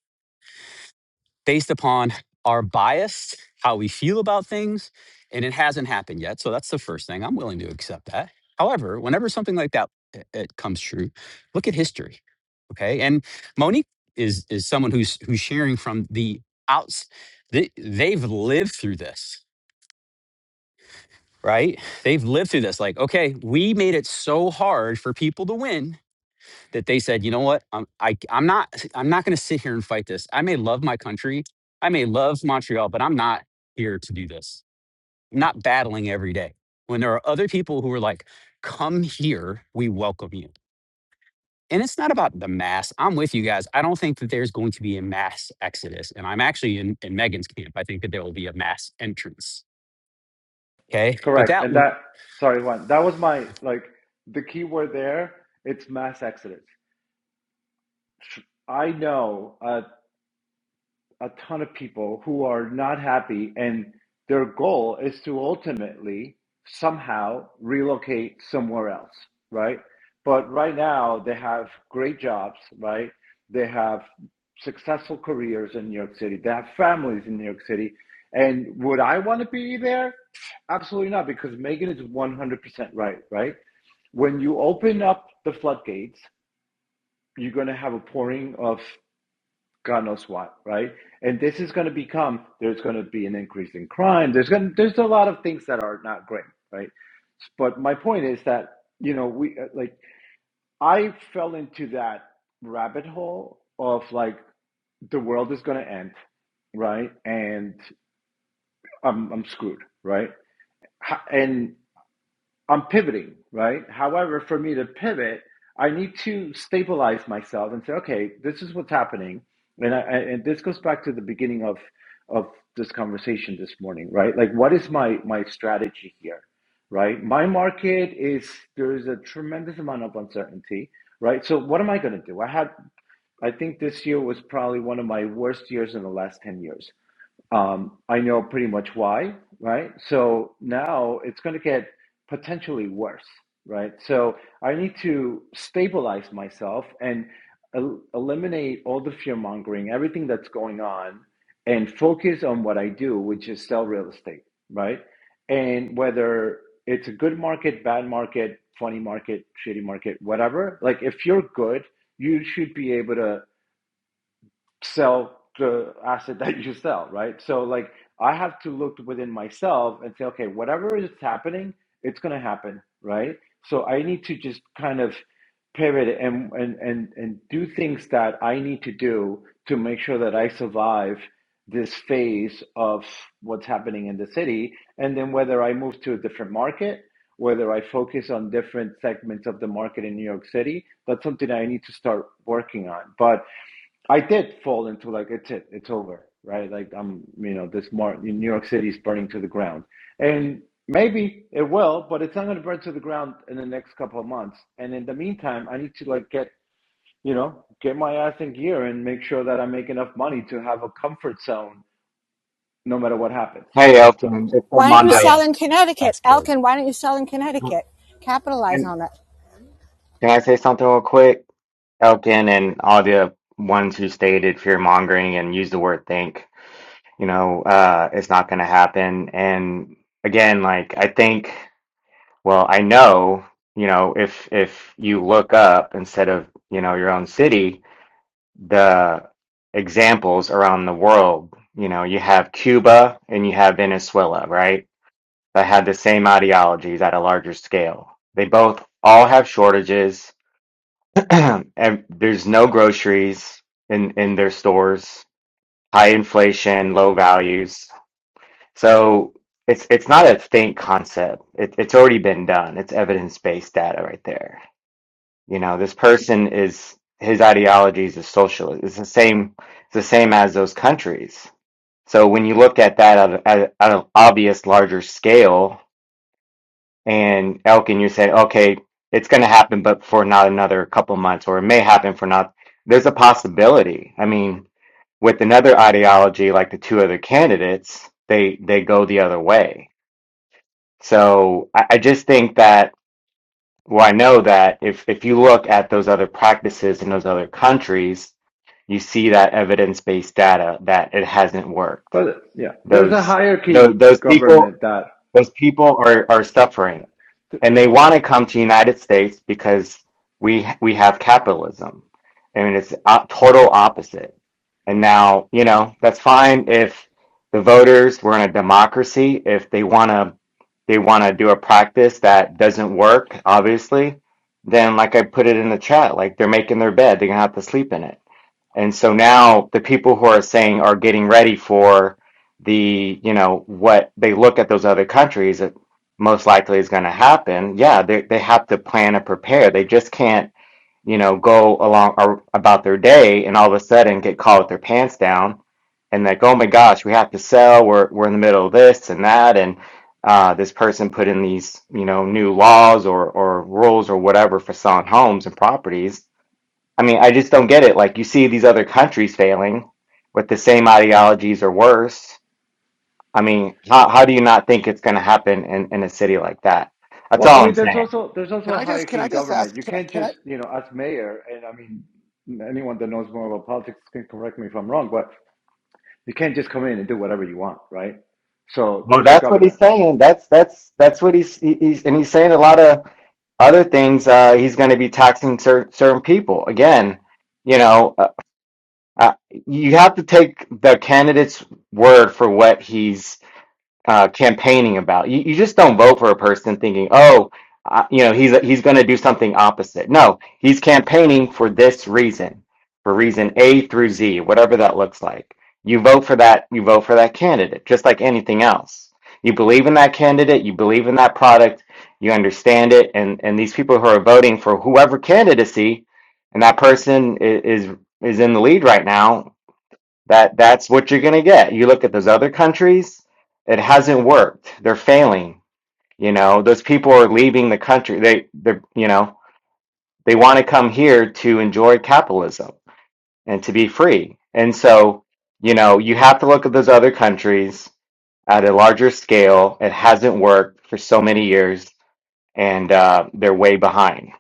Speaker 1: based upon our bias how we feel about things and it hasn't happened yet so that's the first thing i'm willing to accept that however whenever something like that it, it comes true look at history okay and monique is is someone who's who's sharing from the outs they, they've lived through this right? They've lived through this. Like, okay, we made it so hard for people to win that they said, you know what? I'm I, I'm not I'm not going to sit here and fight this. I may love my country, I may love Montreal, but I'm not here to do this. I'm not battling every day. When there are other people who are like, come here, we welcome you. And it's not about the mass. I'm with you guys. I don't think that there's going to be a mass exodus. And I'm actually in, in Megan's camp. I think that there will be a mass entrance. Okay. But
Speaker 9: correct.
Speaker 1: that,
Speaker 9: And
Speaker 1: w-
Speaker 9: that, sorry, Juan, that was my, like, the key word there, it's mass exodus. I know, uh, a ton of people who are not happy and their goal is to ultimately somehow relocate somewhere else right but right now they have great jobs right they have successful careers in new york city they have families in new york city and would i want to be there absolutely not because megan is 100% right right when you open up the floodgates, you're going to have a pouring of God knows what, right? And this is going to become there's going to be an increase in crime. There's going to, there's a lot of things that are not great, right? But my point is that you know we uh, like I fell into that rabbit hole of like the world is going to end, right? And I'm I'm screwed, right? Ha- And I'm pivoting, right? However, for me to pivot, I need to stabilize myself and say, okay, this is what's happening, and I, and this goes back to the beginning of of this conversation this morning, right? Like, what is my my strategy here, right? My market is there is a tremendous amount of uncertainty, right? So, what am I going to do? I had, I think this year was probably one of my worst years in the last ten years um, I know pretty much why, right? So now it's going to get potentially worse, right? So I need to stabilize myself and el- eliminate all the fear mongering, everything that's going on, and focus on what I do, which is sell real estate, right? And whether it's a good market, bad market, funny market, shitty market, whatever, like if you're good, you should be able to sell the asset that you sell, right? So like I have to look within myself and say, okay, whatever is happening, it's gonna happen, right? So I need to just kind of pivot and and and and do things that I need to do to make sure that I survive this phase of what's happening in the city. And then whether I move to a different market, whether I focus on different segments of the market in New York City, that's something I need to start working on. But I did fall into like it's it, it's over, right? Like I'm, you know, this mar New York City is burning to the ground, and maybe it will, but it's not going to burn to the ground in the next couple of months. And in the meantime, I need to like get, you know, get my ass in gear and make sure that I make enough money to have a comfort zone no matter what happens.
Speaker 14: Hey,
Speaker 9: So,
Speaker 14: Elkin, it's
Speaker 4: Why don't you
Speaker 1: ah,
Speaker 14: Armando.
Speaker 1: yeah,
Speaker 4: sell in Connecticut?
Speaker 1: that's good.
Speaker 4: Elkin, why don't you sell in Connecticut? Capitalize
Speaker 14: Can
Speaker 4: on it.
Speaker 14: Can I say something real quick? Elkin and all the ones who stated fear mongering and used the word think. You know, uh, it's not going to happen. And again, like I think. Well, I know. You know, if if you look up instead of you know your own city the examples around the world. You know, you have Cuba and you have Venezuela, right? That had the same ideologies at a larger scale. They both all have shortages, <clears throat> and there's no groceries in in their stores. High inflation, low values. So it's it's not a faint concept. It, it's already been done. It's evidence based data right there. You know, this person is his ideology is a socialist. It's the same. It's the same as those countries. So when you look at that at, at, at an obvious larger scale, and Elkin, you said, okay, it's going to happen, but for not another couple months, or it may happen for not. There's a possibility. I mean, with another ideology like the two other candidates, they they go the other way. So I, I just think that well, I know that if if you look at those other practices in those other countries, you see that evidence-based data that it hasn't worked.
Speaker 9: but yeah, there's a
Speaker 14: Those
Speaker 9: hierarchy
Speaker 14: those those people
Speaker 9: government that.
Speaker 14: those people are, are suffering
Speaker 9: Yeah.
Speaker 14: and they want to come to the United States because we we have capitalism. I mean, it's o- total opposite. And now, you know, that's fine if the voters were in a democracy, if they want to they want to do a practice that doesn't work, obviously, then like I put it in the chat, like they're making their bed, they're gonna have to sleep in it and so now the people who are saying are getting ready for the, you know, what they look at those other countries that most likely is going to happen. Yeah, they they have to plan and prepare. They just can't, you know, go along or about their day and all of a sudden get caught with their pants down and like, oh my gosh, we have to sell. We're we're in the middle of this and that, and uh, this person put in these, you know, new laws or or rules or whatever for selling homes and properties I mean, I just don't get it. Like, you see these other countries failing with the same ideologies or worse. I mean, how, how do you not think it's going to happen in, in a city like that? That's
Speaker 9: Well, I
Speaker 14: all I'm
Speaker 9: mean, there's
Speaker 14: saying.
Speaker 9: also there's also
Speaker 16: Can
Speaker 9: a
Speaker 16: I just, can
Speaker 9: hierarchy
Speaker 16: I
Speaker 9: in
Speaker 16: just
Speaker 9: government.
Speaker 16: ask?
Speaker 9: You
Speaker 16: Can I?
Speaker 9: can't
Speaker 16: Can I?
Speaker 9: just, you know, as mayor, and I mean, anyone that knows more about politics can correct me if I'm wrong, but you can't just come in and do whatever you want, right? So
Speaker 14: Well,
Speaker 9: there's a
Speaker 14: that's what he's
Speaker 9: governor.
Speaker 14: saying. That's that's that's what he's he- he's and he's saying a lot of other things. Uh, he's going to be taxing cer- certain people again. You know, uh, uh, you have to take the candidate's word for what he's uh, campaigning about. You, you just don't vote for a person thinking, oh, uh, you know, he's he's going to do something opposite. No, he's campaigning for this reason, for reason A through Z, whatever that looks like. You vote for that. You vote for that candidate, just like anything else. You believe in that candidate. You believe in that product. You understand it, and and these people who are voting for whoever candidacy, and that person i- is is in the lead right now. That that's what you're gonna get. You look at those other countries, it hasn't worked. They're failing. You know, those people are leaving the country. They they you know, they want to come here to enjoy capitalism and to be free. And so, you know, you have to look at those other countries at a larger scale. It hasn't worked for so many years, and uh, they're way behind.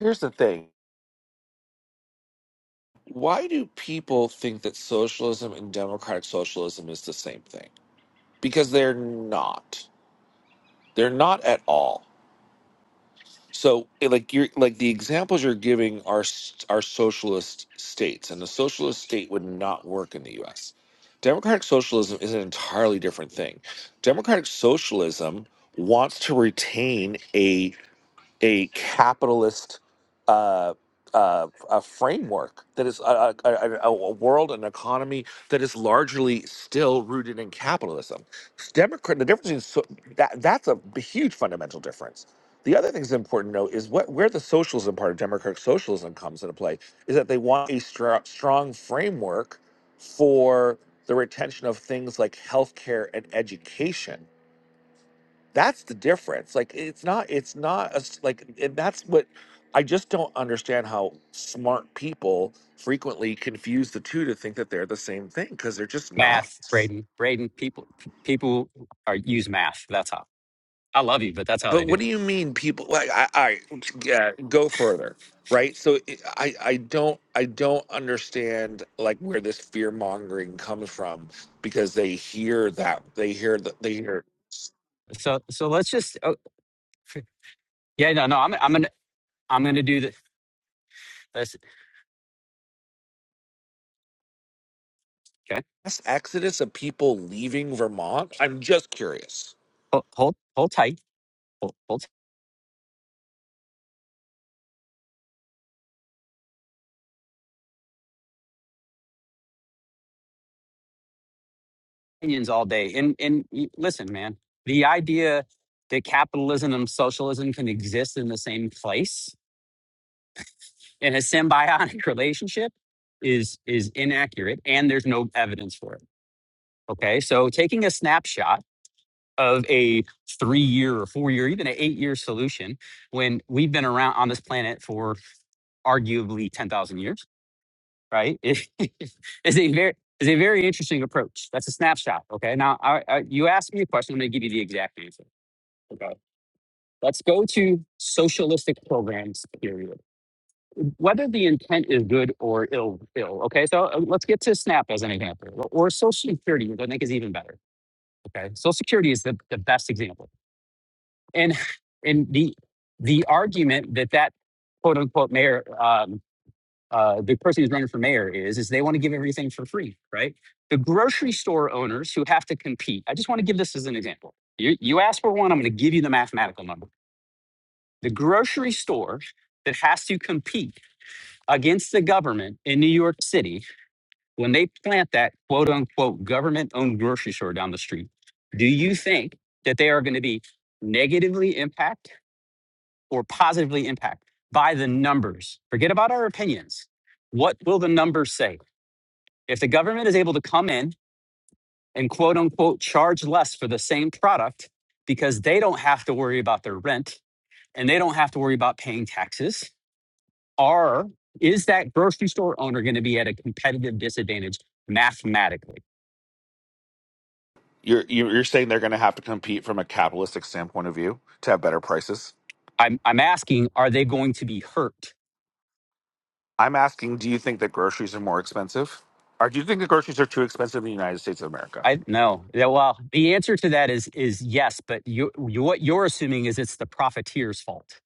Speaker 16: Here's the thing. Why do people think that socialism and democratic socialism is the same thing? Because they're not. They're not at all so eh, like you're like the examples you're giving are s- are socialist states and the socialist state would not work in the US. Democratic socialism is an entirely different thing. Democratic socialism wants to retain a a capitalist uh, uh, a framework that is a, a, a, a world, an economy that is largely still rooted in capitalism. Democrat, the difference is so, that that's a huge fundamental difference. The other thing that's important to note is what where the socialism part of democratic socialism comes into play is that they want a str- strong framework for the retention of things like healthcare and education that's the difference like it's not it's not a s like and that's what i just don't understand how smart people frequently confuse the two to think that they're the same thing because they're just not
Speaker 1: Math, Braden, Braden. People, people are use math. That's how. I love you, but that's how they
Speaker 16: but
Speaker 1: do
Speaker 16: what do
Speaker 1: it.
Speaker 16: you mean people like i i yeah go further right so it, i i don't i don't understand like where this fear mongering comes from because they hear that they hear that they hear
Speaker 1: So, so let's just. Oh, yeah, no, no. I'm, I'm gonna, I'm gonna do this. Let's, okay.
Speaker 16: mass exodus of people leaving vermont i'm just curious
Speaker 1: Hold, hold, hold tight. Hold, hold tight. opinions all day. And, and y- listen, man. The idea that capitalism and socialism can exist in the same place in a symbiotic <laughs> relationship is is inaccurate, and there's no evidence for it. Okay, so taking a snapshot of a three year or four year, even an eight year solution when we've been around on this planet for arguably 10,000 years, right? <laughs> is a very, is a very interesting approach. That's a snapshot. Okay. Now, I, I, you asked me a question. I'm going to give you the exact answer. Okay. Let's go to socialistic programs, period. Whether the intent is good or ill, ill. Okay. So uh, let's get to SNAP as an example, or Social Security, which I think is even better. Okay. Social Security is the, the best example and and the the argument that that quote unquote mayor um, uh, the person who's running for mayor is is they want to give everything for free right the grocery store owners who have to compete i just want to give this as an example you, you ask for one i'm going to give you the mathematical number the grocery store that has to compete against the government in new york city when they plant that quote unquote government owned grocery store down the street do you think that they are going to be negatively impacted or positively impact by the numbers. Forget about our opinions. What will the numbers say? If the government is able to come in and quote unquote charge less for the same product because they don't have to worry about their rent and they don't have to worry about paying taxes, are is that grocery store owner going to be at a competitive disadvantage mathematically?
Speaker 16: You're you're you're saying they're going to have to compete from a capitalistic standpoint of view to have better prices.
Speaker 1: I'm, I'm asking, are they going to be hurt?
Speaker 16: I'm asking, do you think that groceries are more expensive, or do you think that groceries are too expensive in the United States of America?
Speaker 1: I no. Yeah, well, the answer to that is is yes, but you, you what you're assuming is it's the profiteer's fault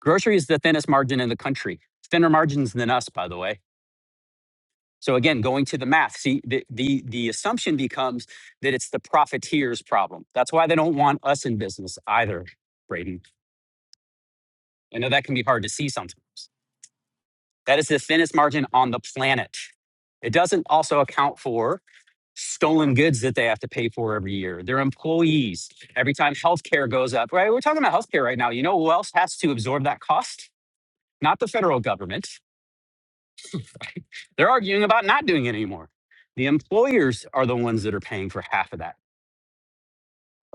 Speaker 1: Grocery is the thinnest margin in the country, thinner margins than us, by the way. So again, going to the math, see the, the the assumption becomes that it's the profiteers problem. That's why they don't want us in business either, Braden. I know that can be hard to see sometimes. That is the thinnest margin on the planet. It doesn't also account for stolen goods that they have to pay for every year, their employees, every time healthcare goes up, right? We're talking about healthcare right now. You know who else has to absorb that cost? Not the federal government They're arguing about not doing it anymore. The employers are the ones that are paying for half of that.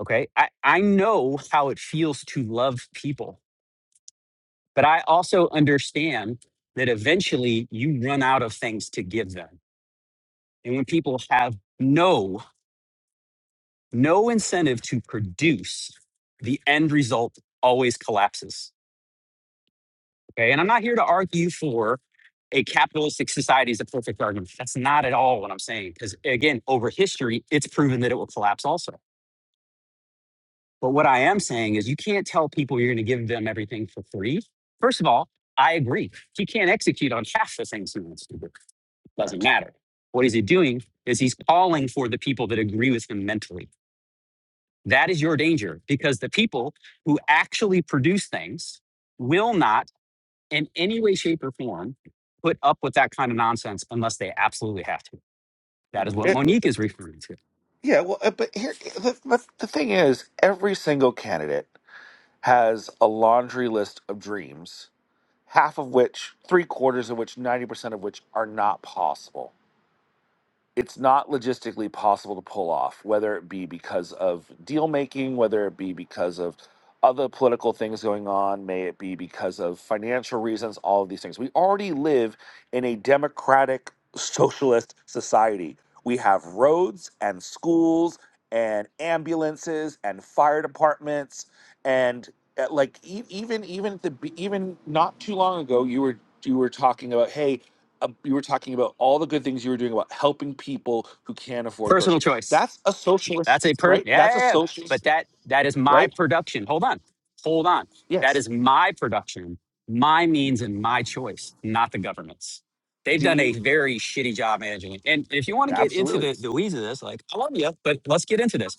Speaker 1: Okay. I, I know how it feels to love people, but I also understand that eventually you run out of things to give them. And when people have no, no incentive to produce, the end result always collapses. Okay. And I'm not here to argue for a capitalistic society is a perfect argument. That's not at all what I'm saying. Because again, over history, it's proven that it will collapse also. But what I am saying is you can't tell people you're going to give them everything for free. First of all, I agree. He can't execute on half the things he wants to do. It Doesn't
Speaker 16: Correct.
Speaker 1: matter. What is he doing is he's calling for the people that agree with him mentally. That is your danger because the people who actually produce things will not in any way, shape, or form put up with that kind of nonsense unless they absolutely have to. That is what
Speaker 16: It-
Speaker 1: Monique is referring to.
Speaker 16: yeah, well, uh, but here the, but the thing is, every single candidate has a laundry list of dreams, half of which, three quarters of which, ninety percent of which are not possible it's not logistically possible to pull off, whether it be because of deal making, whether it be because of other political things going on, may it be because of financial reasons, all of these things. We already live in a democratic socialist society. We have roads and schools and ambulances and fire departments and uh, like e- even even at the be- even not too long ago you were you were talking about hey um, you were talking about all the good things you were doing about helping people who can't afford
Speaker 1: Personal
Speaker 16: groceries.
Speaker 1: choice.
Speaker 16: That's a
Speaker 1: That's a
Speaker 16: socialist,
Speaker 1: per yeah,
Speaker 16: right? That's
Speaker 1: yeah,
Speaker 16: a
Speaker 1: yeah. But
Speaker 16: socialist,
Speaker 1: that that is my
Speaker 16: right?
Speaker 1: production. Hold on. Hold on. That
Speaker 16: Yes.
Speaker 1: is my production, my means and my choice, not the government's. They've
Speaker 16: Do
Speaker 1: done a
Speaker 16: you
Speaker 1: very shitty job managing it. And if you want to get into
Speaker 16: absolutely?
Speaker 1: the, the weeds of this, like I love you, but let's get into this.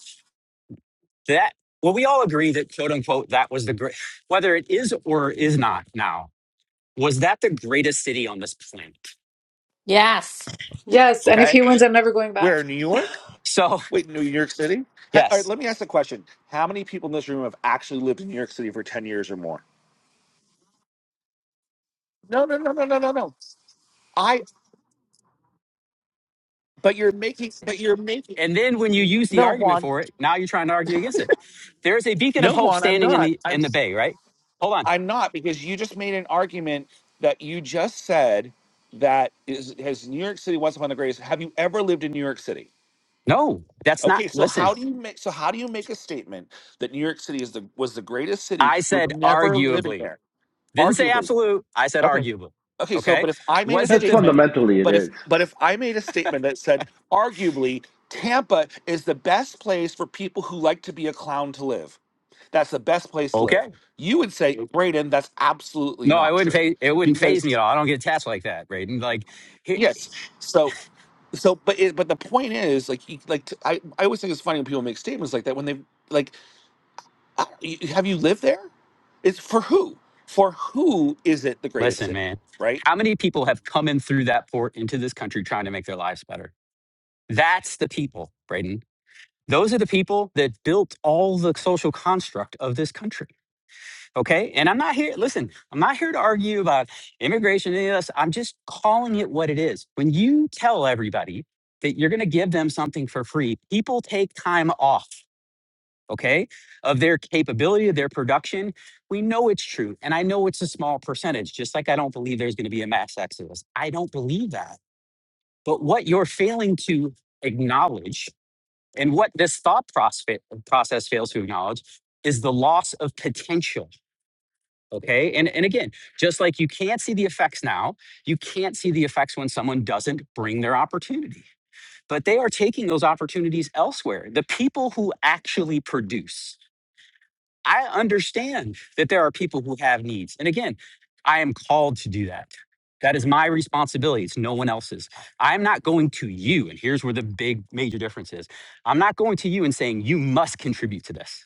Speaker 1: That well, we all agree that quote unquote that was the great <sighs> whether it is or is not now, was that the greatest city on this planet?
Speaker 13: Yes.
Speaker 7: Yes, and if
Speaker 1: Okay.
Speaker 7: he wins, I'm never going
Speaker 16: Where
Speaker 7: back.
Speaker 16: in New York?
Speaker 1: So
Speaker 16: Wait, New York City?
Speaker 1: <laughs>
Speaker 16: Ha- all right,
Speaker 1: yes,
Speaker 16: let me ask the question: How many people in this room have actually lived in New York City for ten years or more? No, no, no, no, no, no, no. I. But you're making. But you're making.
Speaker 1: And then when you use the
Speaker 16: No,
Speaker 1: argument
Speaker 16: Juan.
Speaker 1: for it, now you're trying to argue against it. There is a beacon of
Speaker 16: No,
Speaker 1: hope
Speaker 16: Juan. I'm
Speaker 1: standing in
Speaker 16: not.
Speaker 1: the in
Speaker 16: I'm.
Speaker 1: the bay, right? Hold on.
Speaker 16: I'm not because you just made an argument that you just said that is has New York City once upon the greatest. Have you ever lived in New York City?
Speaker 1: No, that's not
Speaker 16: Okay, so how
Speaker 1: listen.
Speaker 16: do you make so how do you make a statement that New York City is the was the greatest city
Speaker 1: I
Speaker 16: with
Speaker 1: said
Speaker 16: never living
Speaker 1: arguably.
Speaker 16: there?
Speaker 1: Didn't say
Speaker 16: Arguably.
Speaker 1: absolute. I said
Speaker 16: Okay.
Speaker 1: arguably.
Speaker 16: Okay, so
Speaker 1: Okay?
Speaker 16: but if I made a
Speaker 1: Was it
Speaker 9: That's
Speaker 1: the
Speaker 16: statement,
Speaker 9: fundamentally it
Speaker 16: but if
Speaker 9: is.
Speaker 16: but if I made a statement that said arguably Tampa is the best place for people who like to be a clown to live. That's the best place to
Speaker 1: Okay.
Speaker 16: live. You would say, Braden, that's absolutely
Speaker 1: No, I
Speaker 16: not
Speaker 1: wouldn't
Speaker 16: true.
Speaker 1: phase, it wouldn't phase me
Speaker 16: Because
Speaker 1: at all. I don't get attached like that, Braden. Like he,
Speaker 16: yes, so so, but it, but the point is, like, you, like t- I I always think it's funny when people make statements like that when they like, I- you- have you lived there? It's for who? For who is it the greatest
Speaker 1: listen,
Speaker 16: city?
Speaker 1: man.
Speaker 16: Right?
Speaker 1: How many people have come in through that port into this country trying to make their lives better? That's the people, Braden. Those are the people that built all the social construct of this country Okay. And I'm not here, listen, I'm not here to argue about immigration, any of this. I'm just calling it what it is. When you tell everybody that you're going to give them something for free, people take time off, okay, of their capability, of their production. We know it's true. And I know it's a small percentage, just like I don't believe there's going to be a mass exodus. I don't believe that. But what you're failing to acknowledge and what this thought process process fails to acknowledge is the loss of potential Okay. And, and again, just like you can't see the effects now, you can't see the effects when someone doesn't bring their opportunity, but they are taking those opportunities elsewhere. The people who actually produce, I understand that there are people who have needs. And again, I am called to do that. That is my responsibility. It's no one else's. I'm not going to you. And here's where the big major difference is I'm not going to you and saying, you must contribute to this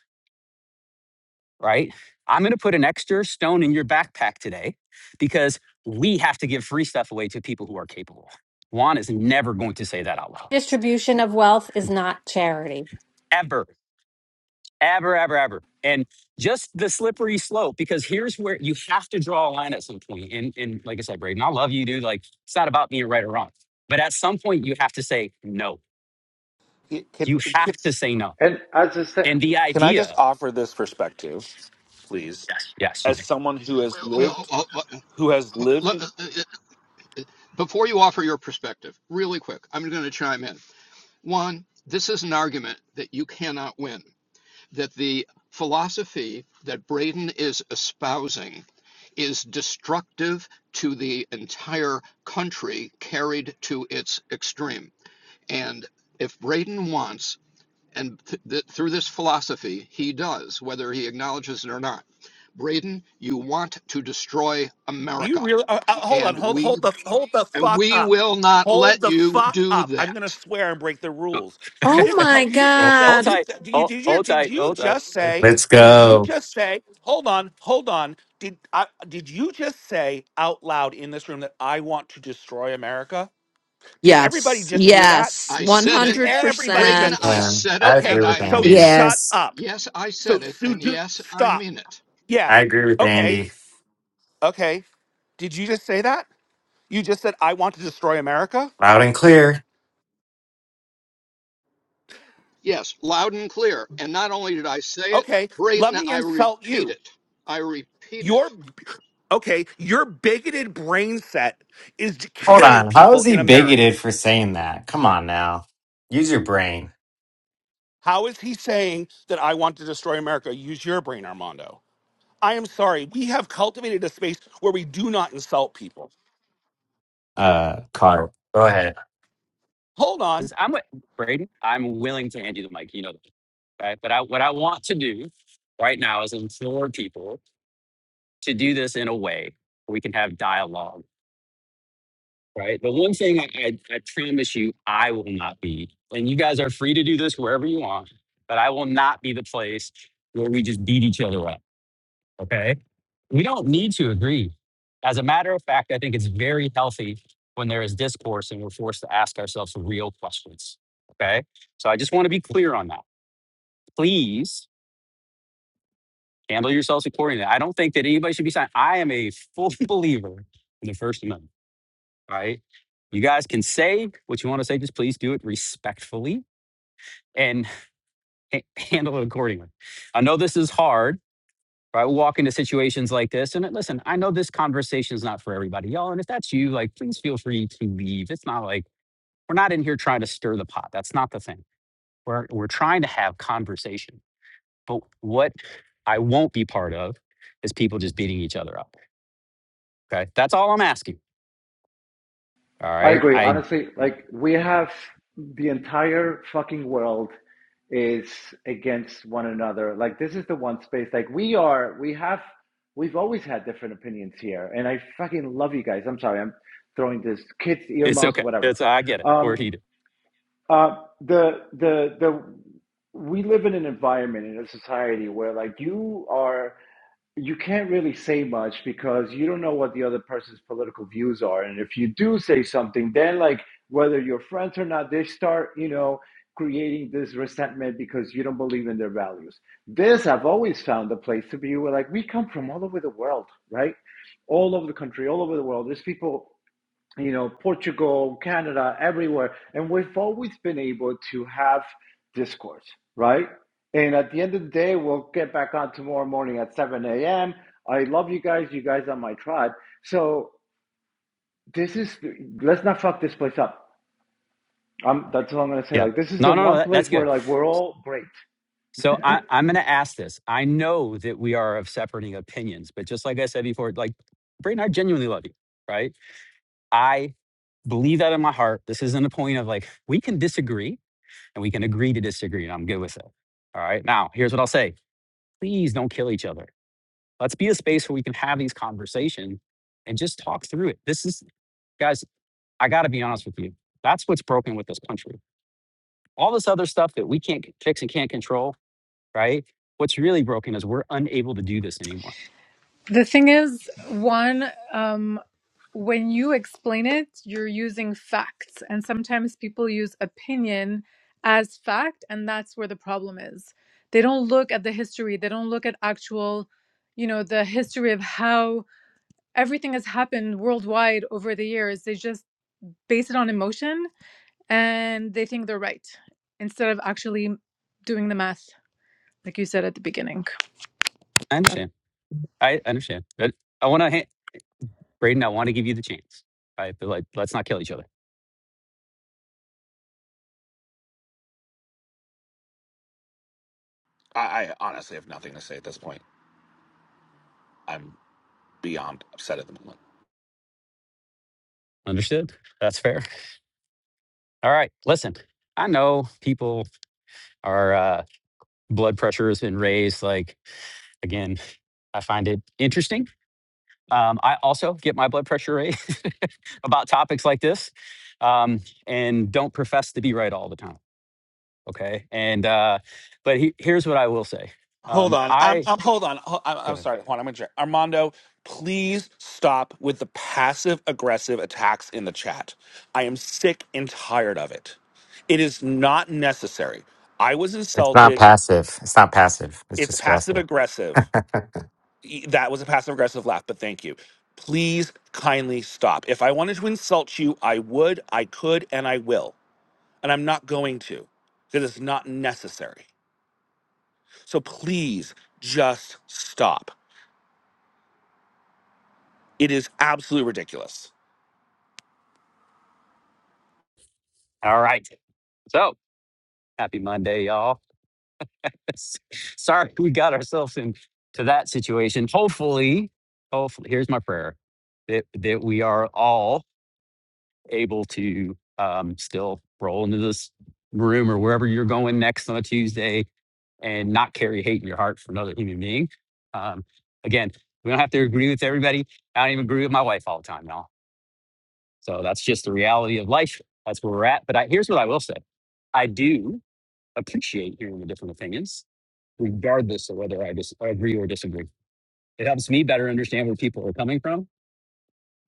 Speaker 1: right? I'm going to put an extra stone in your backpack today because we have to give free stuff away to people who are capable. Juan is never going to say that out loud,
Speaker 13: Distribution of wealth is not charity.
Speaker 1: ever, ever, ever, ever. And just the slippery slope, because here's where you have to draw a line at some point. And, and like I said, Braden, I love you, dude. Like, it's not about being right or wrong. But at some point, you have to say no.
Speaker 16: It- Can
Speaker 1: You
Speaker 16: it-
Speaker 1: have
Speaker 16: can,
Speaker 1: to say no.
Speaker 9: And as a se-
Speaker 1: And the
Speaker 16: can I just
Speaker 1: idea,
Speaker 16: offer this perspective, please? Yes.
Speaker 1: yes, you
Speaker 16: As someone who has
Speaker 6: Wait, oh,
Speaker 16: lived,
Speaker 6: oh, oh,
Speaker 16: who has
Speaker 6: let, let-
Speaker 16: lived.
Speaker 6: uh, uh, before you offer your perspective, really quick, I'm going to chime in. One, this is an argument that you cannot win, that the philosophy that Braden is espousing is destructive to the entire country carried to its extreme. And if Braden wants And th- th- through this philosophy, he does, whether he acknowledges it or not. Braden, you want to destroy
Speaker 16: You
Speaker 6: America,
Speaker 16: really? Uh, uh, hold on.
Speaker 6: and
Speaker 16: Hold
Speaker 6: we
Speaker 16: hold the hold the
Speaker 6: and
Speaker 16: fuck
Speaker 6: we
Speaker 16: up.
Speaker 6: will not
Speaker 16: Hold
Speaker 6: let
Speaker 16: the
Speaker 6: you
Speaker 16: fuck
Speaker 6: do
Speaker 16: up. I'm gonna
Speaker 6: that.
Speaker 16: swear and break the rules. You
Speaker 18: Oh
Speaker 16: just
Speaker 1: may.
Speaker 18: my
Speaker 16: tell. You
Speaker 1: <laughs> Hold,
Speaker 16: think that
Speaker 1: hold
Speaker 18: God.
Speaker 16: you
Speaker 1: tight.
Speaker 16: th- did you
Speaker 1: Hold,
Speaker 16: did you
Speaker 1: hold
Speaker 16: did
Speaker 1: tight.
Speaker 16: you
Speaker 1: Hold tight.
Speaker 16: just
Speaker 1: Hold
Speaker 16: say?
Speaker 1: tight.
Speaker 14: Let's
Speaker 16: Did you
Speaker 14: go.
Speaker 16: just say? Hold on. Hold on. Did I, did you just say out loud in this room that I want to destroy America? Did everybody
Speaker 18: Yes,
Speaker 16: just hear that?
Speaker 18: yes,
Speaker 6: I said
Speaker 16: Did
Speaker 6: it,
Speaker 16: everybody
Speaker 6: Braden.
Speaker 16: just hear
Speaker 18: 100%.
Speaker 6: I
Speaker 16: that?
Speaker 14: Um,
Speaker 6: said
Speaker 14: I
Speaker 6: it, and
Speaker 14: agree
Speaker 16: Okay.
Speaker 14: with
Speaker 6: I
Speaker 16: So
Speaker 6: mean
Speaker 14: Andy.
Speaker 6: it.
Speaker 16: shut
Speaker 3: Yes.
Speaker 16: up.
Speaker 6: Yes, I
Speaker 16: So
Speaker 6: said it,
Speaker 16: Sue,
Speaker 6: and
Speaker 16: do,
Speaker 6: yes, I
Speaker 16: stop.
Speaker 6: mean it.
Speaker 16: Yeah.
Speaker 14: I agree with
Speaker 16: Okay.
Speaker 14: Andy.
Speaker 16: Okay. Did you just say that? You just said, I want to destroy America.
Speaker 14: Loud and clear.
Speaker 6: Yes, loud and clear. And not only did I say it,
Speaker 16: Okay, let
Speaker 6: Braden,
Speaker 16: me
Speaker 6: I
Speaker 16: insult
Speaker 6: repeat
Speaker 16: you.
Speaker 6: it. I repeat it.
Speaker 16: Your okay, your bigoted brain set is
Speaker 14: Hold
Speaker 16: killing
Speaker 14: on. How is
Speaker 16: people
Speaker 14: he
Speaker 16: in America.
Speaker 14: bigoted for saying that? Come on now. Use your brain.
Speaker 16: How is he saying that I want to destroy America? Use your brain, Armando. I am sorry. We have cultivated a space where we do not insult people.
Speaker 14: Uh, Carl. Go ahead.
Speaker 16: Hold
Speaker 1: i
Speaker 16: on.
Speaker 1: I'm with Braden. I'm willing to hand you the mic. You know that, right? But I, what I want to do right now is implore people to do this in a way where we can have dialogue, right? The one thing I, I, I promise you, I will not be, and you guys are free to do this wherever you want, but I will not be the place where we just beat each other up, okay? We don't need to agree. As a matter of fact, I think it's very healthy when there is discourse and we're forced to ask ourselves real questions, okay? So I just want to be clear on that. please handle yourselves accordingly. I don't think that anybody should be signed. I am a full <laughs> believer in the First Amendment. All right. You guys can say what you want to say, just please do it respectfully and ha- handle it accordingly. I know this is hard. Right, we walk into situations like this, and listen. I know this conversation is not for everybody, y'all. And if that's you, like, please feel free to leave. It's not like we're not in here trying to stir the pot. That's not the thing. We're we're trying to have conversation. But what I won't be part of is people just beating each other up. Okay. That's all I'm asking. All
Speaker 9: I
Speaker 1: right.
Speaker 9: agree.
Speaker 1: I,
Speaker 9: Honestly, like we have the entire fucking world is against one another. Like this is the one space. Like we are, we have, we've always had different opinions here, and I fucking love you guys. I'm sorry, I'm throwing this kids
Speaker 1: it's
Speaker 9: earmuffs,
Speaker 1: okay.
Speaker 9: whatever.
Speaker 1: It's, I get it. We're
Speaker 9: Um,
Speaker 1: heated.
Speaker 9: uh, the the the we live in an environment in a society where like you are you can't really say much because you don't know what the other person's political views are and if you do say something then like whether you're friends or not they start you know creating this resentment because you don't believe in their values this i've always found a place to be where like we come from all over the world right all over the country all over the world there's people you know, Portugal, Canada, everywhere. And we've always been able to have discourse, right? And at the end of the day, we'll get back on tomorrow morning at 7 a.m. I love you guys. You guys are my tribe. So this is, let's not fuck this place up. Um, that's what I'm going to say.
Speaker 1: Yeah.
Speaker 9: Like, this is the
Speaker 1: No, no, no.
Speaker 9: one
Speaker 1: That, that's
Speaker 9: place where,
Speaker 1: good.
Speaker 9: like, we're all great.
Speaker 1: So I, I'm going to ask this. I know that we are of separating opinions, but just like I said before, like Brayden, I genuinely love you. Right. I believe that in my heart. This isn't a point of like, we can disagree and we can agree to disagree and I'm good with it. All right. Now, here's what I'll say. Please don't kill each other. Let's be a space where we can have these conversations and just talk through it. This is, guys, I got to be honest with you. That's what's broken with this country. All this other stuff that we can't fix and can't control, right? What's really broken is we're unable to do this anymore.
Speaker 7: The thing is, one, um, when you explain it, you're using facts, and sometimes people use opinion as fact, and that's where the problem is. They don't look at the history, they don't look at actual, you know, the history of how everything has happened worldwide over the years. They just base it on emotion and they think they're right instead of actually doing the math, like you said at the beginning.
Speaker 1: I understand. I understand. But I want to, Braden, I want to give you the chance. All Right? But like, let's not kill each other.
Speaker 16: I, I honestly have nothing to say at this point. I'm beyond upset at the moment.
Speaker 1: Understood? That's fair. All right. Listen, I know people are, uh, blood pressure has been raised. Like, again, I find it interesting Um, I also get my blood pressure raised <laughs> about topics like this, um, and don't profess to be right all the time. Okay, and uh, but he, here's what I will say.
Speaker 16: Hold
Speaker 1: Um,
Speaker 16: on. I'm,
Speaker 1: I
Speaker 16: I'm hold on. Ho- I'm,
Speaker 1: go
Speaker 16: I'm
Speaker 1: ahead.
Speaker 16: sorry. Juan, I'm going to Armando, please stop with the passive aggressive attacks in the chat. I am sick and tired of it. It is not necessary. I was
Speaker 14: It's not
Speaker 16: insulted.
Speaker 14: passive. It's not passive. It's
Speaker 16: It's
Speaker 14: just aggressive.
Speaker 16: passive aggressive. E- That was a passive aggressive laugh, but thank you. Please kindly stop. If I wanted to insult you, I would, I could, and I will. And I'm not going to because it's not necessary. So please just stop. It is absolutely ridiculous.
Speaker 1: All right. So happy Monday, y'all. <laughs> Sorry we got ourselves into that situation. Hopefully, hopefully, here's my prayer that that we are all able to um, still roll into this room or wherever you're going next on a Tuesday and not carry hate in your heart for another human being. Um, again, we don't have to agree with everybody. I don't even agree with my wife all the time, y'all. So that's just the reality of life. That's where we're at. But I, here's what I will say I do appreciate hearing the different opinions, regardless of whether I dis- I agree or disagree. It helps me better understand where people are coming from.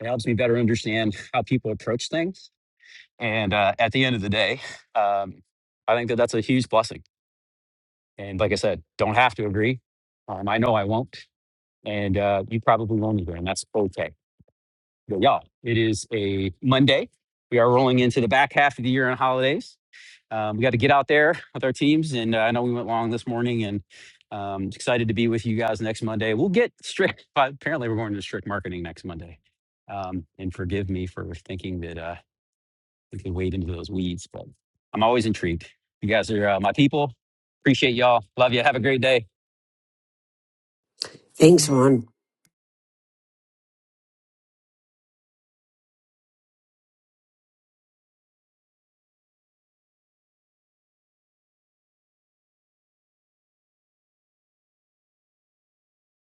Speaker 1: It helps me better understand how people approach things And uh, at the end of the day, um, I think that that's a huge blessing. And like I said, don't have to agree. Um, I know I won't. And uh, you probably won't either. And that's okay. But y'all, it is a Monday. We are rolling into the back half of the year on holidays. Um, we got to get out there with our teams. And uh, I know we went long this morning and um, excited to be with you guys next Monday. We'll get strict. <laughs> Apparently, we're going to strict marketing next Monday. Um, and forgive me for thinking that. uh, we can wade into those weeds. But I'm always intrigued. You guys are uh, my people. Appreciate y'all. Love you. Have a great day.
Speaker 3: Thanks, Juan.